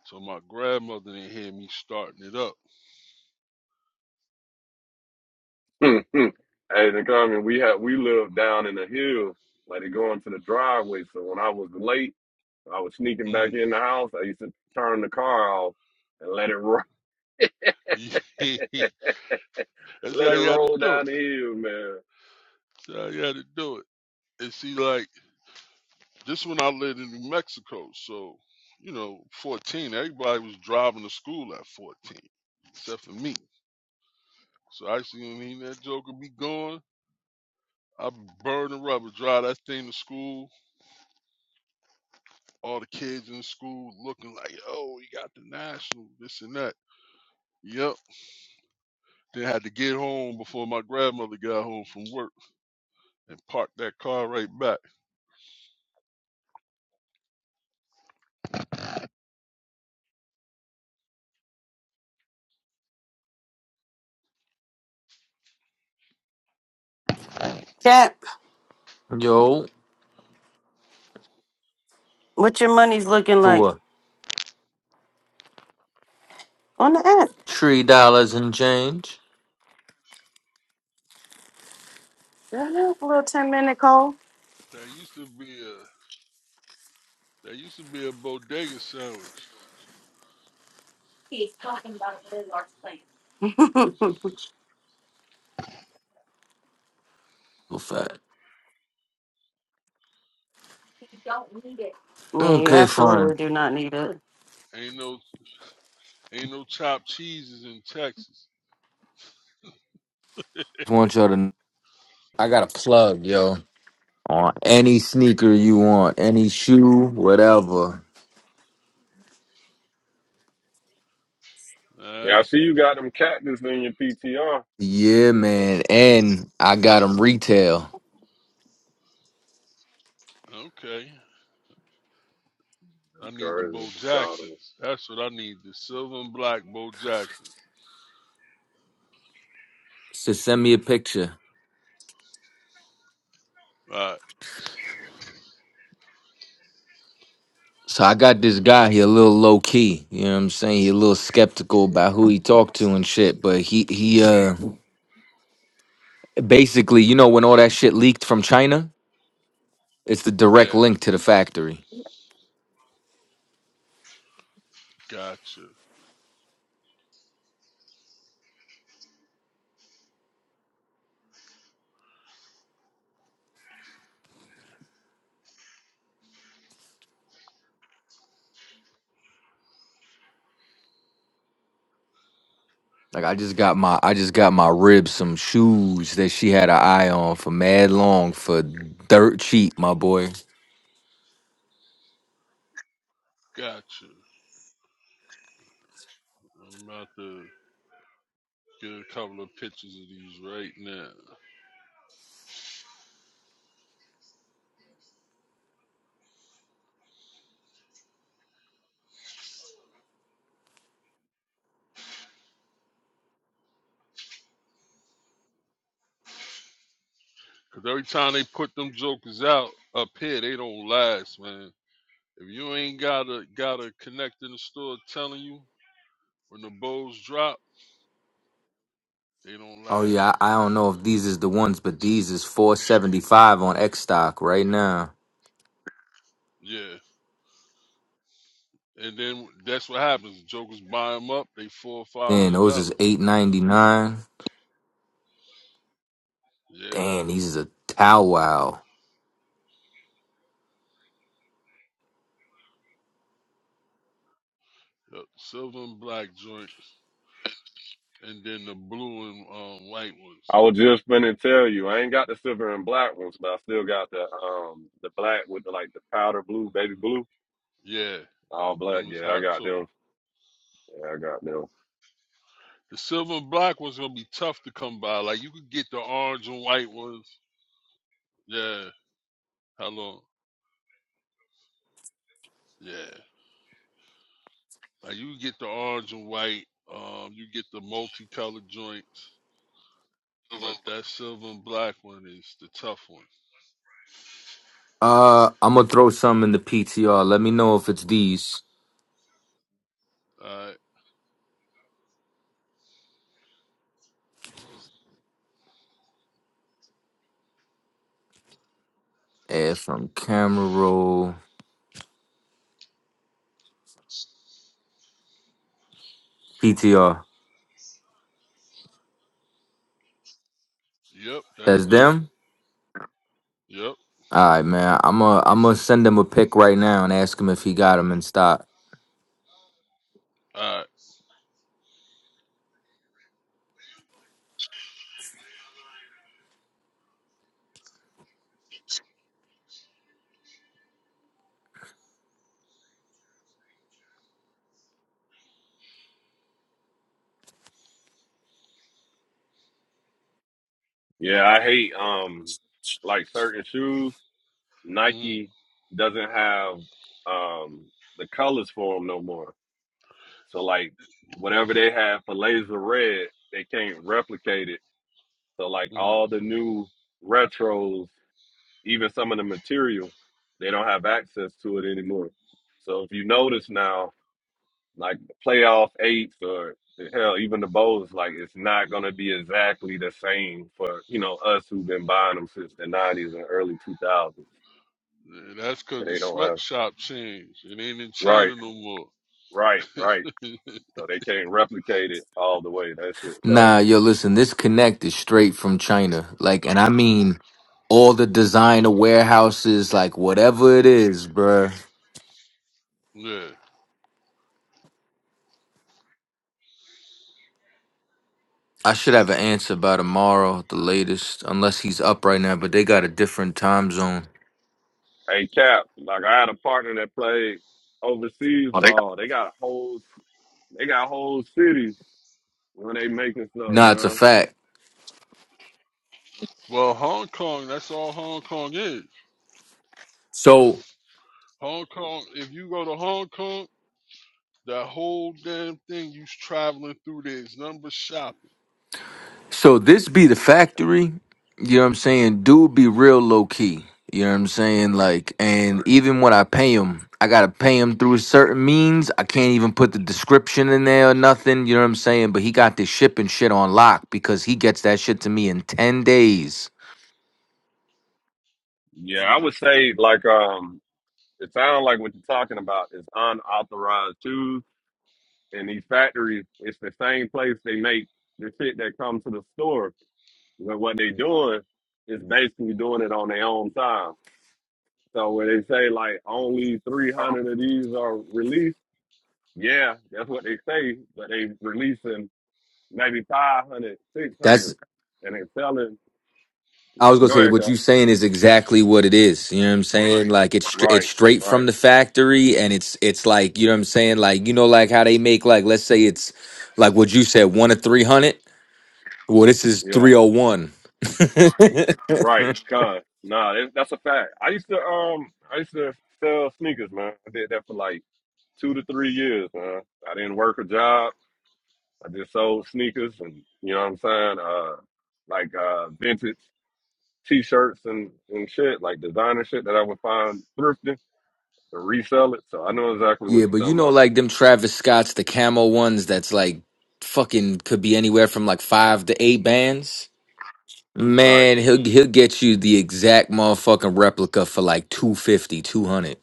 Speaker 8: So my grandmother didn't hear me starting it up.
Speaker 7: Hmm, hmm. hey, the comment we had we lived down in the hill, like they go into the driveway. So when I was late, I was sneaking back
Speaker 8: Mm.
Speaker 7: in the house. I used to turn the car off and let it *laughs* ro-
Speaker 8: *laughs* That's
Speaker 7: let
Speaker 8: how
Speaker 7: it
Speaker 8: you had to
Speaker 7: roll
Speaker 8: do
Speaker 7: down
Speaker 8: it.
Speaker 7: the hill, man.
Speaker 8: That's how you had to do it. And she like This when I lived in New Mexico, so you know, 14, everybody was driving to school at 14, except for me. So I see I mean that joker be gone. I burn the rubber, drive that thing to school. All the kids in school looking like, oh, you got the national, this and that. Yep. Then had to get home before my grandmother got home from work and park that car right back.
Speaker 5: Cat,
Speaker 4: Yo,
Speaker 5: what your money's looking
Speaker 4: for
Speaker 5: like? On the app.
Speaker 4: Three dollars and change.
Speaker 5: Yeah, A little 10 minute call.
Speaker 8: There used to be a there used to be a bodega sandwich.
Speaker 5: *laughs* yeah,
Speaker 4: Well, fat.
Speaker 5: you
Speaker 4: Okay,
Speaker 8: Ain't
Speaker 4: fine.
Speaker 5: absolutely do not need it.
Speaker 8: ain't no ain't no chopped cheeses in Texas.
Speaker 4: Just want y'all to. kn- I got a plug, yo. On any sneaker you want, any shoe, whatever.
Speaker 8: All
Speaker 7: Yeah, I
Speaker 8: right.
Speaker 7: see you got them cactus in your PTR.
Speaker 4: Yeah, man. And I got them retail.
Speaker 8: Okay.
Speaker 7: That's
Speaker 8: I need the
Speaker 7: crazy.
Speaker 8: Bo
Speaker 7: You call it.
Speaker 8: Jacksons. That's what I need. The silver and black Bo Jacksons.
Speaker 4: So send me a picture.
Speaker 8: All right.
Speaker 4: So I got this guy. He a little low key. You know what I'm saying? He a little skeptical about who he talked to and shit. But he he uh basically, you know, when all that shit leaked from China, it's the direct
Speaker 8: Yeah.
Speaker 4: link to the factory.
Speaker 8: Gotcha.
Speaker 4: Like I just got my I just got my ribs some shoes that she had an eye on for mad long for dirt cheap, my boy.
Speaker 8: Gotcha. I'm about to get a couple of pictures of these right now. Cause every time they put them jokers out up here, they don't last, man. If you ain't got a got a connect in the store telling you when the bows drop, they don't
Speaker 4: Oh
Speaker 8: last.
Speaker 4: yeah, I, I don't know if these is the ones, but these is four seventy five on X stock right now.
Speaker 8: Yeah. And then that's what happens. Jokers buy them up, they four or five
Speaker 4: Then
Speaker 8: hundred
Speaker 4: those is
Speaker 8: dollars.
Speaker 4: eight ninety nine.
Speaker 8: Yeah.
Speaker 4: Damn, these is a tow wow.
Speaker 8: Yep. Silver and black joints, and then the blue and um, white ones.
Speaker 7: I was just gonna tell you, I ain't got the silver and black ones, but I still got the um the black with the like the powder blue, baby blue,
Speaker 8: Yeah,
Speaker 7: all black.
Speaker 8: them was
Speaker 7: Yeah, I
Speaker 8: hot
Speaker 7: got
Speaker 8: too.
Speaker 7: them. Yeah, I got them.
Speaker 8: The silver and black ones gonna be tough to come by. Like you could get the orange and white ones. Yeah. How long? Yeah. Like you could get the orange and white. Um, you get the multicolored joints. But that silver and black one is the tough one.
Speaker 4: Uh, I'm gonna throw some in the PTR. Let me know if it's these.
Speaker 8: All right.
Speaker 4: Yeah, from camera roll PTR.
Speaker 8: Yep. That's
Speaker 4: That's
Speaker 8: them.
Speaker 4: them.
Speaker 8: Yep.
Speaker 4: All right, man. I'm gonna I'm gonna send him a pic right now and ask him if he got them in stock.
Speaker 8: All
Speaker 7: Yeah, I hate um like certain shoes.
Speaker 8: right.
Speaker 7: Nike doesn't have um the colors for them no more. So like whatever they have for laser red, they can't replicate it. So like
Speaker 8: Mm-hmm.
Speaker 7: all the new retros, even some of the material, they don't have access to it anymore. So if you notice now, like the playoff eights or hell, even the bowls, like it's not gonna be exactly the same for you know us who've been buying them since the '90s and early 2000s.
Speaker 8: Yeah, That's 'cause
Speaker 7: And
Speaker 8: the
Speaker 7: they don't have
Speaker 8: sweatshop changed. It ain't in China
Speaker 7: right,
Speaker 8: no more.
Speaker 7: right, right. So they can't replicate it all the way. That shit. So
Speaker 4: Nah, yo, listen, this connect is straight from China. Like, and I mean all the designer warehouses, like whatever it is, bruh.
Speaker 8: Yeah.
Speaker 4: I should have an answer by tomorrow, at the latest, unless he's up right now, but they got a different time zone.
Speaker 7: hey, Cap, like I had a partner that played overseas ball. They got whole, they got whole cities when they making stuff,
Speaker 4: Nah, it's a
Speaker 7: man.
Speaker 4: fact.
Speaker 8: Well, Hong Kong, that's all Hong Kong is.
Speaker 4: So
Speaker 8: Hong Kong, if you go to Hong Kong, that whole damn thing you's traveling through there is nothing but shopping.
Speaker 4: So this be the factory, you know what I'm saying? Dude be real low key, you know what I'm saying? Like,
Speaker 7: Right.
Speaker 4: and even when I pay him, I gotta pay him through certain means. I can't even put the description in there or nothing, you know what I'm saying? But he got this shipping shit on lock because he gets that shit to me in 10 days.
Speaker 7: Yeah, I
Speaker 8: Mm,
Speaker 7: would say like um. It sounds like what you're talking about is unauthorized shoes. And these factories, it's the same place they make the shit that comes to the store. But what they doing is basically doing it on their own time. So when they say like only 300 of these are released, yeah, that's what they say, but they releasing maybe 500, six
Speaker 4: That's
Speaker 7: hundred, and they selling.
Speaker 4: I was gonna
Speaker 7: Go
Speaker 4: say
Speaker 7: ahead,
Speaker 4: what
Speaker 7: Cap.
Speaker 4: you saying is exactly what it is. You know what I'm saying? Like it's str- it's
Speaker 7: Right,
Speaker 4: straight from
Speaker 7: right.
Speaker 4: the factory, and it's it's like you know what I'm saying. Like you know, like how they make like let's say it's like what you said, one to three hundred. Well, this is
Speaker 7: Yeah,
Speaker 4: 301. *laughs*
Speaker 7: right. Con. Nah, that, that's a fact. I used to, um, I used to sell sneakers, man. I did that for like two to three years, man. I didn't work a job. I just sold sneakers and you know what I'm saying? Uh like uh vintage t shirts and, and shit, like designer shit that I would find thrifting and resell it. So I know exactly
Speaker 4: Yeah,
Speaker 7: what you're
Speaker 4: but you
Speaker 7: talking
Speaker 4: know,
Speaker 7: about.
Speaker 4: like them Travis Scott's, the camo ones that's like fucking could be anywhere from like five to eight bands.
Speaker 7: Right.
Speaker 4: Man, he'll
Speaker 8: hmm
Speaker 4: he'll get you the exact motherfucking replica for like two fifty, two hundred.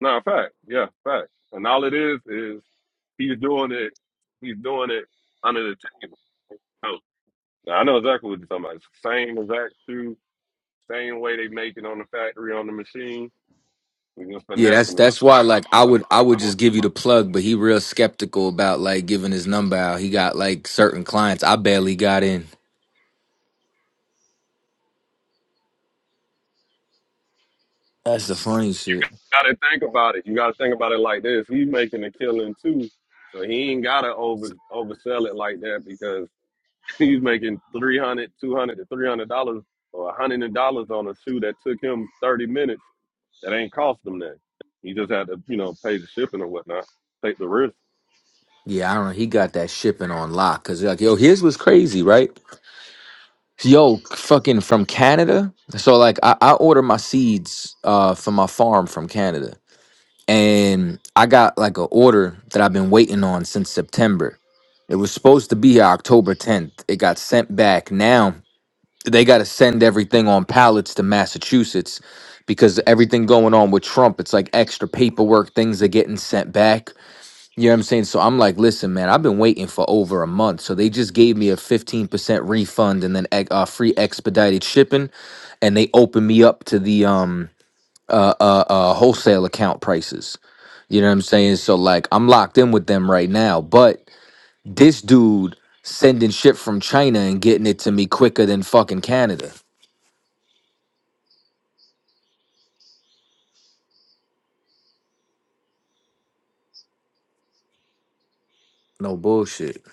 Speaker 7: No, fact. Yeah, fact. And all it is is he's doing it he's doing it under the table. Oh, now, I know exactly what you're talking about. It's the same exact shoe, same way they make it on the factory on the machine. We just
Speaker 4: Yeah, that's
Speaker 7: finessing it.
Speaker 4: that's why like I
Speaker 7: That's
Speaker 4: would
Speaker 7: a
Speaker 4: I
Speaker 7: fact. I
Speaker 4: would
Speaker 7: know what
Speaker 4: just
Speaker 7: you're
Speaker 4: give
Speaker 7: talking
Speaker 4: you the
Speaker 7: about.
Speaker 4: plug, but he real skeptical about like giving his number out. He got like certain clients. I barely got in. That's the funny shit.
Speaker 7: Gotta think about it. You gotta think about it like this. He's making a killing too. So he ain't gotta over oversell it like that because *laughs* he's making 300 to $300 dollars or $100 on a shoe that took him 30 minutes that ain't cost him that. He just had to, you know, pay the shipping or whatnot, take the risk.
Speaker 4: Yeah, I don't know. He got that shipping on lock because like, yo, here's what's crazy, right? Yo, fucking from Canada. So like I, I order my seeds uh from my farm from Canada. And I got like an order that I've been waiting on since September. It was supposed to be here October 10th. It got sent back. Now they gotta send everything on pallets to Massachusetts because everything going on with Trump, it's like extra paperwork, things are getting sent back. You know what I'm saying? So I'm like, listen, man, I've been waiting for over a month. So they just gave me a 15% refund and then ex- uh, free expedited shipping, and they opened me up to the um uh, uh uh wholesale account prices. You know what I'm saying? So like, I'm locked in with them right now. But this dude sending shit from China and getting it to me quicker than fucking Canada. No bullshit.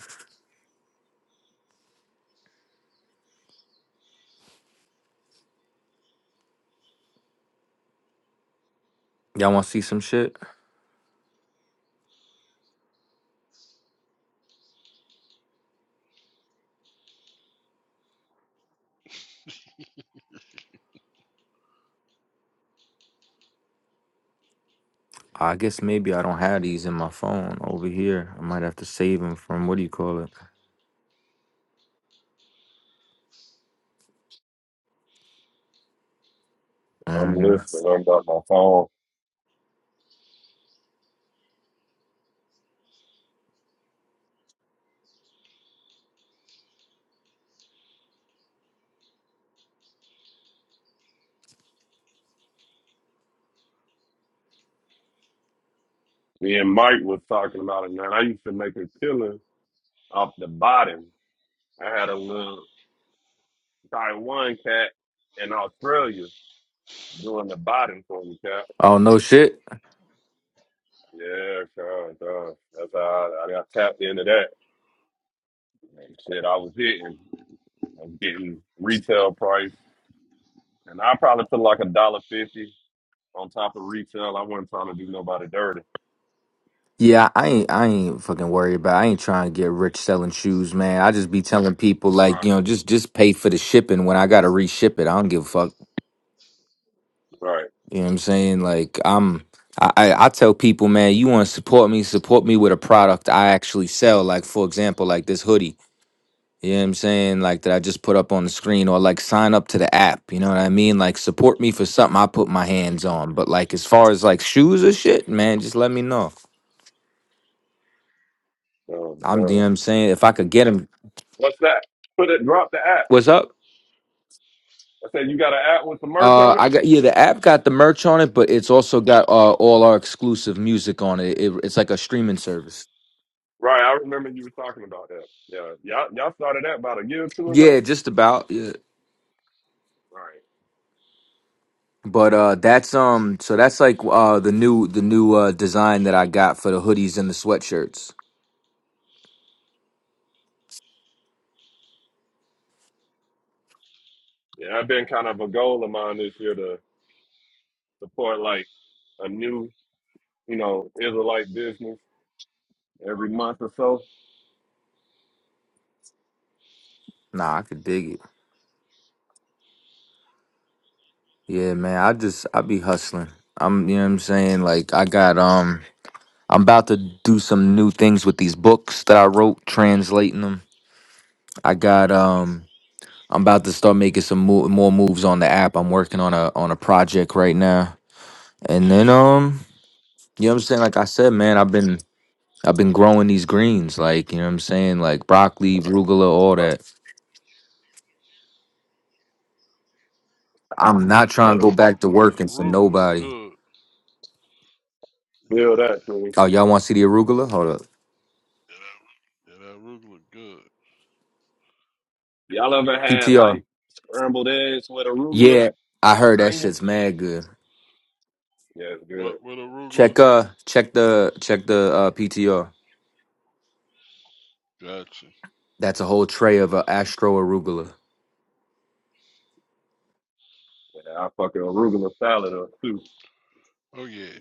Speaker 4: Y'all want to see some shit? I guess maybe I don't have these in my phone over here. I might have to save them from what do you call it?
Speaker 7: I'm
Speaker 4: Mhm.
Speaker 7: listening. I'm about my phone. Me and Mike was talking about it, man. I used to make a killing off the bottom. I had a little Taiwan cat in Australia. doing the bottom for me, Cap.
Speaker 4: Oh no shit.
Speaker 7: Yeah, God, God. That's how I, I got tapped into that. And Shit, I was hitting. I was getting retail price, and I probably put like a dollar fifty on top of retail. I wasn't trying to do nobody dirty.
Speaker 4: Yeah, I ain't I ain't fucking worried about. I ain't trying to get rich selling shoes, man. I just be telling people like,
Speaker 7: Right,
Speaker 4: you know, just just pay for the shipping when I gotta reship it. I don't give a fuck.
Speaker 7: right.
Speaker 4: You know what I'm saying? Like I'm I, I I tell people, man, you want to support me, support me with a product I actually sell. Like, for example, like this hoodie. You know what I'm saying? Like that I just put up on the screen or like sign up to the app. You know what I mean? Like support me for something I put my hands on. But like as far as like shoes or shit, man, just let me know.
Speaker 7: Um,
Speaker 4: I'm you know
Speaker 7: uh,
Speaker 4: what I'm saying if I could get them,
Speaker 7: what's that? Put it. Drop the app.
Speaker 4: What's up?
Speaker 7: I said you got an app with the merch
Speaker 4: Uh,
Speaker 7: on it.
Speaker 4: I got yeah. The app got the merch on it, but it's also got uh, all our exclusive music on it. it. It's like a streaming service.
Speaker 7: Right. I remember you were talking about that. Yeah, y'all y'all started that about a year or two
Speaker 4: Yeah,
Speaker 7: ago.
Speaker 4: just about. Yeah.
Speaker 7: Right.
Speaker 4: But uh, that's um. So that's like uh the new the new uh design that I got for the hoodies and the sweatshirts.
Speaker 7: Yeah, I've been kind of a goal of mine this year to support like a new you know, Israelite business every month or so.
Speaker 4: Nah, I could dig it. Yeah, man. I just I be hustling. I'm you know what I'm saying. Like I got um. I'm about to do some new things with these books that I wrote, translating them. I got um. I'm about to start making some mo- more moves on the app. I'm working on a on a project right now. And then um, you know what I'm saying? Like I said, man, I've been I've been growing these greens, like, you know what I'm saying? Like broccoli, arugula, all
Speaker 7: All right,
Speaker 4: that. I'm not trying to go back to
Speaker 8: That
Speaker 4: working for
Speaker 8: arugula is
Speaker 4: nobody.
Speaker 8: good.
Speaker 7: build
Speaker 8: Yeah,
Speaker 7: that,
Speaker 4: Oh,
Speaker 7: please.
Speaker 4: y'all want to see the arugula? Hold up.
Speaker 8: yeah, that arugula good.
Speaker 7: Y'all ever had
Speaker 4: PTR.
Speaker 7: like scrambled eggs with arugula
Speaker 4: Yeah, I
Speaker 7: and
Speaker 4: heard that
Speaker 7: onion?
Speaker 4: shit's mad good.
Speaker 7: Yeah, it's good.
Speaker 8: What with arugula?
Speaker 4: Check uh check the check the uh PTR.
Speaker 8: Gotcha.
Speaker 4: That's a whole tray of uh, astro arugula.
Speaker 7: Yeah, I fucking arugula salad or soup.
Speaker 8: Oh yeah.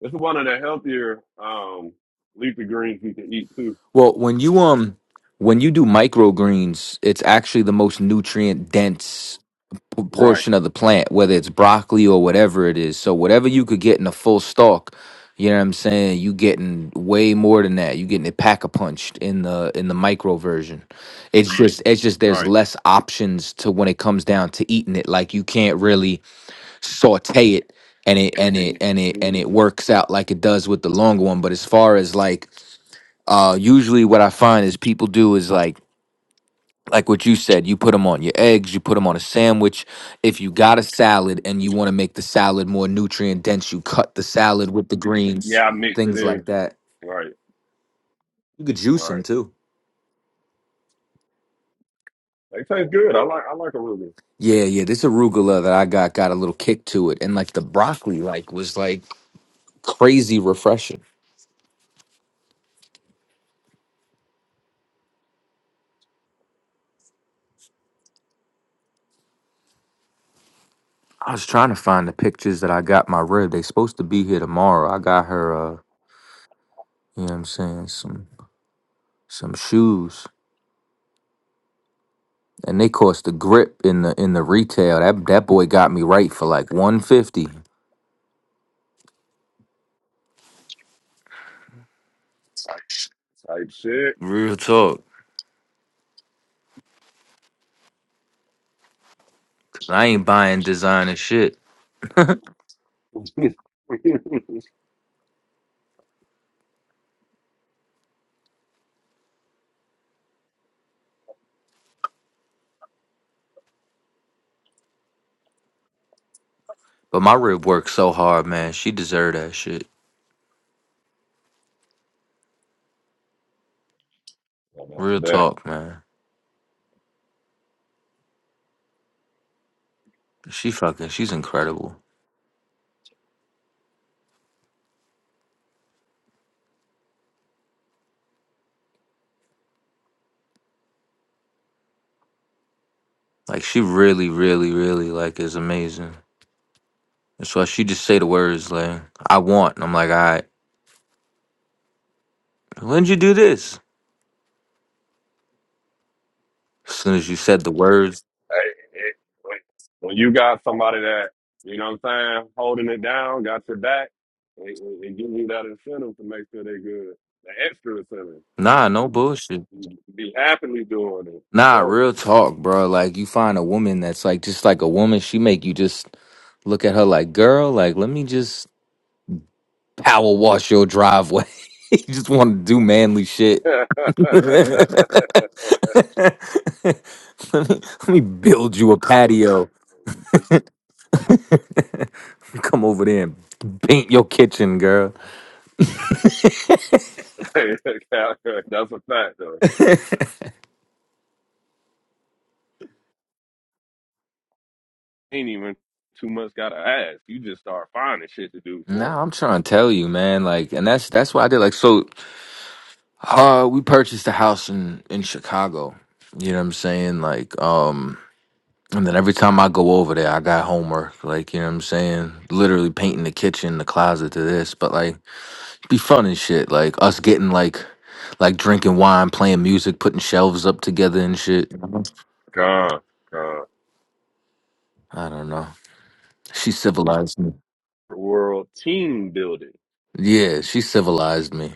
Speaker 7: It's one of the healthier um leafy greens you can eat too.
Speaker 4: Well, when you um when you do microgreens, it's actually the most nutrient dense p-
Speaker 7: Right,
Speaker 4: portion of the plant, whether it's broccoli or whatever it is. So whatever you could get in a full stalk, you know what I'm saying, you getting way more than that. You getting it pack a punched in the in the micro version. It's just it's just there's
Speaker 7: right.
Speaker 4: less options to when it comes down to eating it. Like you can't really saute it and it and it and it and
Speaker 7: hmm
Speaker 4: it works out like it does with the long one. But as far as like uh, usually what I find is people do is like like what you said, you put them on your eggs, you put them on a sandwich. If you got a salad and you want to make the salad more nutrient dense, you cut the salad with the greens,
Speaker 7: Yeah, I mix it
Speaker 4: things
Speaker 7: in.
Speaker 4: like that.
Speaker 7: Right,
Speaker 4: You could juice them
Speaker 7: right.
Speaker 4: too.
Speaker 7: They taste good. I like I like arugula.
Speaker 4: Yeah, yeah. This arugula that I got got a little kick to it, and like the broccoli, like was like crazy refreshing. I was trying to find the pictures that I got my rib. They supposed to be here tomorrow. I got her, uh, you know what I'm saying, some some shoes. and they cost the grip in the in the retail. That that boy got me right for like one fifty.
Speaker 7: Type shit.
Speaker 4: Real talk. I ain't buying designer shit,
Speaker 7: *laughs* I'm
Speaker 4: but my rib worked so hard, man. She deserved that shit.
Speaker 7: up for
Speaker 4: Real
Speaker 7: that.
Speaker 4: talk, man. She fucking, she's incredible. Like she really, really, really like is amazing. That's why she just say the words like I want. And I'm like, all right. When'd you do this? As soon as you said the words,
Speaker 7: Hey, it, when when you got somebody that, you know what I'm saying, holding it down, got your back, it, it, it gives you that incentive to make sure they good. The extra incentive.
Speaker 4: nah, no bullshit.
Speaker 7: You Be happily doing it.
Speaker 4: Nah,
Speaker 7: So
Speaker 4: real talk, bro. Like you find a woman that's like just like a woman, she make you just look at her like, girl, like let me just power wash your driveway. *laughs* you just want to do manly
Speaker 7: *laughs*
Speaker 4: shit.
Speaker 7: that's
Speaker 4: *laughs* let me let me build you a patio. Come over there and paint your kitchen, girl.
Speaker 7: a fact though. Ain't even too much gotta ask. You just start finding shit to do for 'em.
Speaker 4: Nah, I'm trying to tell you, man. Like, and that's that's what I did. Like, so uh we purchased a house in in Chicago. You know what I'm saying? Like, um And then every time I go over there, I got homework. Like, you know what I'm saying? Literally painting the kitchen, the closet to this. But like be fun and shit. Like us getting like like drinking wine, playing music, putting shelves up together and shit.
Speaker 7: God, God.
Speaker 4: I don't know. She civilized me.
Speaker 7: World team building.
Speaker 4: Yeah, she civilized me.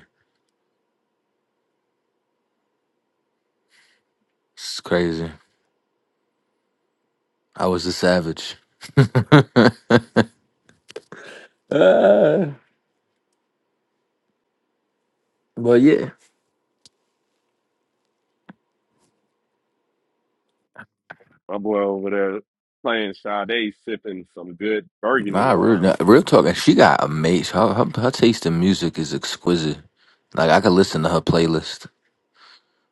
Speaker 4: It's crazy. I was a savage. *laughs* Well, yeah.
Speaker 7: My boy over there playing Sade sipping some good burgundy
Speaker 4: Nah, real,
Speaker 7: wine.
Speaker 4: nah, real talk. and She got amazing. Her, her, her taste in music is exquisite. Like I could listen to her playlist.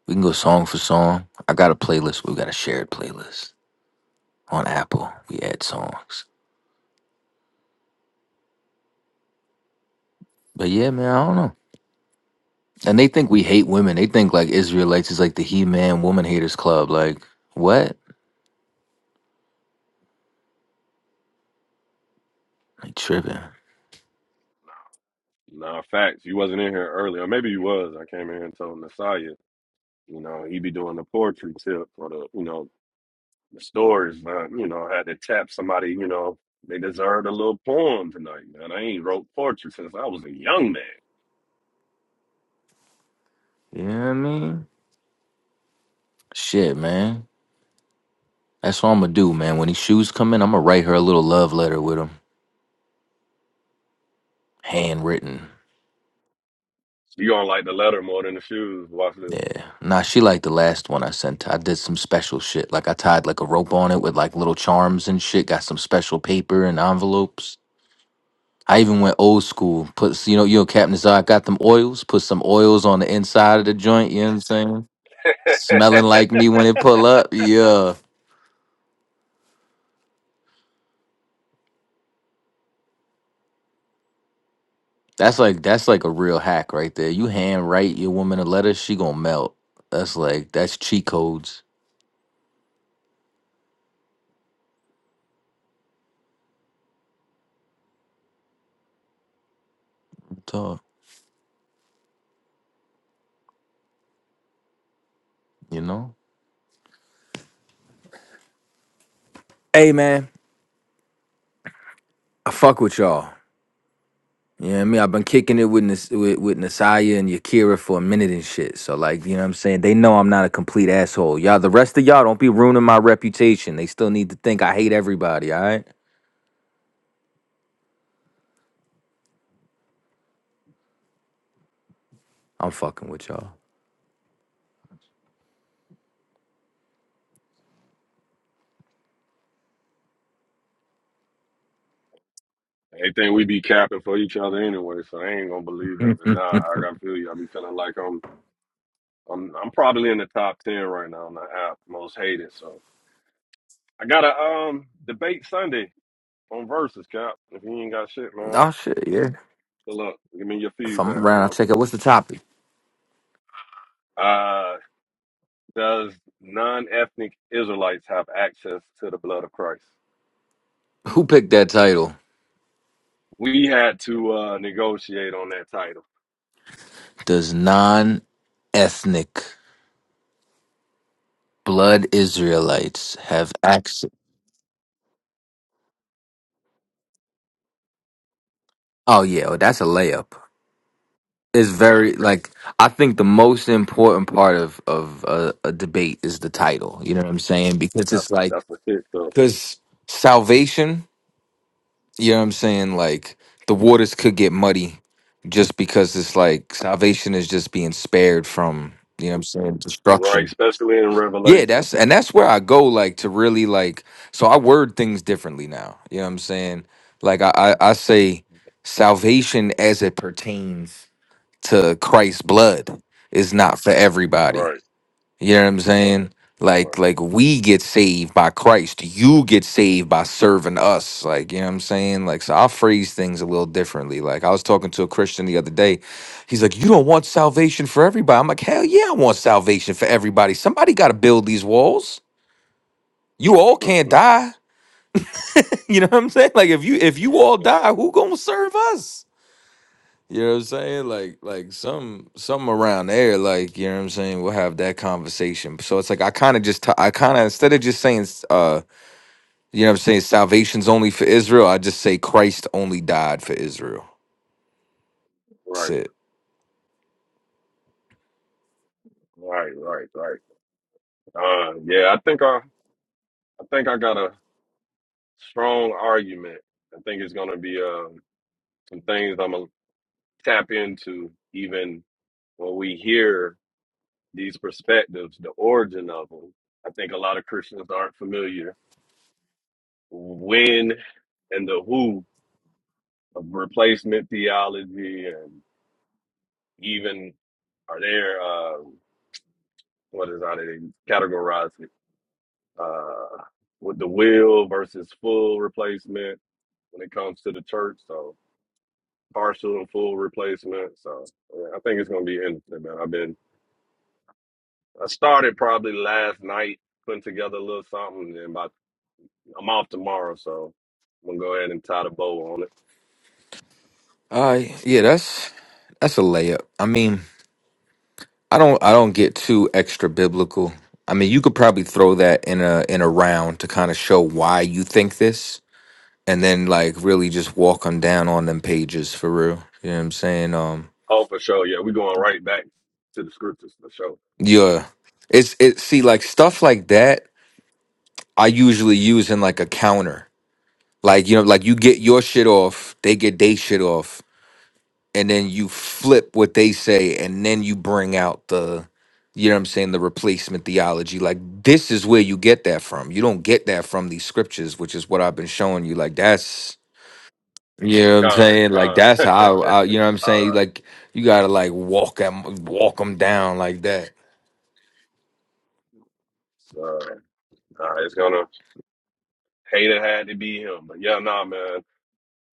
Speaker 4: We can go song for song. I got a playlist. We got a shared playlist on Apple. We add songs. But yeah, man, I don't know. And they think we hate women. They think like Israelites is like the He Man Woman Haters Club. Like, what? Like tripping.
Speaker 7: Nah, facts. You wasn't in here early, or maybe you was. I came in here and told Nasaya, you know, he be doing the poetry tip or the, you know, the stories. Man. You know, I had to tap somebody. You know, they deserved a little poem tonight, man. I ain't wrote poetry since I was a young man.
Speaker 4: You know what I mean? Shit, man. That's what I'm gonna do, man. When these shoes come in, I'm gonna write her a little love letter with them, handwritten.
Speaker 7: You gonna like the letter more than the shoes? Watch this.
Speaker 4: Yeah. Nah, she liked the last one I sent. her. I did some special shit. Like I tied like a rope on it with like little charms and shit. Got some special paper and envelopes. I even went old school. Put you know, you know, Captain Zod got them oils. Put some oils on the inside of the joint. You know what I'm saying? Smelling like me when it pull up. Yeah, that's like that's like a real hack right there. You hand write your woman a letter, she gonna melt. That's like that's cheat codes. Talk, you know. Hey man, I fuck with y'all. You know what I mean? I've been kicking it with, Nas- with with Nasaya and Yakira for a minute and shit. So like, you know what I'm saying? They know I'm not a complete asshole. Y'all, the rest of y'all don't be ruining my reputation. They still need to think I hate everybody, all right? I'm fucking with y'all.
Speaker 7: Anything we be capping for each other anyway, so I ain't gonna believe
Speaker 4: *laughs*
Speaker 7: it. But nah, I gotta feel you. I be feeling like I'm, I'm, I'm probably in the top ten right now on the app, most hated. So I got a um debate Sunday. on versus cap. If you ain't got shit, man,
Speaker 4: oh shit, yeah.
Speaker 7: good luck. Give me your
Speaker 4: If I'm
Speaker 7: feedback,
Speaker 4: around, I'll
Speaker 7: man.
Speaker 4: check out what's the topic.
Speaker 7: Uh, does non-ethnic Israelites have access to the blood of Christ?
Speaker 4: Who picked that title?
Speaker 7: We had to uh, negotiate on that title.
Speaker 4: Does non-ethnic blood Israelites have access? Oh yeah, well, that's a layup. It's very like I think the most important part of of a, a debate is the title. You know what I'm saying? Because
Speaker 7: That's
Speaker 4: it's like
Speaker 7: that's the shit, though.
Speaker 4: because salvation. You know what I'm saying? Like the waters could get muddy just because it's like salvation is just being spared from. You know what I'm saying?
Speaker 7: Right,
Speaker 4: Destruction.
Speaker 7: especially in
Speaker 4: Yeah,
Speaker 7: Revelation.
Speaker 4: that's and that's where I go like to really like. So I word things differently now. You know what I'm saying? Like I I, I say salvation as it pertains to Christ's blood is not for everybody.
Speaker 7: Right,
Speaker 4: You know what I'm saying? Like
Speaker 7: right,
Speaker 4: like we get saved by Christ. You get saved by serving us. Like, you know what I'm saying? Like so I'll phrase things a little differently. Like I was talking to a Christian the other day. He's like, You don't want salvation for everybody. I'm like, Hell yeah, I want salvation for everybody. Somebody gotta build these walls. You all
Speaker 7: *laughs* Mhm.
Speaker 4: can't
Speaker 7: right,
Speaker 4: die. *laughs* You know what I'm saying? Like if you if you all die, who gonna serve us? You know what I'm saying? Like like some some around there, like, you know what I'm saying, we'll have that conversation. So it's like I kinda just t- I kinda instead of just saying s- uh you know what I'm saying, salvation's only for Israel, I just say Christ only died for Israel. That's
Speaker 7: right,
Speaker 4: it.
Speaker 7: right, right, right. Uh, yeah, I think I, I think I got a strong argument. I think it's gonna be um, some things I'm gonna tap into, even when we hear these perspectives, the origin of them, I think a lot of Christians aren't familiar when and the who of replacement theology and even are there uh what is how they categorize it uh with the will versus full replacement when it comes to the church so partial and full replacement so yeah, I think it's gonna be interesting man I've been I started probably last night putting together a little something and by I'm off tomorrow, so I'm gonna go ahead and tie the bow on it.
Speaker 4: All right. Yeah, that's that's a layup. I mean, I don't I don't get too extra biblical. I mean, you could probably throw that in a in a round to kind of show why you think this and then like really just walk them down on them pages for real. You know what I'm saying?
Speaker 7: Oh, for sure. Yeah, we're going right back to the scriptures for sure.
Speaker 4: Yeah. It's it see like stuff like that I usually use in like a counter. Like you know like you get your shit off, they get they shit off, and then you flip what they say and then you bring out the you know what I'm saying, the replacement theology. Like this is where you get that from. You don't get that from these scriptures, which is what I've been showing you. Like that's you know what I'm
Speaker 7: Con,
Speaker 4: saying? Like
Speaker 7: con.
Speaker 4: that's
Speaker 7: *laughs*
Speaker 4: how I, I you know what I'm
Speaker 7: all
Speaker 4: saying?
Speaker 7: right.
Speaker 4: Like you got to like walk them walk them down like that.
Speaker 7: So nah, it's gonna hate it had to be him. But yeah, nah man.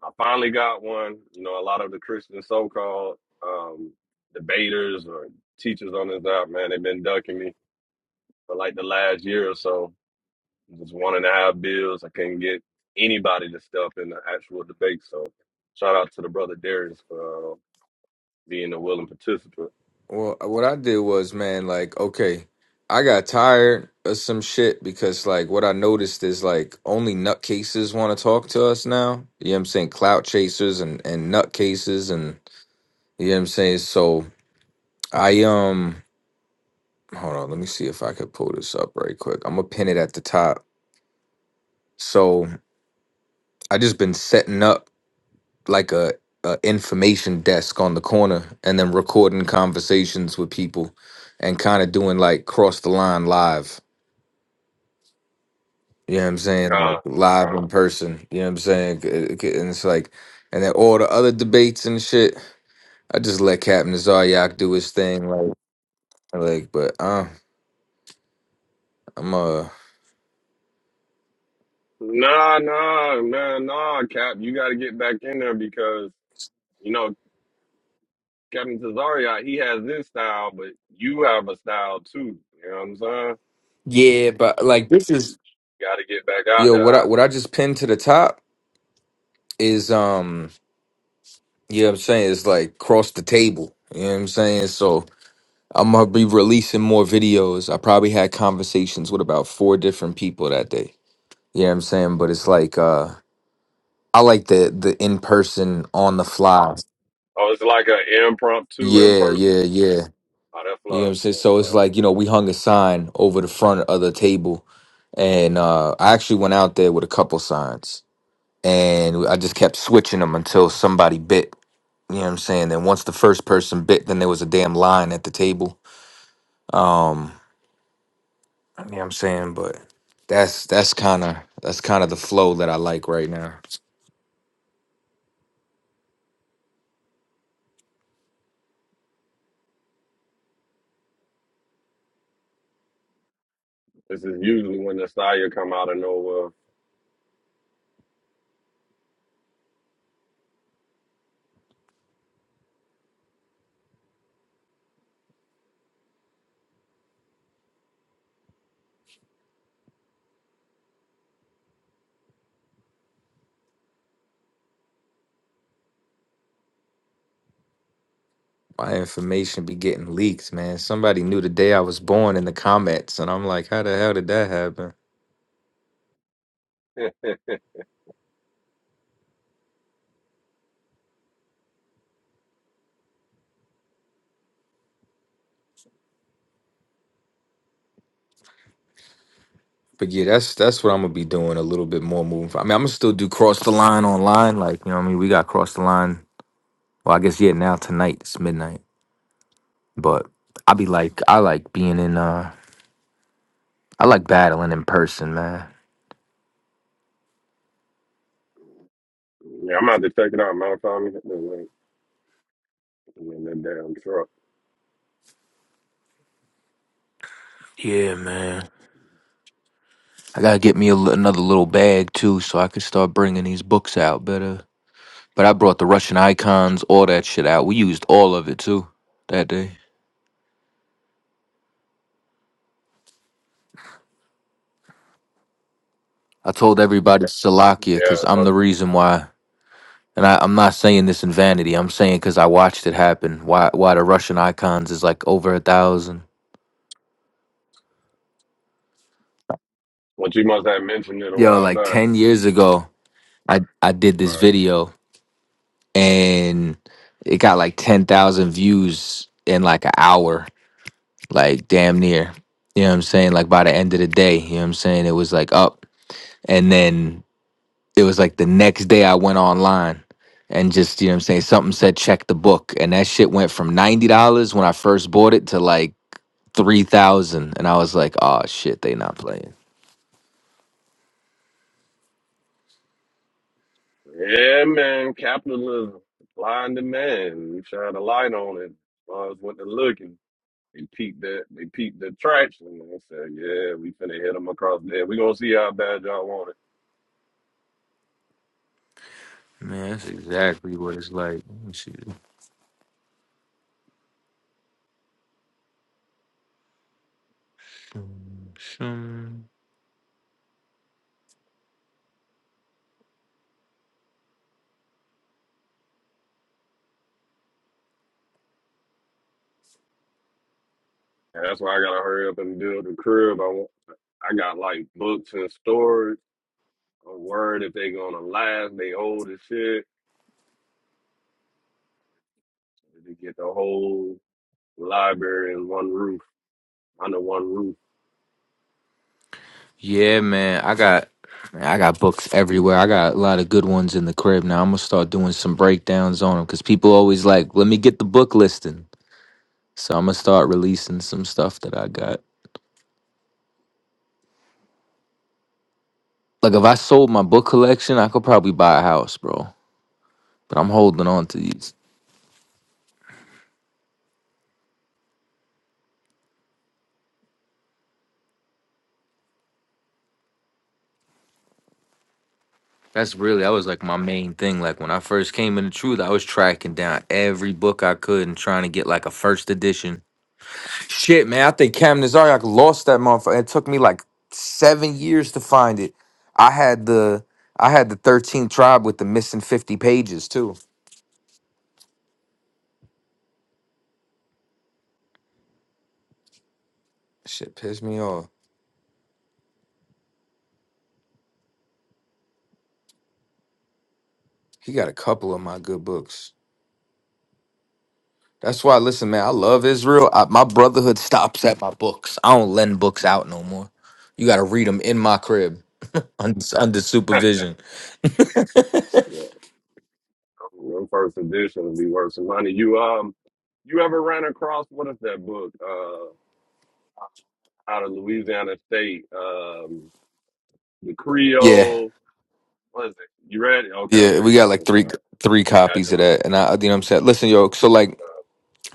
Speaker 7: I finally got one. You know, a lot of the Christian so called um debaters or teachers on this app, man, they've been ducking me. for like the last year or so. Just one and a half bills. I couldn't get anybody to step up in the actual debate. So shout out to the brother Darius for uh, being a willing participant.
Speaker 4: Well, what I did was, man, like, okay, I got tired of some shit because, like, what I noticed is, like, only nutcases want to talk to us now. You know what I'm saying? Clout chasers and, and nutcases, and you know what I'm saying? So I, um, hold on, let me see if I could pull this up right quick. I'm gonna pin it at the top. So I just been setting up like a, a information desk on the corner and then recording conversations with people and kind of doing like cross the line live. You know what I'm saying? Like
Speaker 7: Con.
Speaker 4: live in person. You know what I'm saying? C- c- c- And it's like, and then all the other debates and shit. I just let Captain Zaryak do his thing. Like, like, but uh, I'm uh,
Speaker 7: Nah, nah, man, nah, Cap. You got to get back in there because, you know, Captain Cesario, he has this style, but you have a style too. You know what I'm saying?
Speaker 4: yeah, but like this is
Speaker 7: You got to get back out
Speaker 4: yo.
Speaker 7: there.
Speaker 4: What I
Speaker 7: I,
Speaker 4: what I just pinned to the top is um, you know what I'm saying? It's like cross the table. You know what I'm saying? So I'm gonna be releasing more videos. I probably had conversations with about four different people that day. You know what I'm saying? But it's like uh I like the the in person on the fly.
Speaker 7: oh, it's like an impromptu in
Speaker 4: Yeah,
Speaker 7: person.
Speaker 4: yeah, yeah.
Speaker 7: Oh, that
Speaker 4: You know what
Speaker 7: fly.
Speaker 4: I'm saying?
Speaker 7: That
Speaker 4: So it's
Speaker 7: fly.
Speaker 4: like, you know, we hung a sign over the front of the table and uh I actually went out there with a couple signs and I just kept switching them until somebody bit. You know what I'm saying? Then once the first person bit, then there was a damn line at the table. Um, you know what I'm saying? But that's that's kind of that's kind of the flow that I like right now.
Speaker 7: This is usually when the Nastya come out of nowhere.
Speaker 4: My information be getting leaked, man. Somebody knew the day I was born in the comments, and I'm like, how the hell did that happen?
Speaker 7: *laughs* yeah,
Speaker 4: But yeah, that's that's what I'm gonna be doing a little bit more moving. forward. I mean, I'm gonna still do cross the line online, like you know, what I mean, we got cross the line. Well, I guess yeah, now tonight it's midnight, but I be like, I like being in, uh, I like battling in person, man.
Speaker 7: I'm about to check it out, Mount Tommy. The link in the damn truck.
Speaker 4: Yeah, man. I gotta get me a, li- another little bag too, so I can start bringing these books out better. But I brought the Russian icons, all that shit out. We used all of it too that day. I told everybody Salakia because
Speaker 7: Yeah,
Speaker 4: I'm
Speaker 7: but
Speaker 4: the reason why. And I, I'm not saying this in vanity. I'm saying because I watched it happen. Why? Why the Russian icons is like over a thousand?
Speaker 7: what you must have mentioned it a
Speaker 4: Yo,
Speaker 7: while
Speaker 4: like
Speaker 7: back.
Speaker 4: ten years ago, I I did this
Speaker 7: Right.
Speaker 4: video and it got like ten thousand views in like an hour, like damn near. You know what I'm saying? Like by the end of the day, you know what I'm saying? It was like up. And then it was like the next day I went online and just, you know what I'm saying, something said check the book. And that shit went from $90 when I first bought it to like 3000 And I was like, oh shit, they not playing.
Speaker 7: Yeah, man, capitalism, supply and demand. You shine a light on it. Buzz what they're looking. They peeped that. They peeped the traction. And they said, "Yeah, we finna hit them across the head. We gonna see how bad y'all want it." And that's why I gotta hurry up and build a crib. I want. I got like books and storage. a word if they gonna last. They old as shit. They get the whole library in one roof, under one roof.
Speaker 4: Yeah, man. I got man, I got books everywhere. I got a lot of good ones in the crib now. I'm gonna start doing some breakdowns on them because people always like, let me get the book listing. So I'm gonna start releasing some stuff that I got. Like if I sold my book collection, I could probably buy a house, bro. But I'm holding on to these. That's really that was like my main thing. Like when I first came into truth, I was tracking down every book I could and trying to get like a first edition. Shit, man, I think Cam Nazariak lost that motherfucker. It took me like seven years to find it. I had the I had the 13 tribe with the missing 50 pages too. Shit pissed me off. He got a couple of my good books. That's why, listen, man, I love Israel. I, my brotherhood stops at my books. I don't lend books out no more. You got to read them in my crib *laughs* under, under
Speaker 7: *laughs*
Speaker 4: supervision. *laughs*
Speaker 7: yeah, one first edition would be worth some money. You um, you ever ran across what is that book? Uh, out of Louisiana State, um, the
Speaker 4: Yeah,
Speaker 7: Creole. What is it? You read it? Okay, okay,
Speaker 4: yeah, we
Speaker 7: come
Speaker 4: got like
Speaker 7: on, come on.
Speaker 4: three three
Speaker 7: Yeah, I
Speaker 4: copies
Speaker 7: just
Speaker 4: of that,
Speaker 7: read
Speaker 4: and I, you know, what I'm saying, listen, yo, so like,
Speaker 7: it.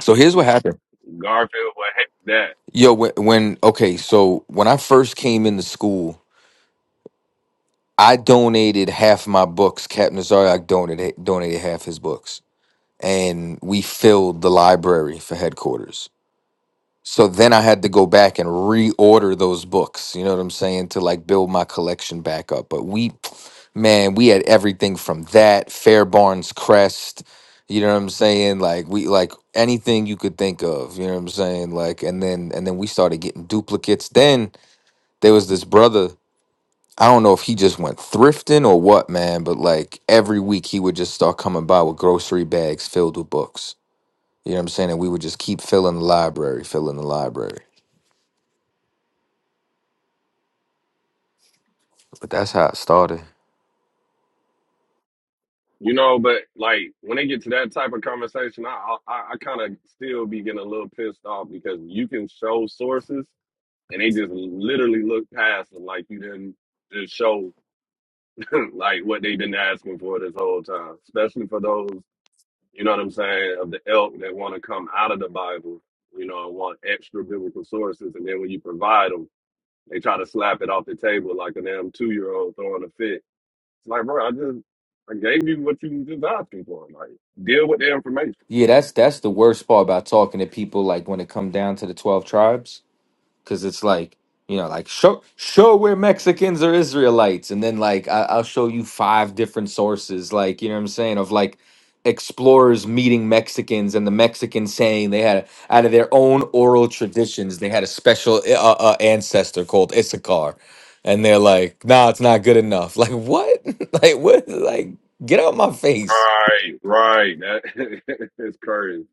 Speaker 4: so here's what happened,
Speaker 7: Uh, Garfield, what heck that?
Speaker 4: yo, when, when okay, so when I first came into school, I donated half my books. Captain Zaryak donated donated half his books, and we filled the library for headquarters. So then I had to go back and reorder those books, you know what I'm saying, to like build my collection back up. But we, *tsk* man, we had everything from that, Fairbarns Crest, you know what I'm saying? Like we like anything you could think of, you know what I'm saying? Like and then and then we started getting duplicates. Then there was this brother, I don't know if he just went thrifting or what, man, but like every week he would just start coming by with grocery bags filled with books. You know what I'm saying? And we would just keep filling the library, filling the library. But that's how it started.
Speaker 7: You know, but like when they get to that type of conversation, I I, I kind of still be getting a little pissed off because you can show sources and they just literally look past them like you didn't just show *laughs* like what they've been asking for this whole time. Especially for those, you know what I'm saying, of the elk that want to come out of the Bible, you know, and want extra biblical sources, and then when you provide them, they try to slap it off the table like a damn two year old throwing a fit it's Like, bro, I just I gave you what you just asking for. Like, deal with the information.
Speaker 4: Yeah, that's that's the worst part about talking to people like when it come down to the 12 tribes cuz it's like, you know, like show show we're Mexicans or Israelites and then like I, I'll show you five different sources like, you know what I'm saying, of like explorers meeting Mexicans and the Mexicans saying they had out of their own oral traditions, they had a special eh, uh, uh, ancestor called Issachar. And they're like, "Nah, it's not good enough." *laughs* Like, what? *laughs* like what? Like get out my face.
Speaker 7: Right, right. That *laughs* is crazy.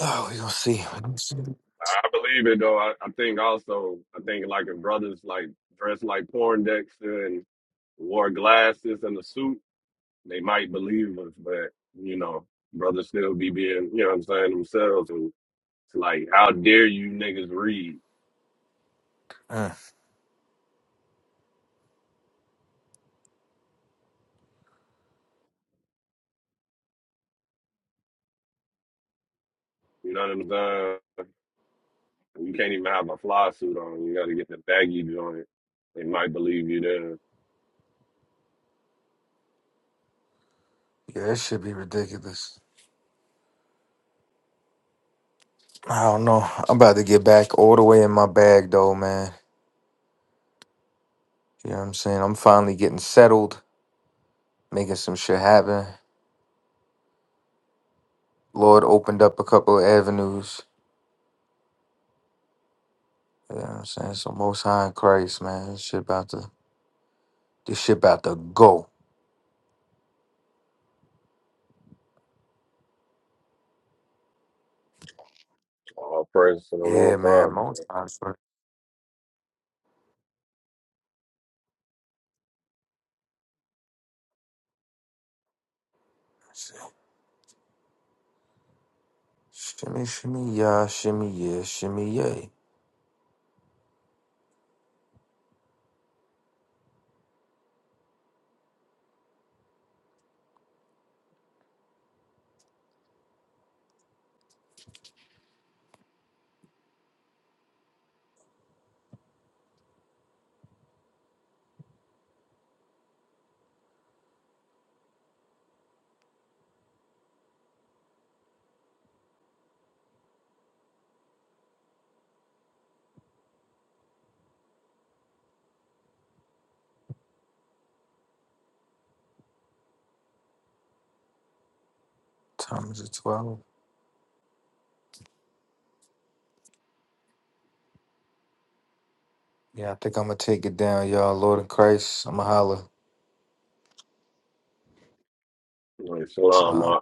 Speaker 4: Oh, we gonna see.
Speaker 7: I believe it though. I, I think also I think like if brothers like dressed like porn decks and wore glasses and a suit, they might believe us, but you know, brothers still be being, you know what I'm saying, themselves and it's like, how dare you niggas read?
Speaker 4: Mm.
Speaker 7: You know what I'm saying? You can't even have a fly suit on. You got to get the baggy joint. They might believe you there.
Speaker 4: I don't know. I'm about to get back all the way in my bag though, man. You know what I'm saying? I'm finally getting settled, making some shit happen, loading up a couple of avenues.
Speaker 7: All praise to the wrong time. Like, salam,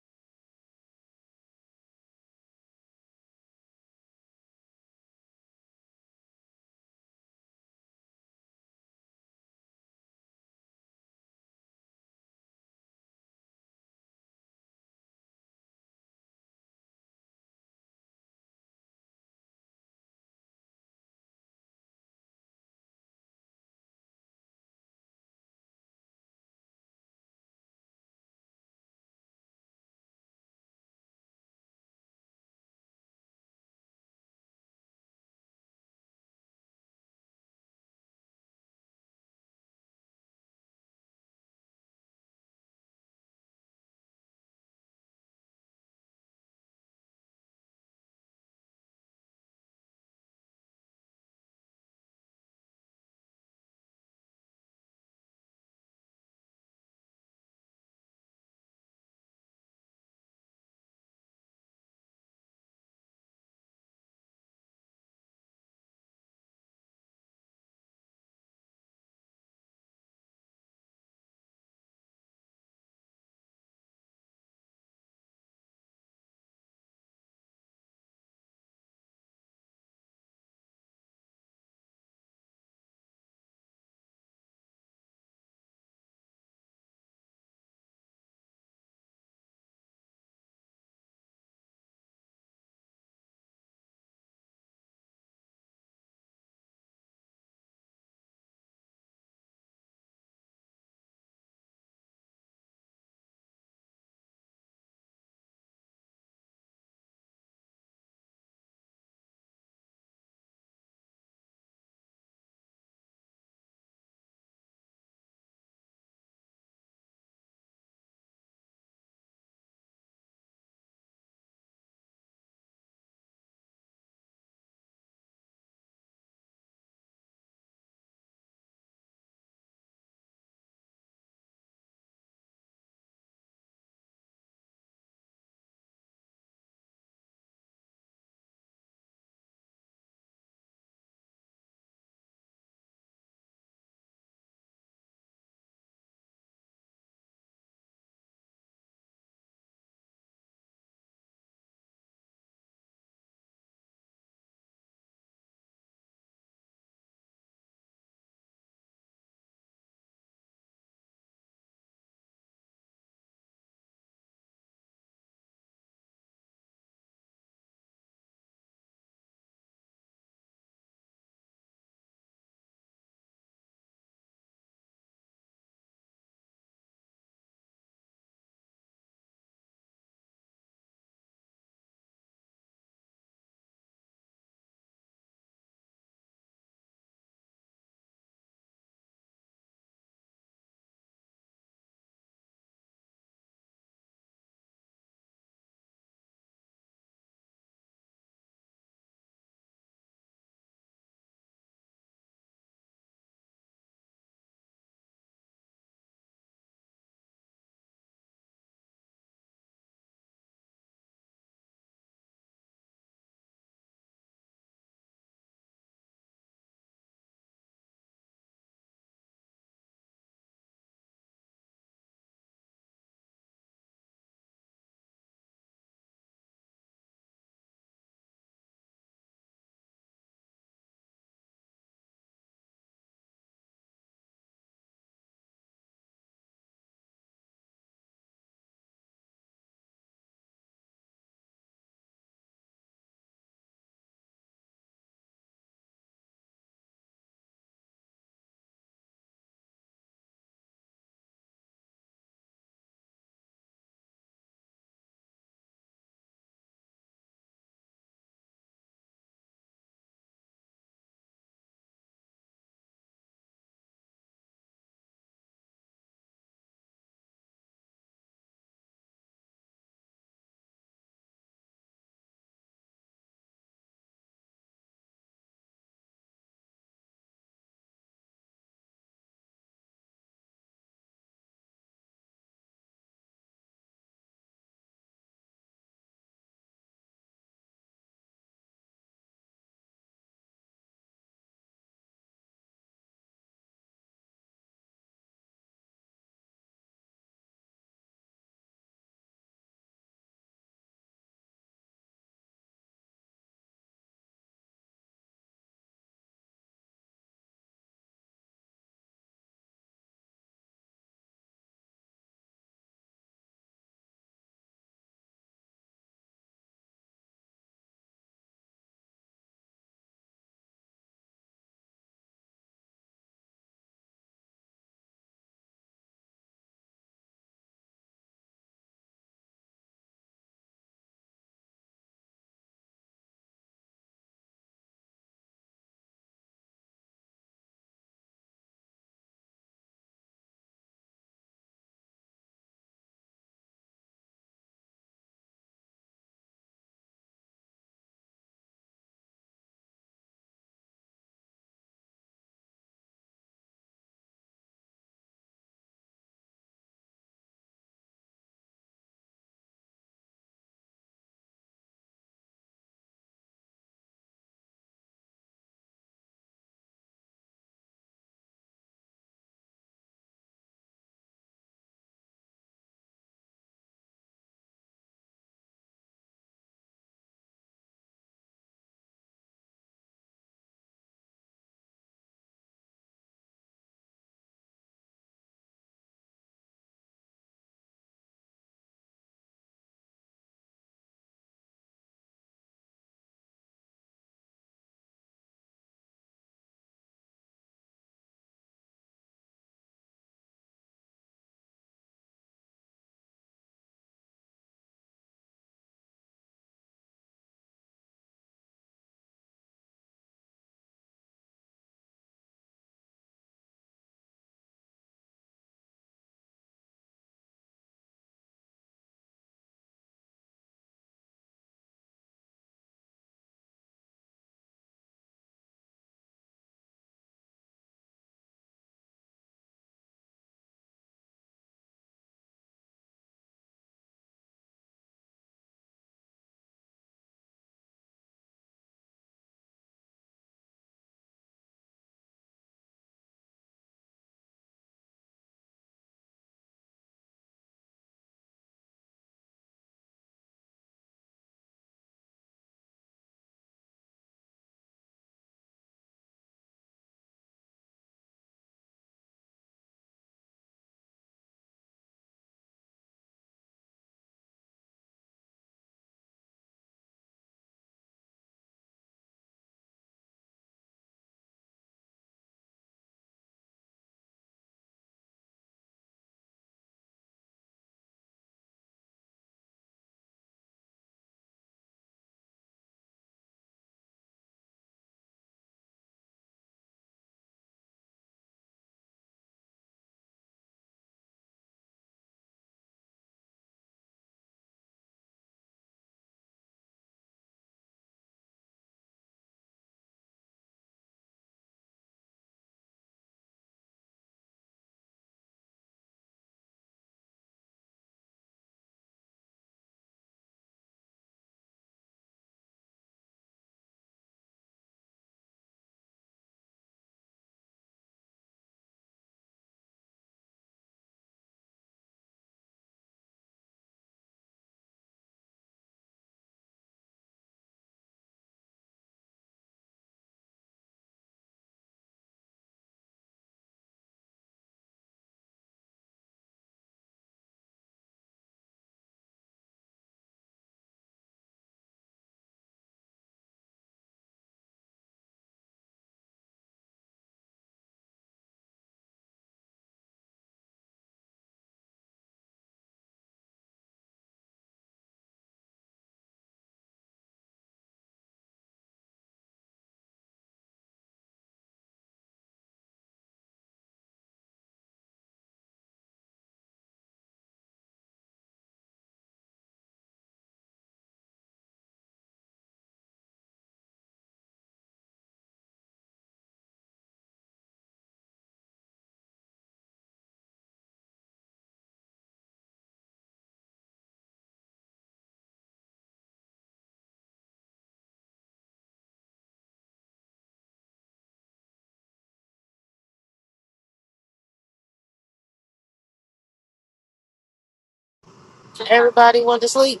Speaker 5: Everybody went to sleep.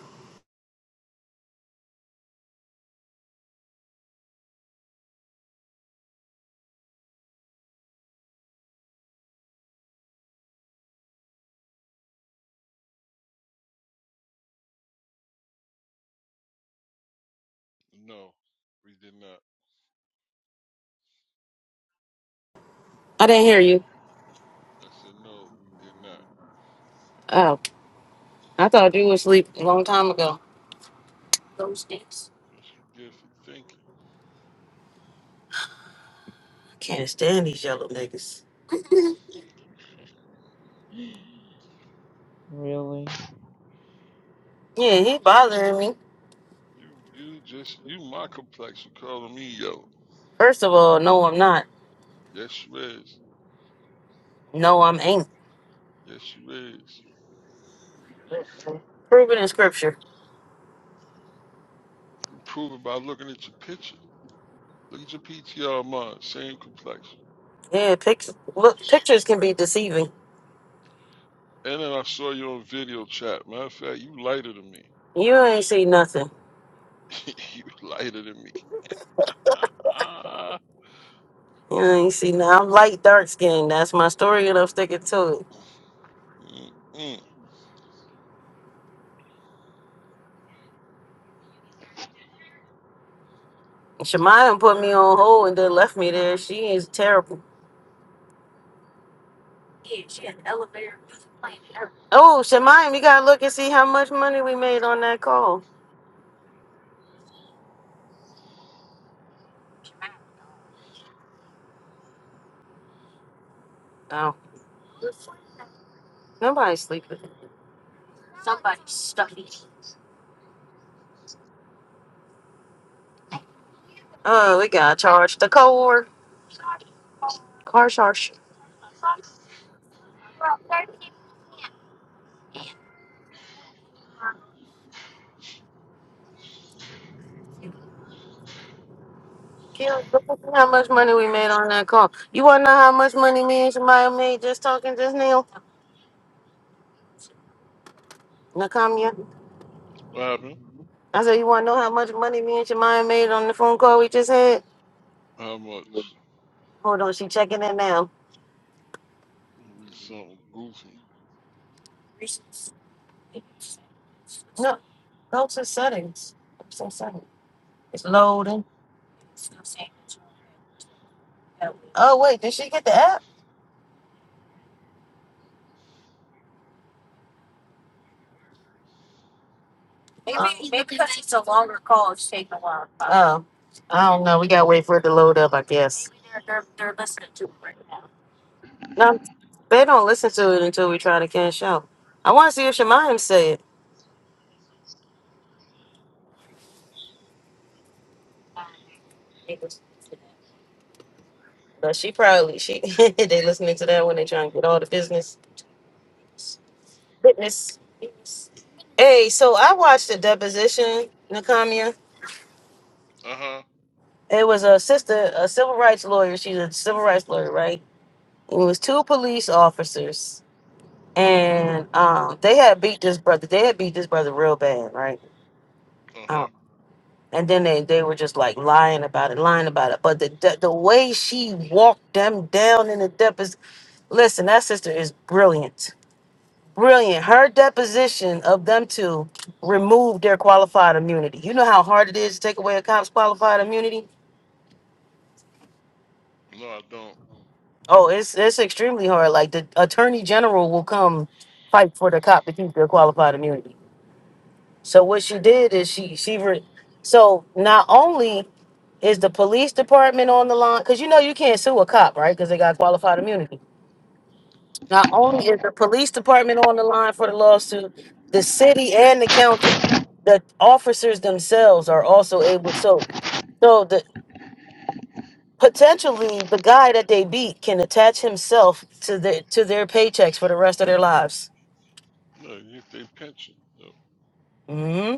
Speaker 8: No, we did not.
Speaker 5: I didn't hear you.
Speaker 8: I said no, we did not.
Speaker 5: Oh, I thought you were asleep a long time ago. Those things.
Speaker 8: What you get for thinking?
Speaker 5: I can't stand these yellow niggas.
Speaker 8: *laughs*
Speaker 9: Really?
Speaker 5: Yeah, he
Speaker 8: Shit.
Speaker 5: bothering me.
Speaker 8: You you just you my complexion calling me yo.
Speaker 5: First of all, no, I'm not.
Speaker 8: Yes you is.
Speaker 5: No, I'm angry.
Speaker 8: Yes you is.
Speaker 5: Proven in scripture.
Speaker 8: Prove it by looking at your picture. Look at your PTR of mine, same complexion.
Speaker 5: Yeah, pictures. Look, pictures can be deceiving.
Speaker 8: And then I saw you on video chat. Matter of fact, you lighter than me.
Speaker 5: You ain't see nothing.
Speaker 8: *laughs* you lighter than me. *laughs*
Speaker 5: You ain't see nothing. I'm light dark skinned. That's my story, and I'm sticking to
Speaker 8: Mm-mm.
Speaker 5: it. Shemayim put me on hold and then left me there. She is terrible. Oh, Shemayim, you gotta look and see how much money we made on that call. Oh, nobody's sleeping. Oh, we got charged the core. Car charge. Kira, look and see How much money we made on that call? You wanna know how much money me and Shemayim made just talking just now? Nakamiya.
Speaker 8: What happened?
Speaker 5: I said, you want to know how much money me and Jemima made on the phone call we just had?
Speaker 8: How much?
Speaker 5: Hold on, she checking in now.
Speaker 8: Read something goofy.
Speaker 5: No, go to settings. It's in settings. It's loading. Oh wait, did she get the app? Maybe Oh. maybe because it's a longer call, it's taking a while. Oh, I don't know. We gotta wait for it to load up, I guess. Maybe they're they're, they're listening to it right now. No, they don't listen to it until we try to cash out. I want to see if Shemaim say it, but she probably she *laughs* they listening to that when they trying to get all the business. Witness. Hey, so I watched a deposition, Nakamia.
Speaker 8: Uh huh.
Speaker 5: It was a sister, a civil rights lawyer. She's a civil rights lawyer, right? And It was two police officers, and um, they had beat this brother. They had beat this brother real bad, right?
Speaker 8: Uh huh.
Speaker 5: Um, and then they, they were just like lying about it, lying about it. But the the, the way she walked them down in the depths, listen, that sister is brilliant Brilliant. Her deposition of them two removed their qualified immunity. You know how hard it is to take away a cop's qualified immunity?
Speaker 8: No, I don't.
Speaker 5: Oh, it's it's extremely hard. Like the attorney general will come fight for the cop to keep their qualified immunity. So what she did is she she re- so not only is the police department on the line because you know you can't sue a cop right because they got qualified immunity Not only is the police department on the line for the lawsuit, the city and the county, the officers themselves are also able. So, so the potentially the guy that they beat can attach himself to their to their paychecks for the rest of their lives.
Speaker 8: No, you get their pension. No.
Speaker 5: hmm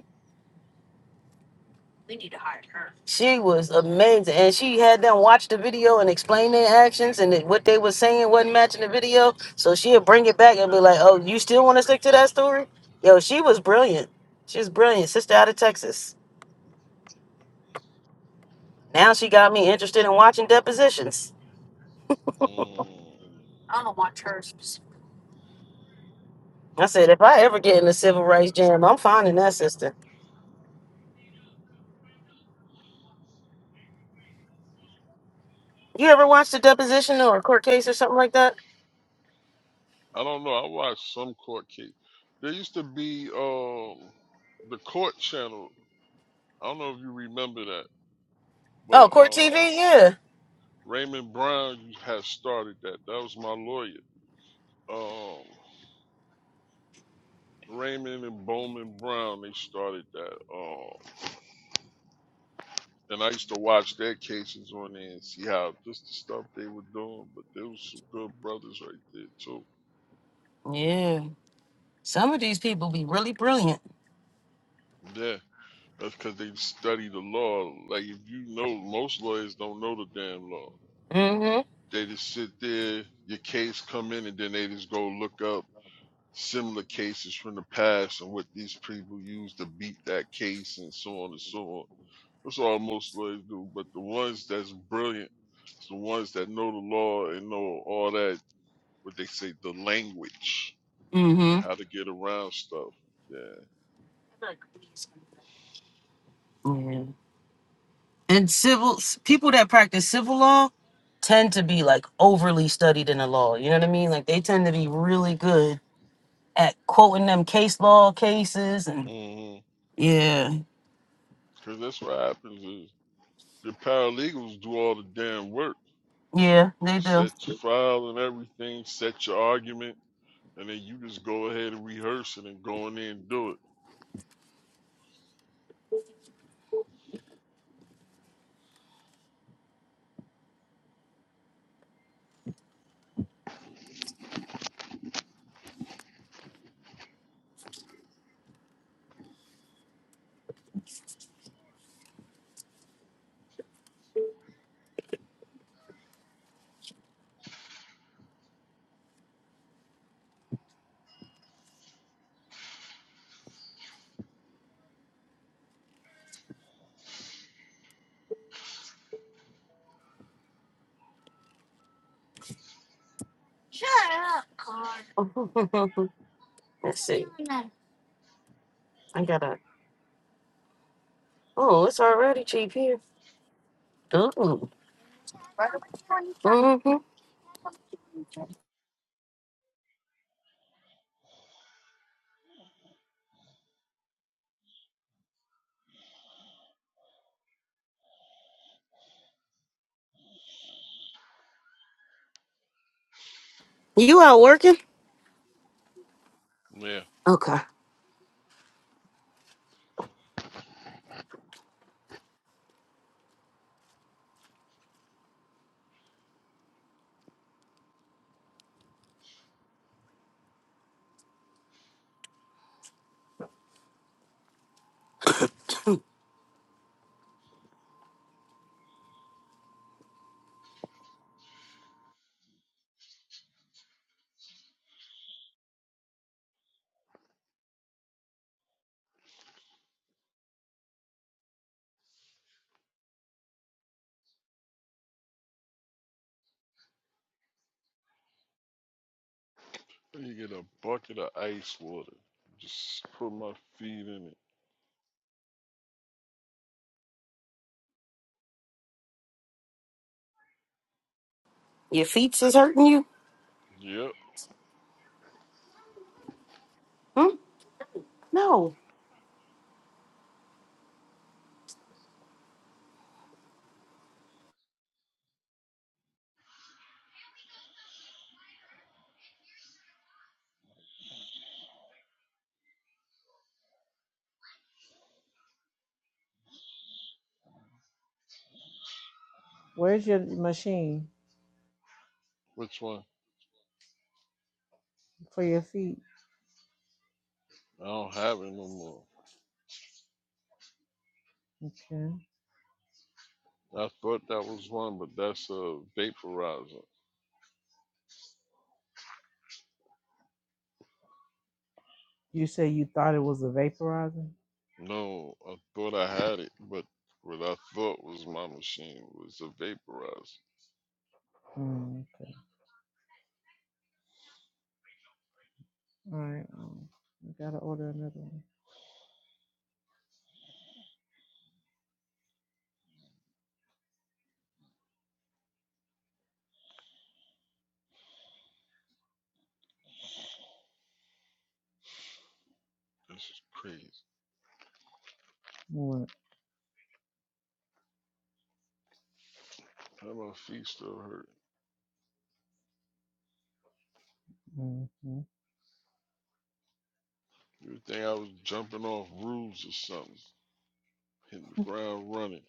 Speaker 5: She was amazing, and she had them watch the video and explain their actions and that what they were saying wasn't matching the video. So she'd bring it back and be like, "Oh, you still want to stick to that story?" Yo, she was brilliant. She's brilliant, sister out of Texas. Now she got me interested in watching depositions.
Speaker 8: Mm.
Speaker 5: I said, if I ever get in a civil rights jam, I'm finding that sister. You ever watched a deposition or a court case or something like that?
Speaker 8: I don't know. I watched some court case. There used to be um the court channel. I don't know if you remember that, but
Speaker 5: Oh, court
Speaker 8: uh,
Speaker 5: TV, yeah.
Speaker 8: Raymond Brown has started that. That was my lawyer. Um, Raymond and Bowman Brown, they started that. Um, and I used to watch their cases on there and see how just the stuff they were doing. But there was some good brothers right there too.
Speaker 5: Yeah. Some of these people be really brilliant.
Speaker 8: Yeah, that's because they study the law. Like if you know, most lawyers don't know the damn law.
Speaker 5: Mm-hmm.
Speaker 8: They just sit there, your case come in, and then they just go look up similar cases from the past and what these people use to beat that case and so on and so on. That's all most lawyers do. But the ones that's brilliant, it's the ones that know the law and know all that, what they say, the language and
Speaker 5: Mm-hmm.
Speaker 8: how to get around stuff. Yeah.
Speaker 5: Yeah. And civil people that practice civil law tend to be like overly studied in the law. You know what I mean? Like they tend to be really good at quoting them case law cases and
Speaker 8: mm
Speaker 5: yeah.
Speaker 8: Because that's what happens is the paralegals do all the damn work.
Speaker 5: Yeah,
Speaker 8: You
Speaker 5: they do.
Speaker 8: set your file and everything, set your argument, and then you just go ahead and rehearse it and go in there and do
Speaker 5: *laughs* Let's see. I got to Oh, it's already cheap here. Oh. mm hmm You out working?
Speaker 8: it. Yeah.
Speaker 5: Okay. *clears throat*
Speaker 8: You get a bucket of ice water. Just put my feet in it.
Speaker 5: Your feet is hurting you?
Speaker 8: Yep.
Speaker 5: Hmm? No.
Speaker 9: Where's your machine
Speaker 8: Which one?
Speaker 9: for your feet?
Speaker 8: I don't have it no more.
Speaker 9: Okay.
Speaker 8: I thought that was one, but that's a vaporizer.
Speaker 9: You said you thought it was a vaporizer.
Speaker 8: No, I thought I had it, but what I thought was my machine was a vaporizer.
Speaker 9: Mm, okay. All right. Well, you gotta order another one.
Speaker 8: This is crazy.
Speaker 9: What?
Speaker 8: How my feet still hurt.
Speaker 9: Mm-hmm.
Speaker 8: You think I was jumping off roofs or something, hitting the ground running.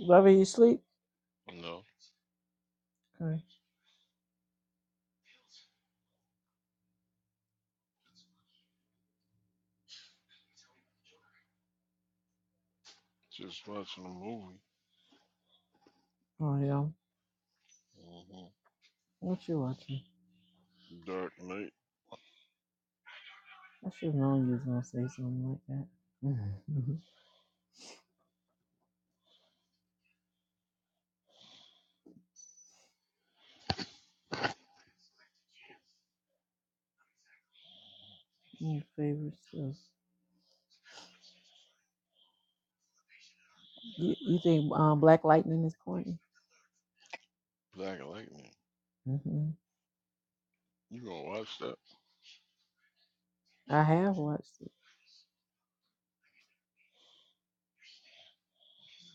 Speaker 9: Lover, you sleep?
Speaker 8: No,
Speaker 9: Okay.
Speaker 8: just watching a movie.
Speaker 9: Oh yeah.
Speaker 8: mm hmm
Speaker 9: What you watching?
Speaker 8: Dark Knight,
Speaker 9: I should have known you was gonna say something like that. *laughs* Mm, favorite stuff. You you think um Black Lightning is corny?
Speaker 8: Black Lightning.
Speaker 9: hmm
Speaker 8: You gonna watch that?
Speaker 9: I have watched it.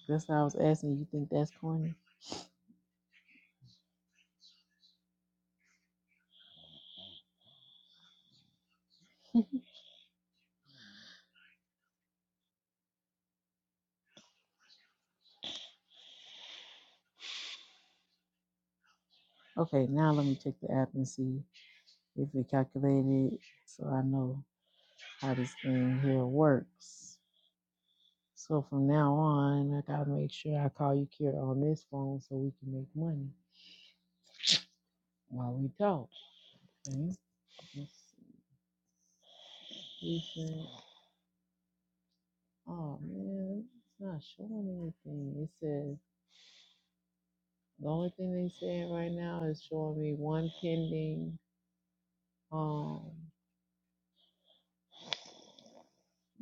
Speaker 9: That's why I was asking. You think that's corny? *laughs* okay, now let me check the app and see if it calculated, so I know how this thing here works. So from now on, I gotta make sure I call you Kira on this phone so we can make money while we talk. Okay? Let's see. She said, "Oh man, it's not showing anything." It says the only thing they saying right now is showing me one pending, um,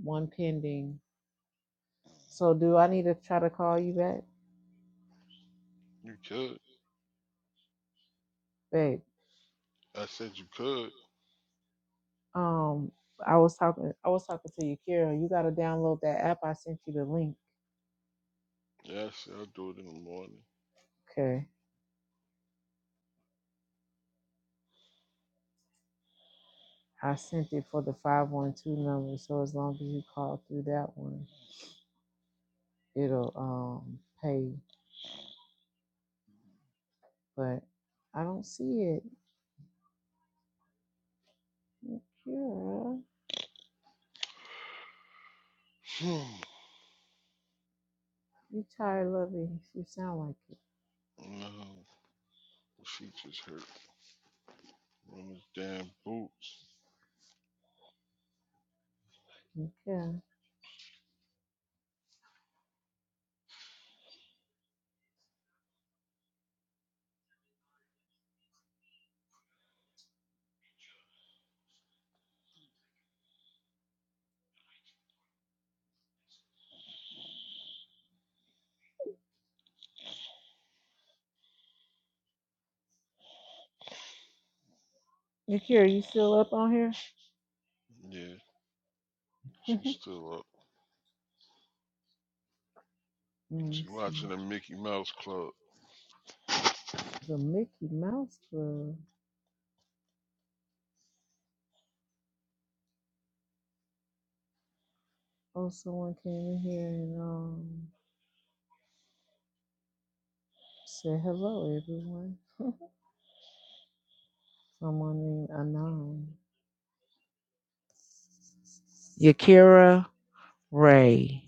Speaker 9: one pending. So do I need to try to call you back,
Speaker 8: You could.
Speaker 9: babe?
Speaker 8: I said you could.
Speaker 9: Um, I was talking, I was talking to you, Kira. You gotta download that app. I sent you the link.
Speaker 8: Yeah, I said I'll do it in the morning.
Speaker 9: Okay. I sent it for the 512 number, so as long as you call through that one, it'll um pay. But I don't see it. Yakira,
Speaker 8: *sighs*
Speaker 9: you tired loving. You sound like
Speaker 8: no, she just hurt from his damn boots.
Speaker 9: it. Okay. Yakira, you still up on here?
Speaker 8: Yeah, she's still up.
Speaker 9: Mm,
Speaker 8: She
Speaker 9: Let
Speaker 8: watching
Speaker 9: me
Speaker 8: the Mickey Mouse Club.
Speaker 9: see. The Mickey Mouse Club. Oh, someone came in here and um said hello, everyone. *laughs* someone named Anon. Yakira Ray.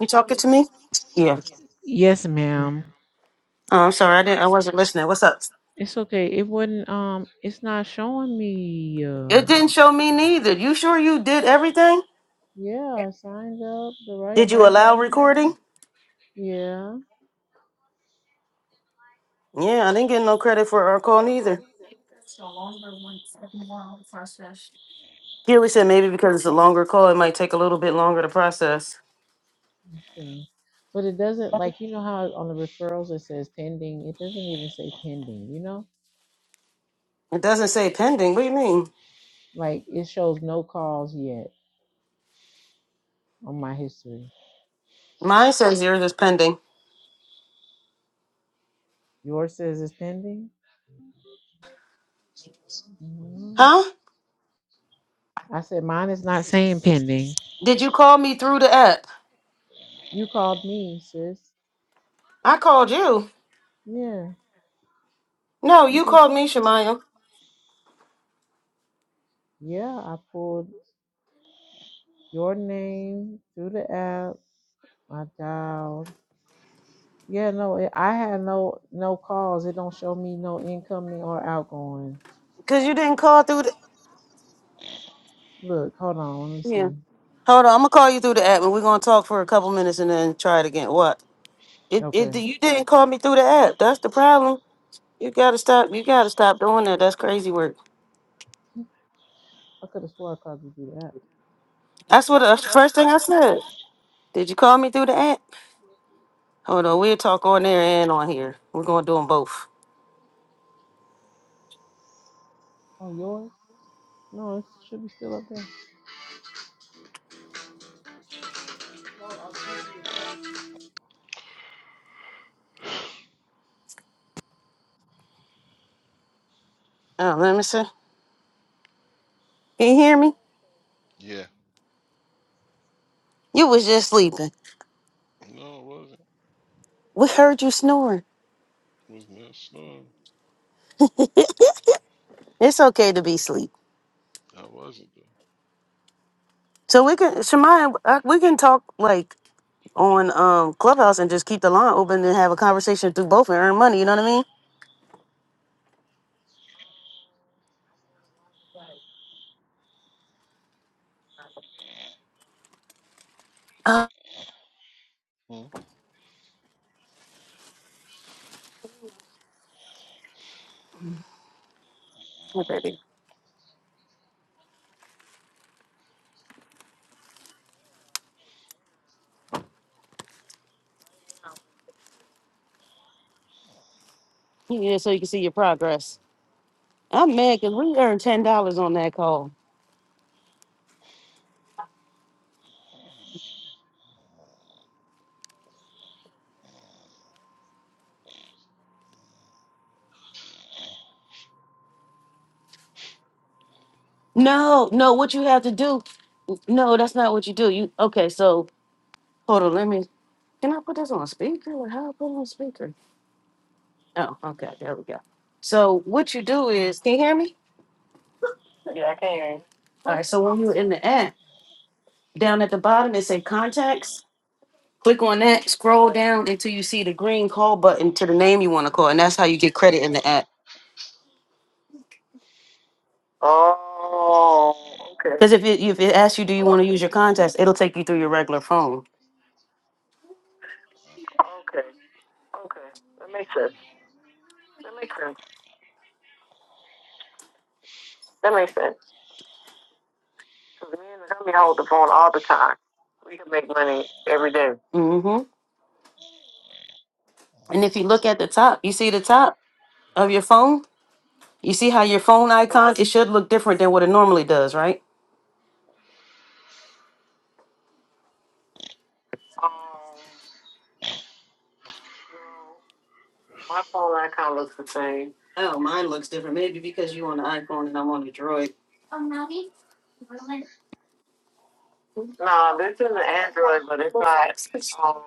Speaker 5: You talking to me? Yeah.
Speaker 9: Yes, ma'am.
Speaker 5: Oh, I'm sorry. I didn't. I wasn't listening. What's up?
Speaker 9: It's okay. It wouldn't um it's not showing me uh
Speaker 5: It didn't show me neither. You sure you did everything?
Speaker 9: yeah, I signed up the right
Speaker 5: Did you
Speaker 9: number.
Speaker 5: allow
Speaker 9: and
Speaker 5: recording?
Speaker 9: Yeah.
Speaker 5: Yeah, I didn't get no credit for our call neither. Keely said maybe because it's a longer call, it might take a little bit longer to process.
Speaker 9: Okay. But it doesn't like you know how on the referrals it says pending, it doesn't even say pending, you know?
Speaker 5: It doesn't say pending. What do you mean?
Speaker 9: Like it shows no calls yet on my history.
Speaker 5: Mine says yours is pending.
Speaker 9: Yours says it's pending? Mhm.
Speaker 5: Huh?
Speaker 9: I said mine is not *laughs* saying pending.
Speaker 5: Did you call me through the app?
Speaker 9: You called me, sis.
Speaker 5: I called you.
Speaker 9: Yeah.
Speaker 5: No,
Speaker 9: You
Speaker 5: you
Speaker 9: just
Speaker 5: called me, Shemaya.
Speaker 9: yeah, I pulled your name through the app My child. Yeah, no, it, I had no no calls. It don't show me no incoming or outgoing.
Speaker 5: Because you didn't call through the.
Speaker 9: Look, hold on, let me
Speaker 5: Yeah.
Speaker 9: see.
Speaker 5: Hold on, I'm gonna call you through the app, and we're gonna talk for a couple minutes, and then try it again. What? It, it
Speaker 9: Okay.
Speaker 5: you didn't call me through the app. That's the problem. You gotta stop. You gotta stop doing that. That's crazy work.
Speaker 9: I could have swore I called you through the app.
Speaker 5: That's what. That's the first thing I said. Did you call me through the app? Hold on, we'll talk on there and on here. We're gonna do them both.
Speaker 9: Oh, yours? No, it should be still up there.
Speaker 5: Oh, let me see. Can you hear me?
Speaker 8: Yeah.
Speaker 5: You was just sleeping.
Speaker 8: No, I wasn't.
Speaker 5: We heard you snoring.
Speaker 8: I Was not snoring.
Speaker 5: *laughs* It's okay to be asleep.
Speaker 8: I wasn't though.
Speaker 5: So we can, Shemaya, I- we can talk like on um Clubhouse and just keep the line open and have a conversation through both and earn money. You know what I mean? Uh,
Speaker 8: Hmm?
Speaker 5: yeah, baby. Yeah, so you can see your progress. I'm mad because we earned ten dollars on that call. No, no, what you have to do? No, that's not what you do. You okay? So hold on, let me. Can I put this on speaker? Or how I put it on speaker? Oh, okay, there we go. So what you do is, can you hear me? Yeah, I can hear you. All right. So when you're in the app, down at the bottom it say contacts. Click on that, scroll down until you see the green call button to the name you want to call, and that's how you get credit in the app. Oh, okay. Because if it if it asks you, do you want to use your contacts, it'll take you through your regular phone. Okay. Okay. That makes sense. That makes sense. That makes sense. Because me and the homie hold the phone all the time. We can make money every day. Mm-hmm. And if you look at the top, you see the top of your phone. You see how your phone icon it should look different than what it normally does, right? Um, no. My phone icon looks the same. Oh, mine looks different. Maybe because you on the iPhone and I'm on the Droid. No, this is an Android, but it's not. Um,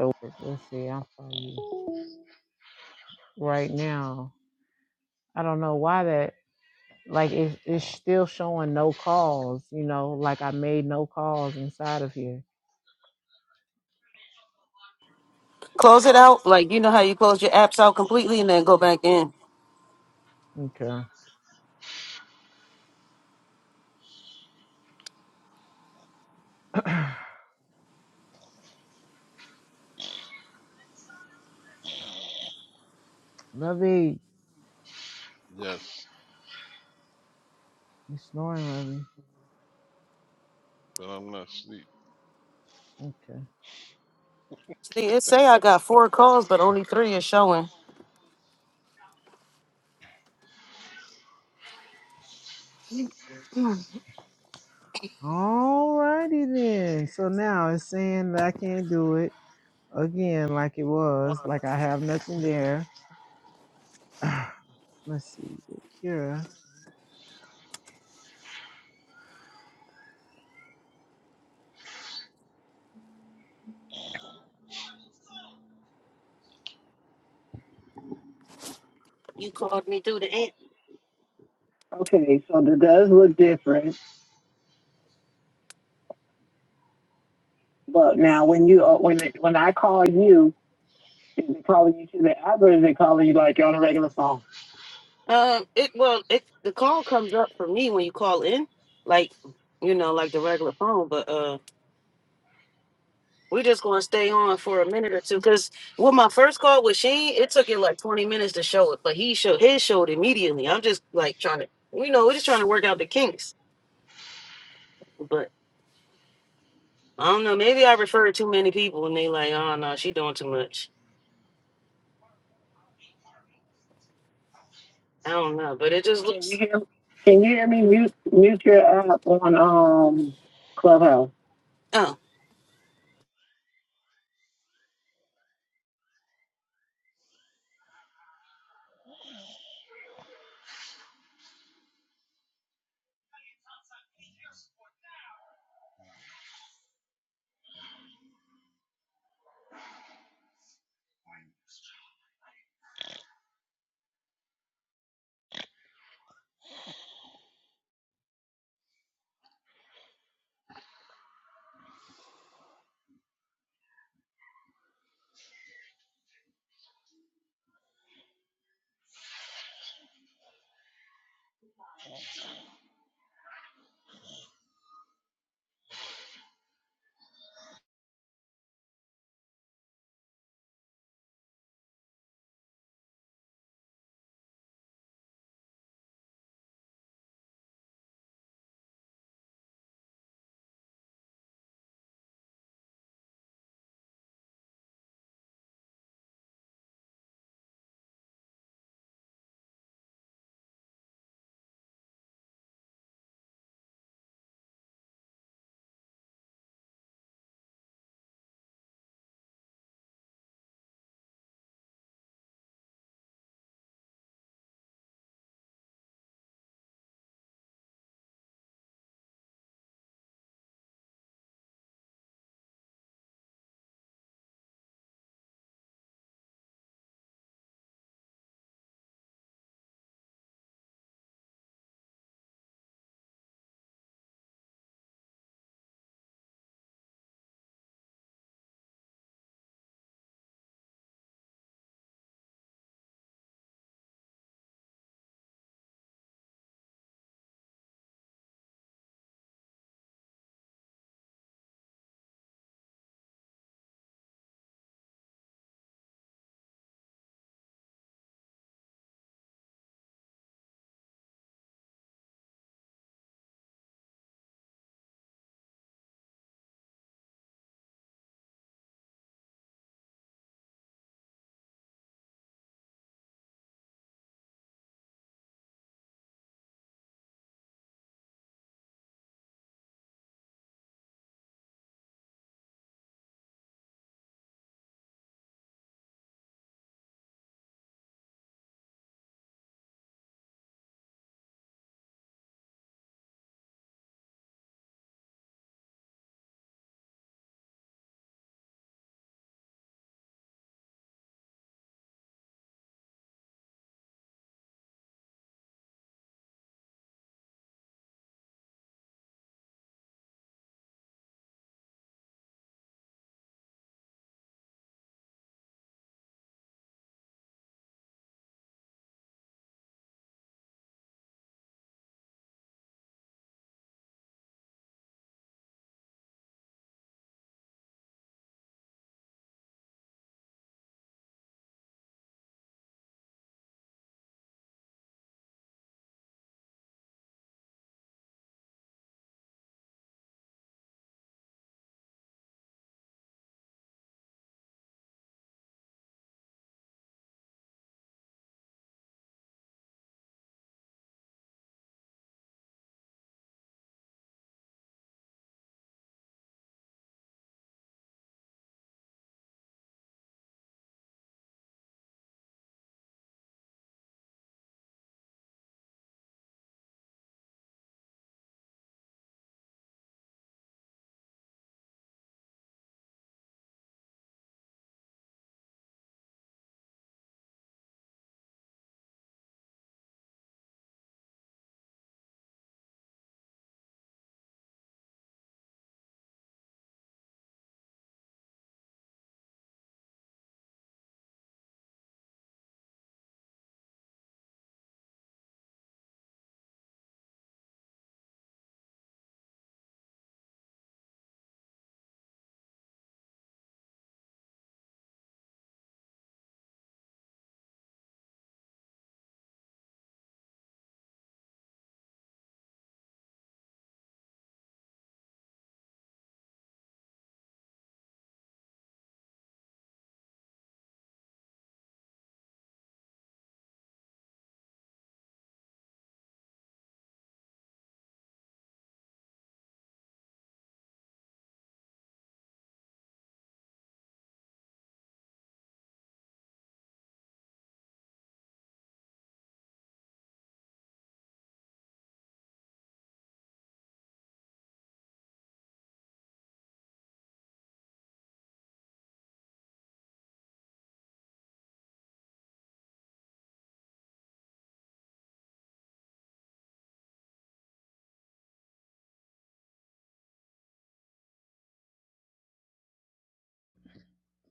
Speaker 9: Over. Let's see. I'll call you right now. I don't know why that like it, it's still showing no calls, you know, like I made no calls inside of here.
Speaker 5: Close it out. Like you know how you close your apps out completely and then go back in.
Speaker 9: Okay. Lovey.
Speaker 8: Yes,
Speaker 9: you snoring, Lovey.
Speaker 8: but I'm not asleep.
Speaker 9: Okay.
Speaker 5: See, it say I got four calls, but only three is showing.
Speaker 9: Alrighty then. So now it's saying that I can't do it again like it was, like I have nothing there. *sighs* Let's see, the cure.
Speaker 5: Um, it well, it the call comes up for me when you call in, like you know, like the regular phone. But uh, we just gonna stay on for a minute or two because with my first call with Sheen, it took it like 20 minutes to show it, but he showed his showed immediately. I'm just like trying to, you know, we're just trying to work out the kinks. But I don't know, maybe I refer to too many people and they like, oh no, she doing too much. I don't know, but it just looks. Oh,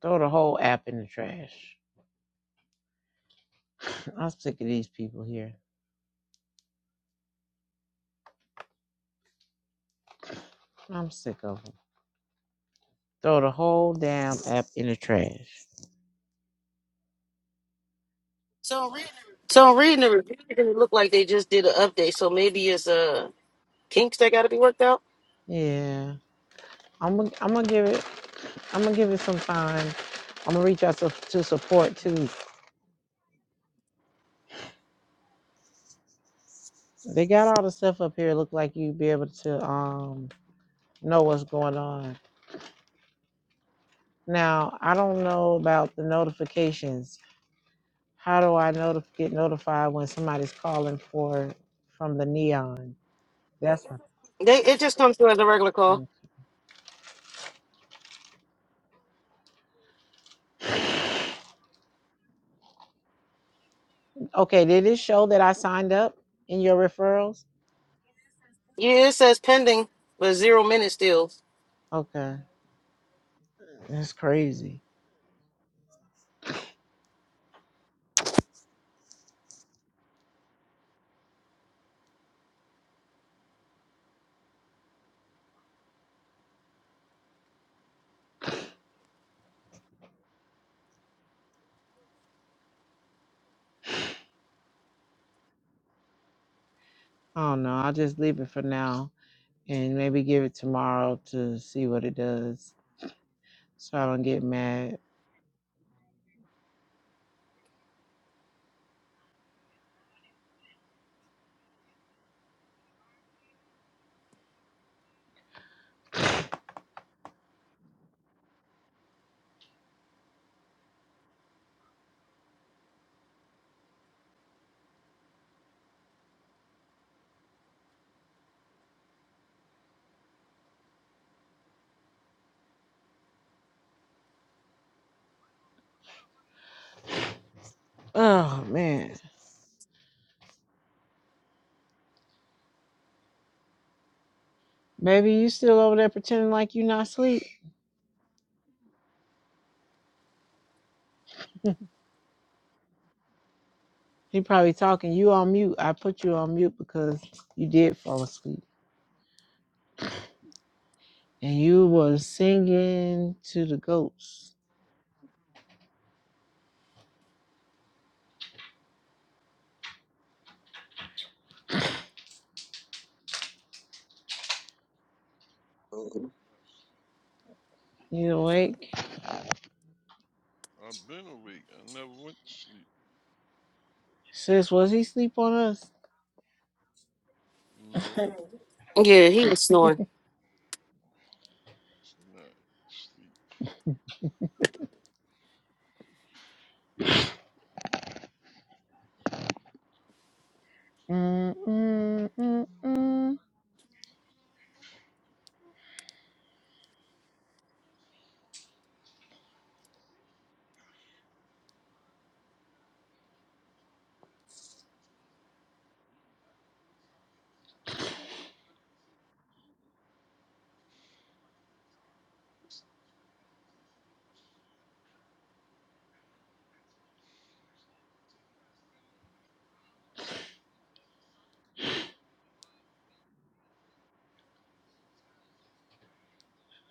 Speaker 9: Throw, I'm sick of these people here. I'm sick of them. Throw the whole damn app in the trash. So really?
Speaker 5: so I'm reading the review and it looked like they just did an update, so maybe it's uh kinks that got to be worked out.
Speaker 9: Yeah. I'm gonna I'm gonna give it I'm gonna give it some time. I'm gonna reach out to, to support too. They got all the stuff up here. Look like you'd be able to um know what's going on. Now, I don't know about the notifications. How do I notif- get notified when somebody's calling for from the neon? That's Mm. okay. Did it show that I signed up in your referrals?
Speaker 5: Yeah, it says pending, but zero minutes still.
Speaker 9: Okay, that's crazy. I don't know. I'll just leave it for now and maybe give it tomorrow to see what it does, so I don't get mad. Oh man. Baby, you still over there pretending like you not asleep? *laughs* He probably talking. You on mute. I put you on mute because you did fall asleep. And you was singing to the goats.
Speaker 8: Oh,
Speaker 9: You awake?
Speaker 8: I've been awake. I never went to sleep.
Speaker 9: Sis, was he sleep on us?
Speaker 8: No,
Speaker 5: Yeah, he was snoring.
Speaker 8: it's not sleep.
Speaker 9: Mm, mm, mm, mm.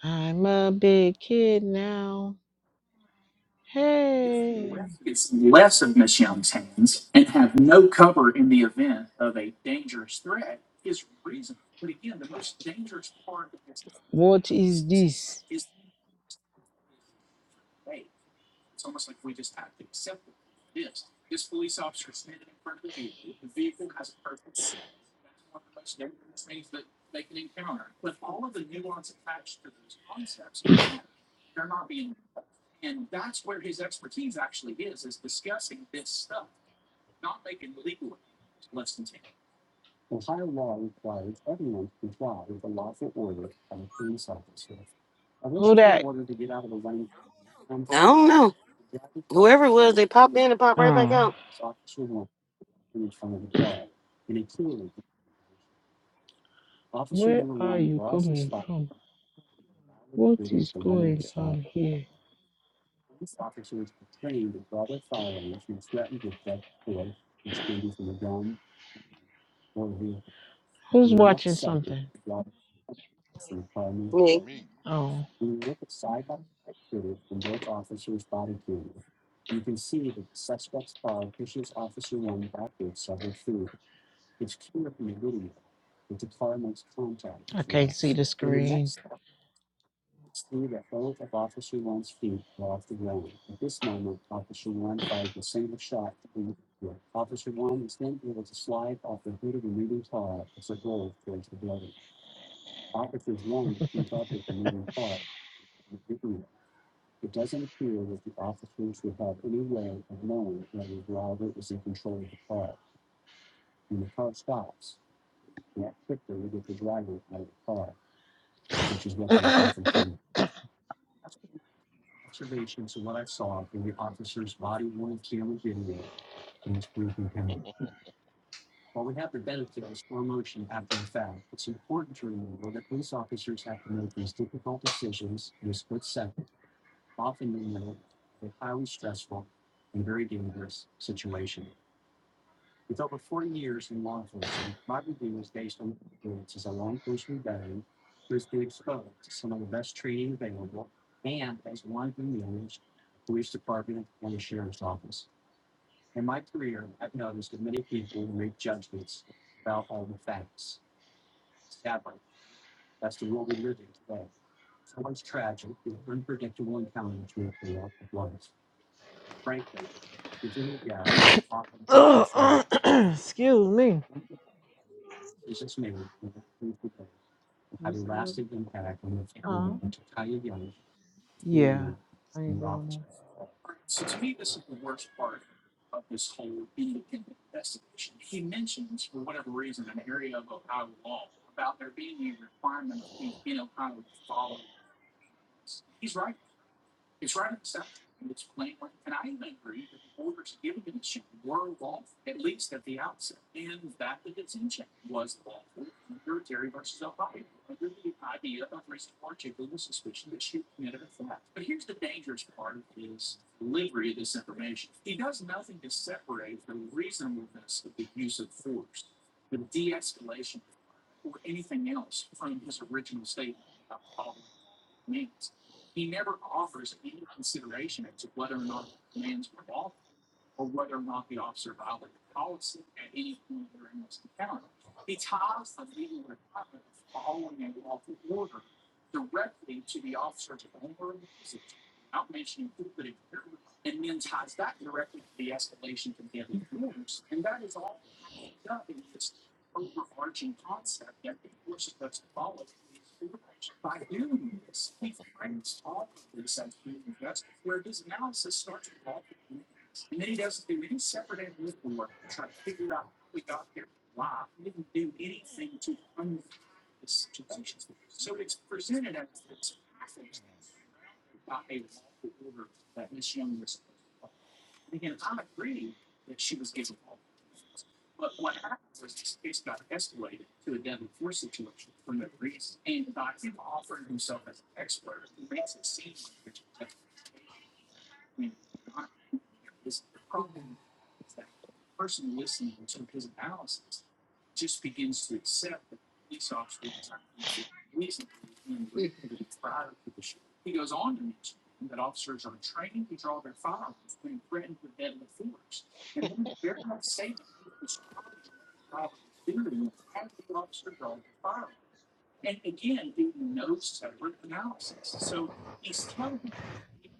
Speaker 9: I'm a big kid now. Hey. What is this? Who that?
Speaker 5: I don't know. Whoever it was, they popped in and popped right back out.
Speaker 9: Ah, where are you coming from? What is going on here? Who's watching something?
Speaker 5: Yeah.
Speaker 8: Me.
Speaker 9: Oh, I can't see the screen. Ugh, *clears throat* excuse me. You say what? Huh? Yeah. I ain't blowing up.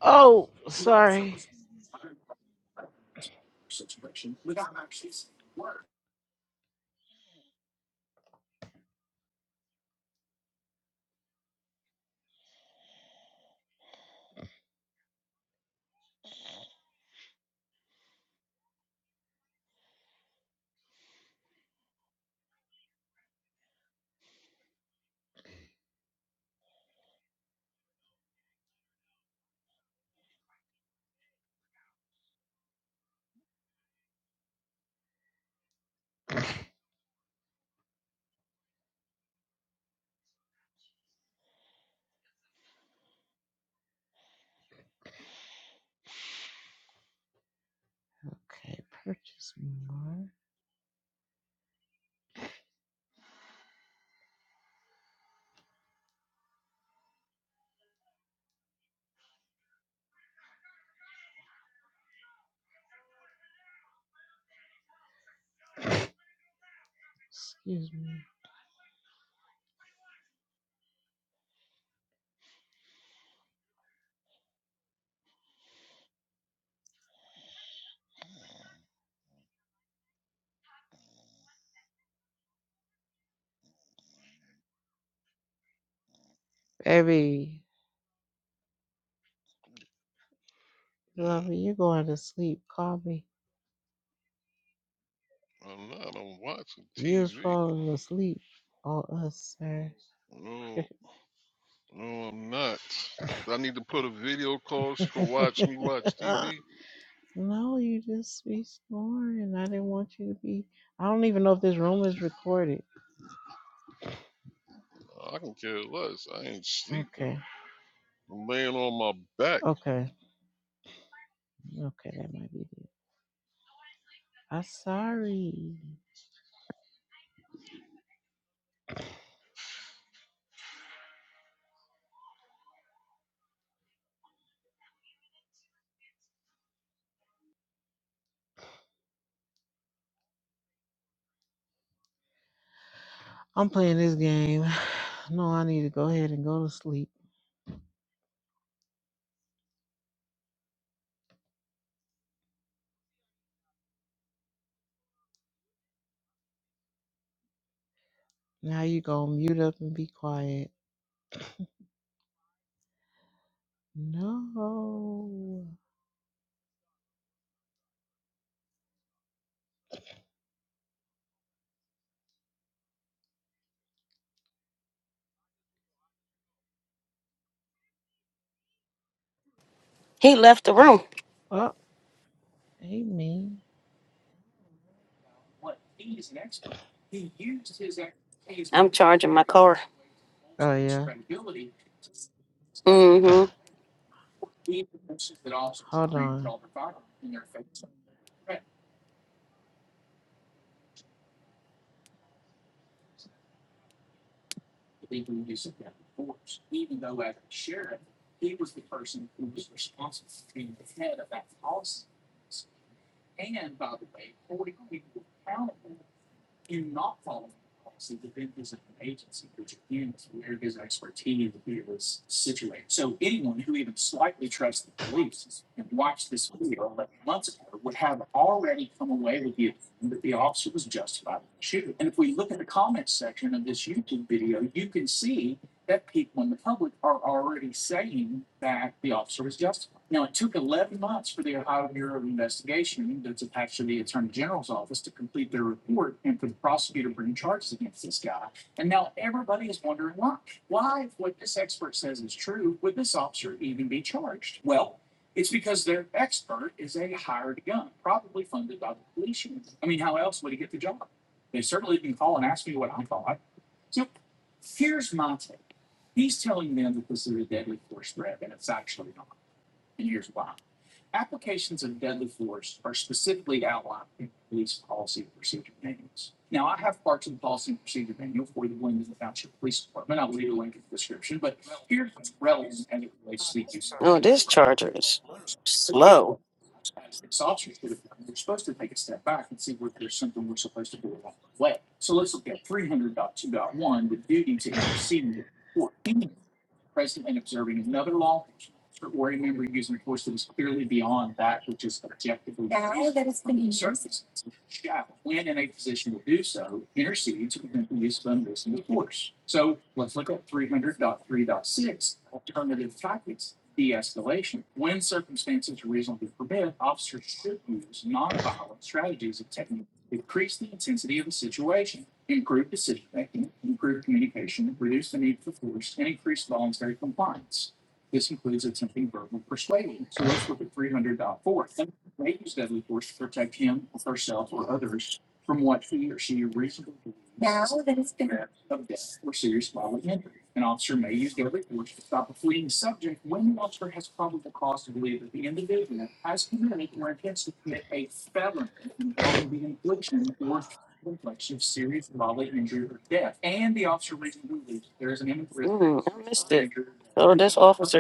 Speaker 9: Oh, sorry. Okay, purchase more. Excuse me. Baby, love
Speaker 8: Yeah.
Speaker 9: you going to sleep. Call me.
Speaker 8: I'm not. I'm watching
Speaker 9: You was
Speaker 8: TV.
Speaker 9: falling asleep on us, sir.
Speaker 8: No. No, I'm not. Do I need to put a video call so you
Speaker 9: *laughs*
Speaker 8: can watch me watch TV?
Speaker 9: no, you just be snoring. I didn't want you to be. I don't even know if this room is recorded.
Speaker 8: I can care less. I ain't sleeping.
Speaker 9: Okay.
Speaker 8: I'm laying on my back.
Speaker 9: Okay. Okay, that might be it. I'm sorry. I'm playing this game. *sighs* No, I need to go ahead and go to sleep. Now you gonna mute up and be quiet. No.
Speaker 5: He left the room.
Speaker 9: Oh, hey me.
Speaker 5: I'm charging my car.
Speaker 9: Oh yeah.
Speaker 5: Mm-hmm.
Speaker 9: Hold on.
Speaker 5: Oh, this charger is. Slutter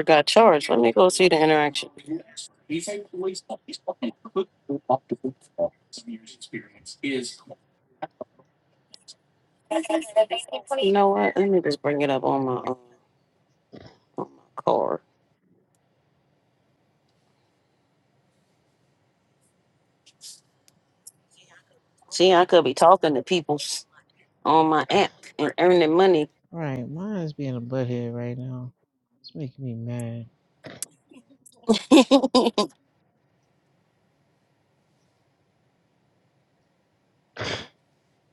Speaker 5: got charged. You know what? Let me just bring it up on my own. car. See, I could be talking to people s- on my app and earning money.
Speaker 9: Right, mine's being a butthead right now. It's making me mad.
Speaker 5: *laughs*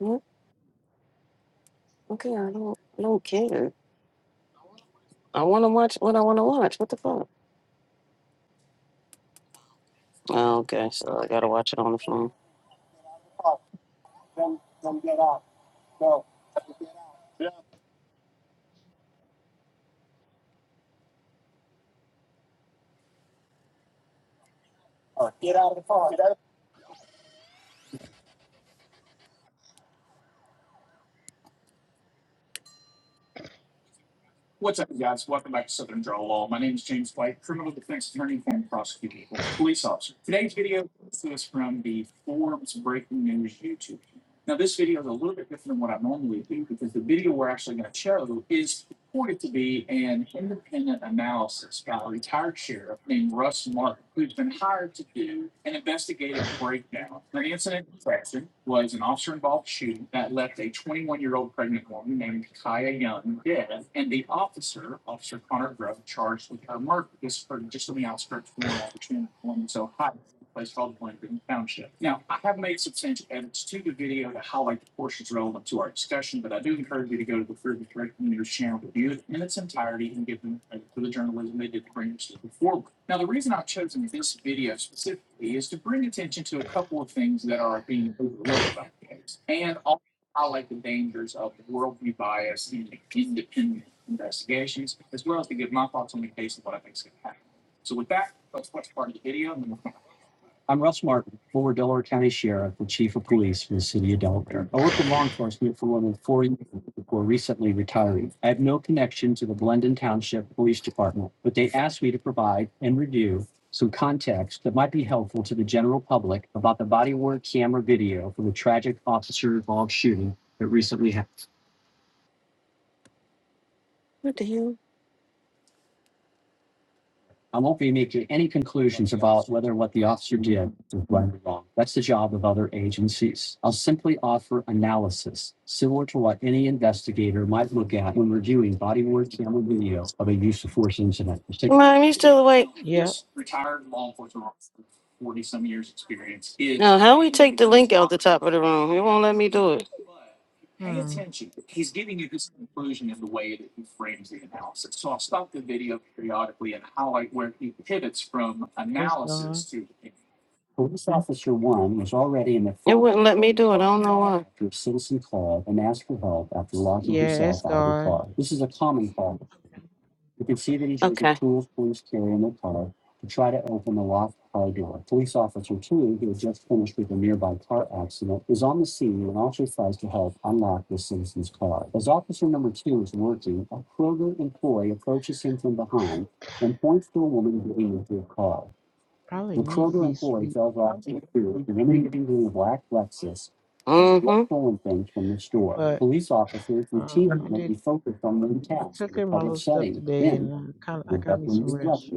Speaker 5: Mm, okay, I don't, I don't care. I want to watch what I want to watch. What the fuck? Oh, okay, so I gotta watch it on the phone. Mom, you still awake?
Speaker 9: Yep.
Speaker 5: how the top of the room? It won't let me do it.
Speaker 9: Hmm. It's gone.
Speaker 5: wouldn't let me do it. I don't know why.
Speaker 9: Yeah, it's gone. Probably need to be asleep,
Speaker 5: Mm-hmm.
Speaker 9: but um, I did. I took in my little stuff today and
Speaker 5: *laughs*
Speaker 9: uh, kind of I got me some rest.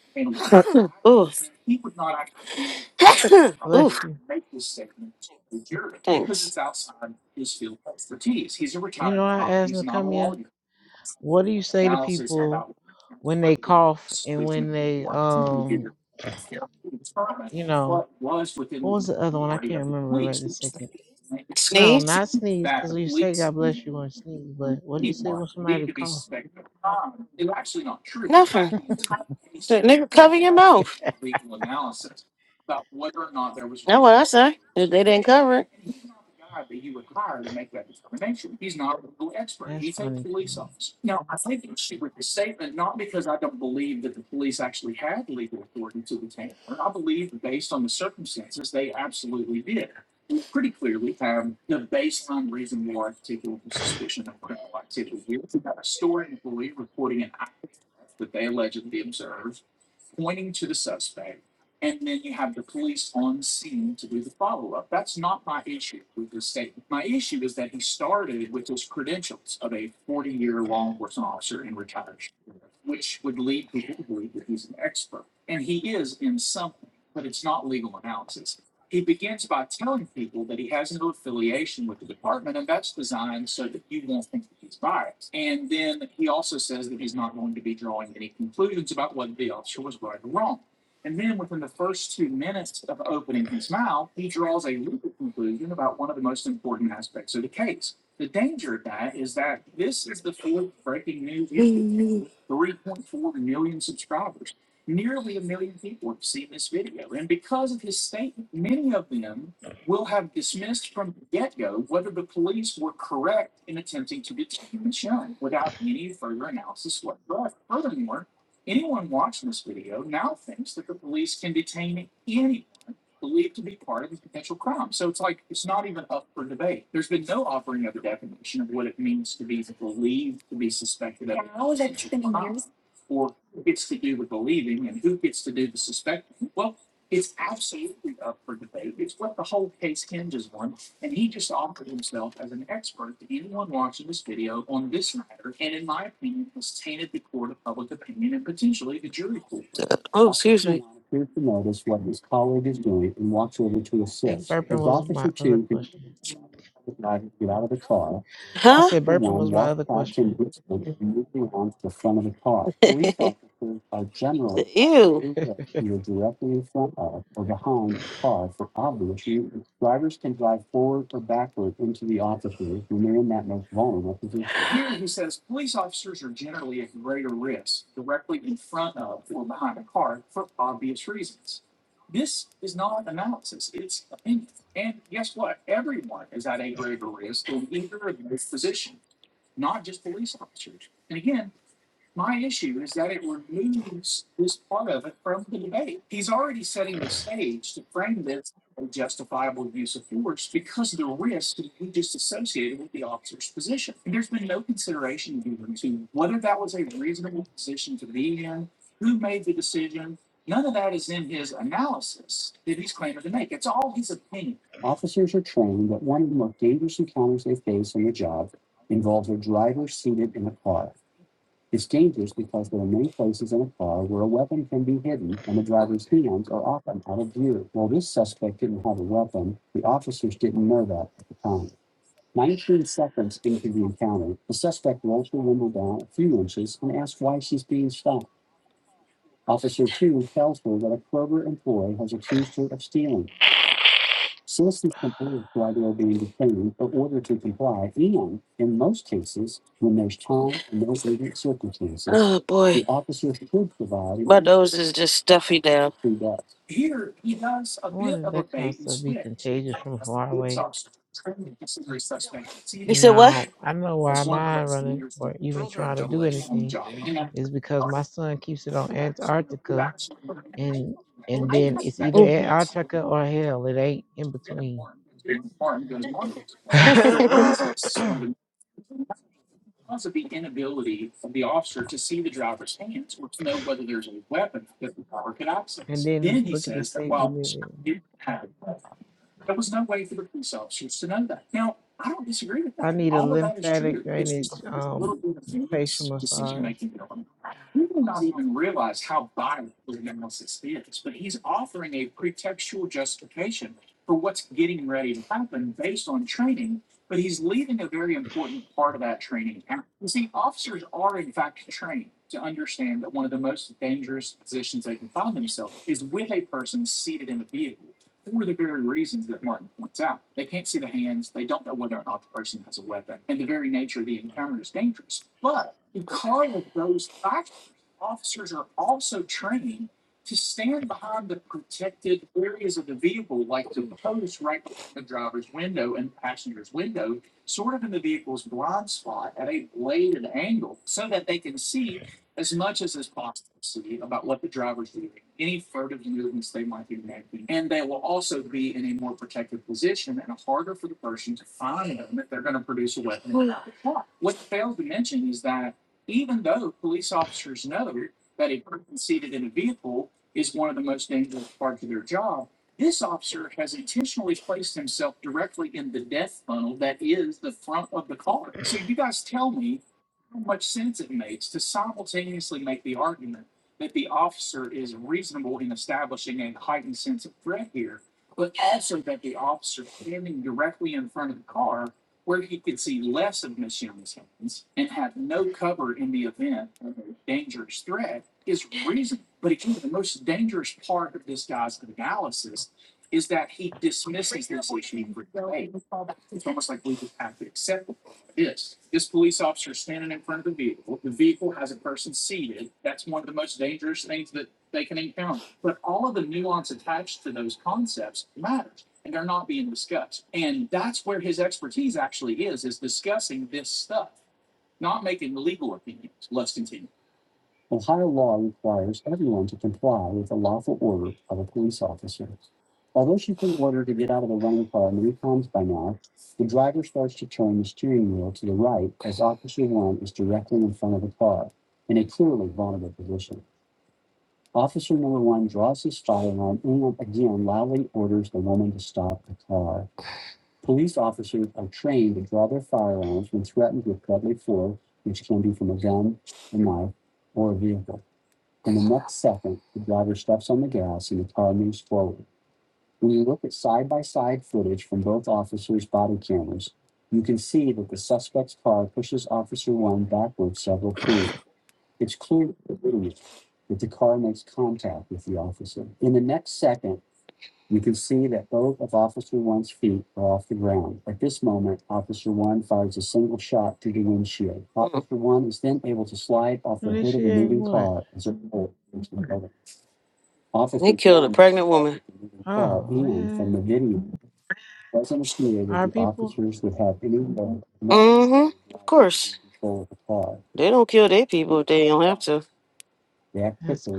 Speaker 5: *coughs* *coughs*
Speaker 9: Bless you. You know, I asked Nakamia, what do you say to people when they cough and when they, um, you know, what was the other one? I can't remember right this second. No,
Speaker 5: See?
Speaker 9: not sneeze, because you say God bless you when sneeze, but what do you say when somebody cough?
Speaker 5: nigga, say. If they didn't cover it.
Speaker 9: That's funny to me.
Speaker 5: Oh, excuse
Speaker 9: I think burping was my other question. I
Speaker 5: Huh?
Speaker 9: said burping was my other question.
Speaker 5: *laughs* Ew. boy. nose is just stuffy now.
Speaker 9: I wanted that kind of stuff to be contagious from far
Speaker 5: You
Speaker 9: away.
Speaker 5: said
Speaker 9: No,
Speaker 5: what?
Speaker 9: I know why i mind running or even trying to do anything is because my son keeps it on Antarctica and and then it's either Antarctica or hell. It ain't in between. And then look at the state we live in. I need a lymphatic drainage um facial massage. And this shit ain't what?
Speaker 5: He killed a pregnant woman.
Speaker 9: Oh man. Our people?
Speaker 5: Mm-hmm. Of course. They don't kill their people if they don't have to.
Speaker 9: That's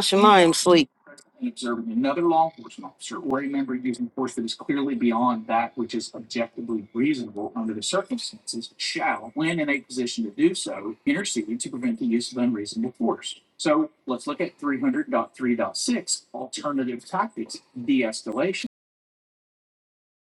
Speaker 5: Shemaim sleep.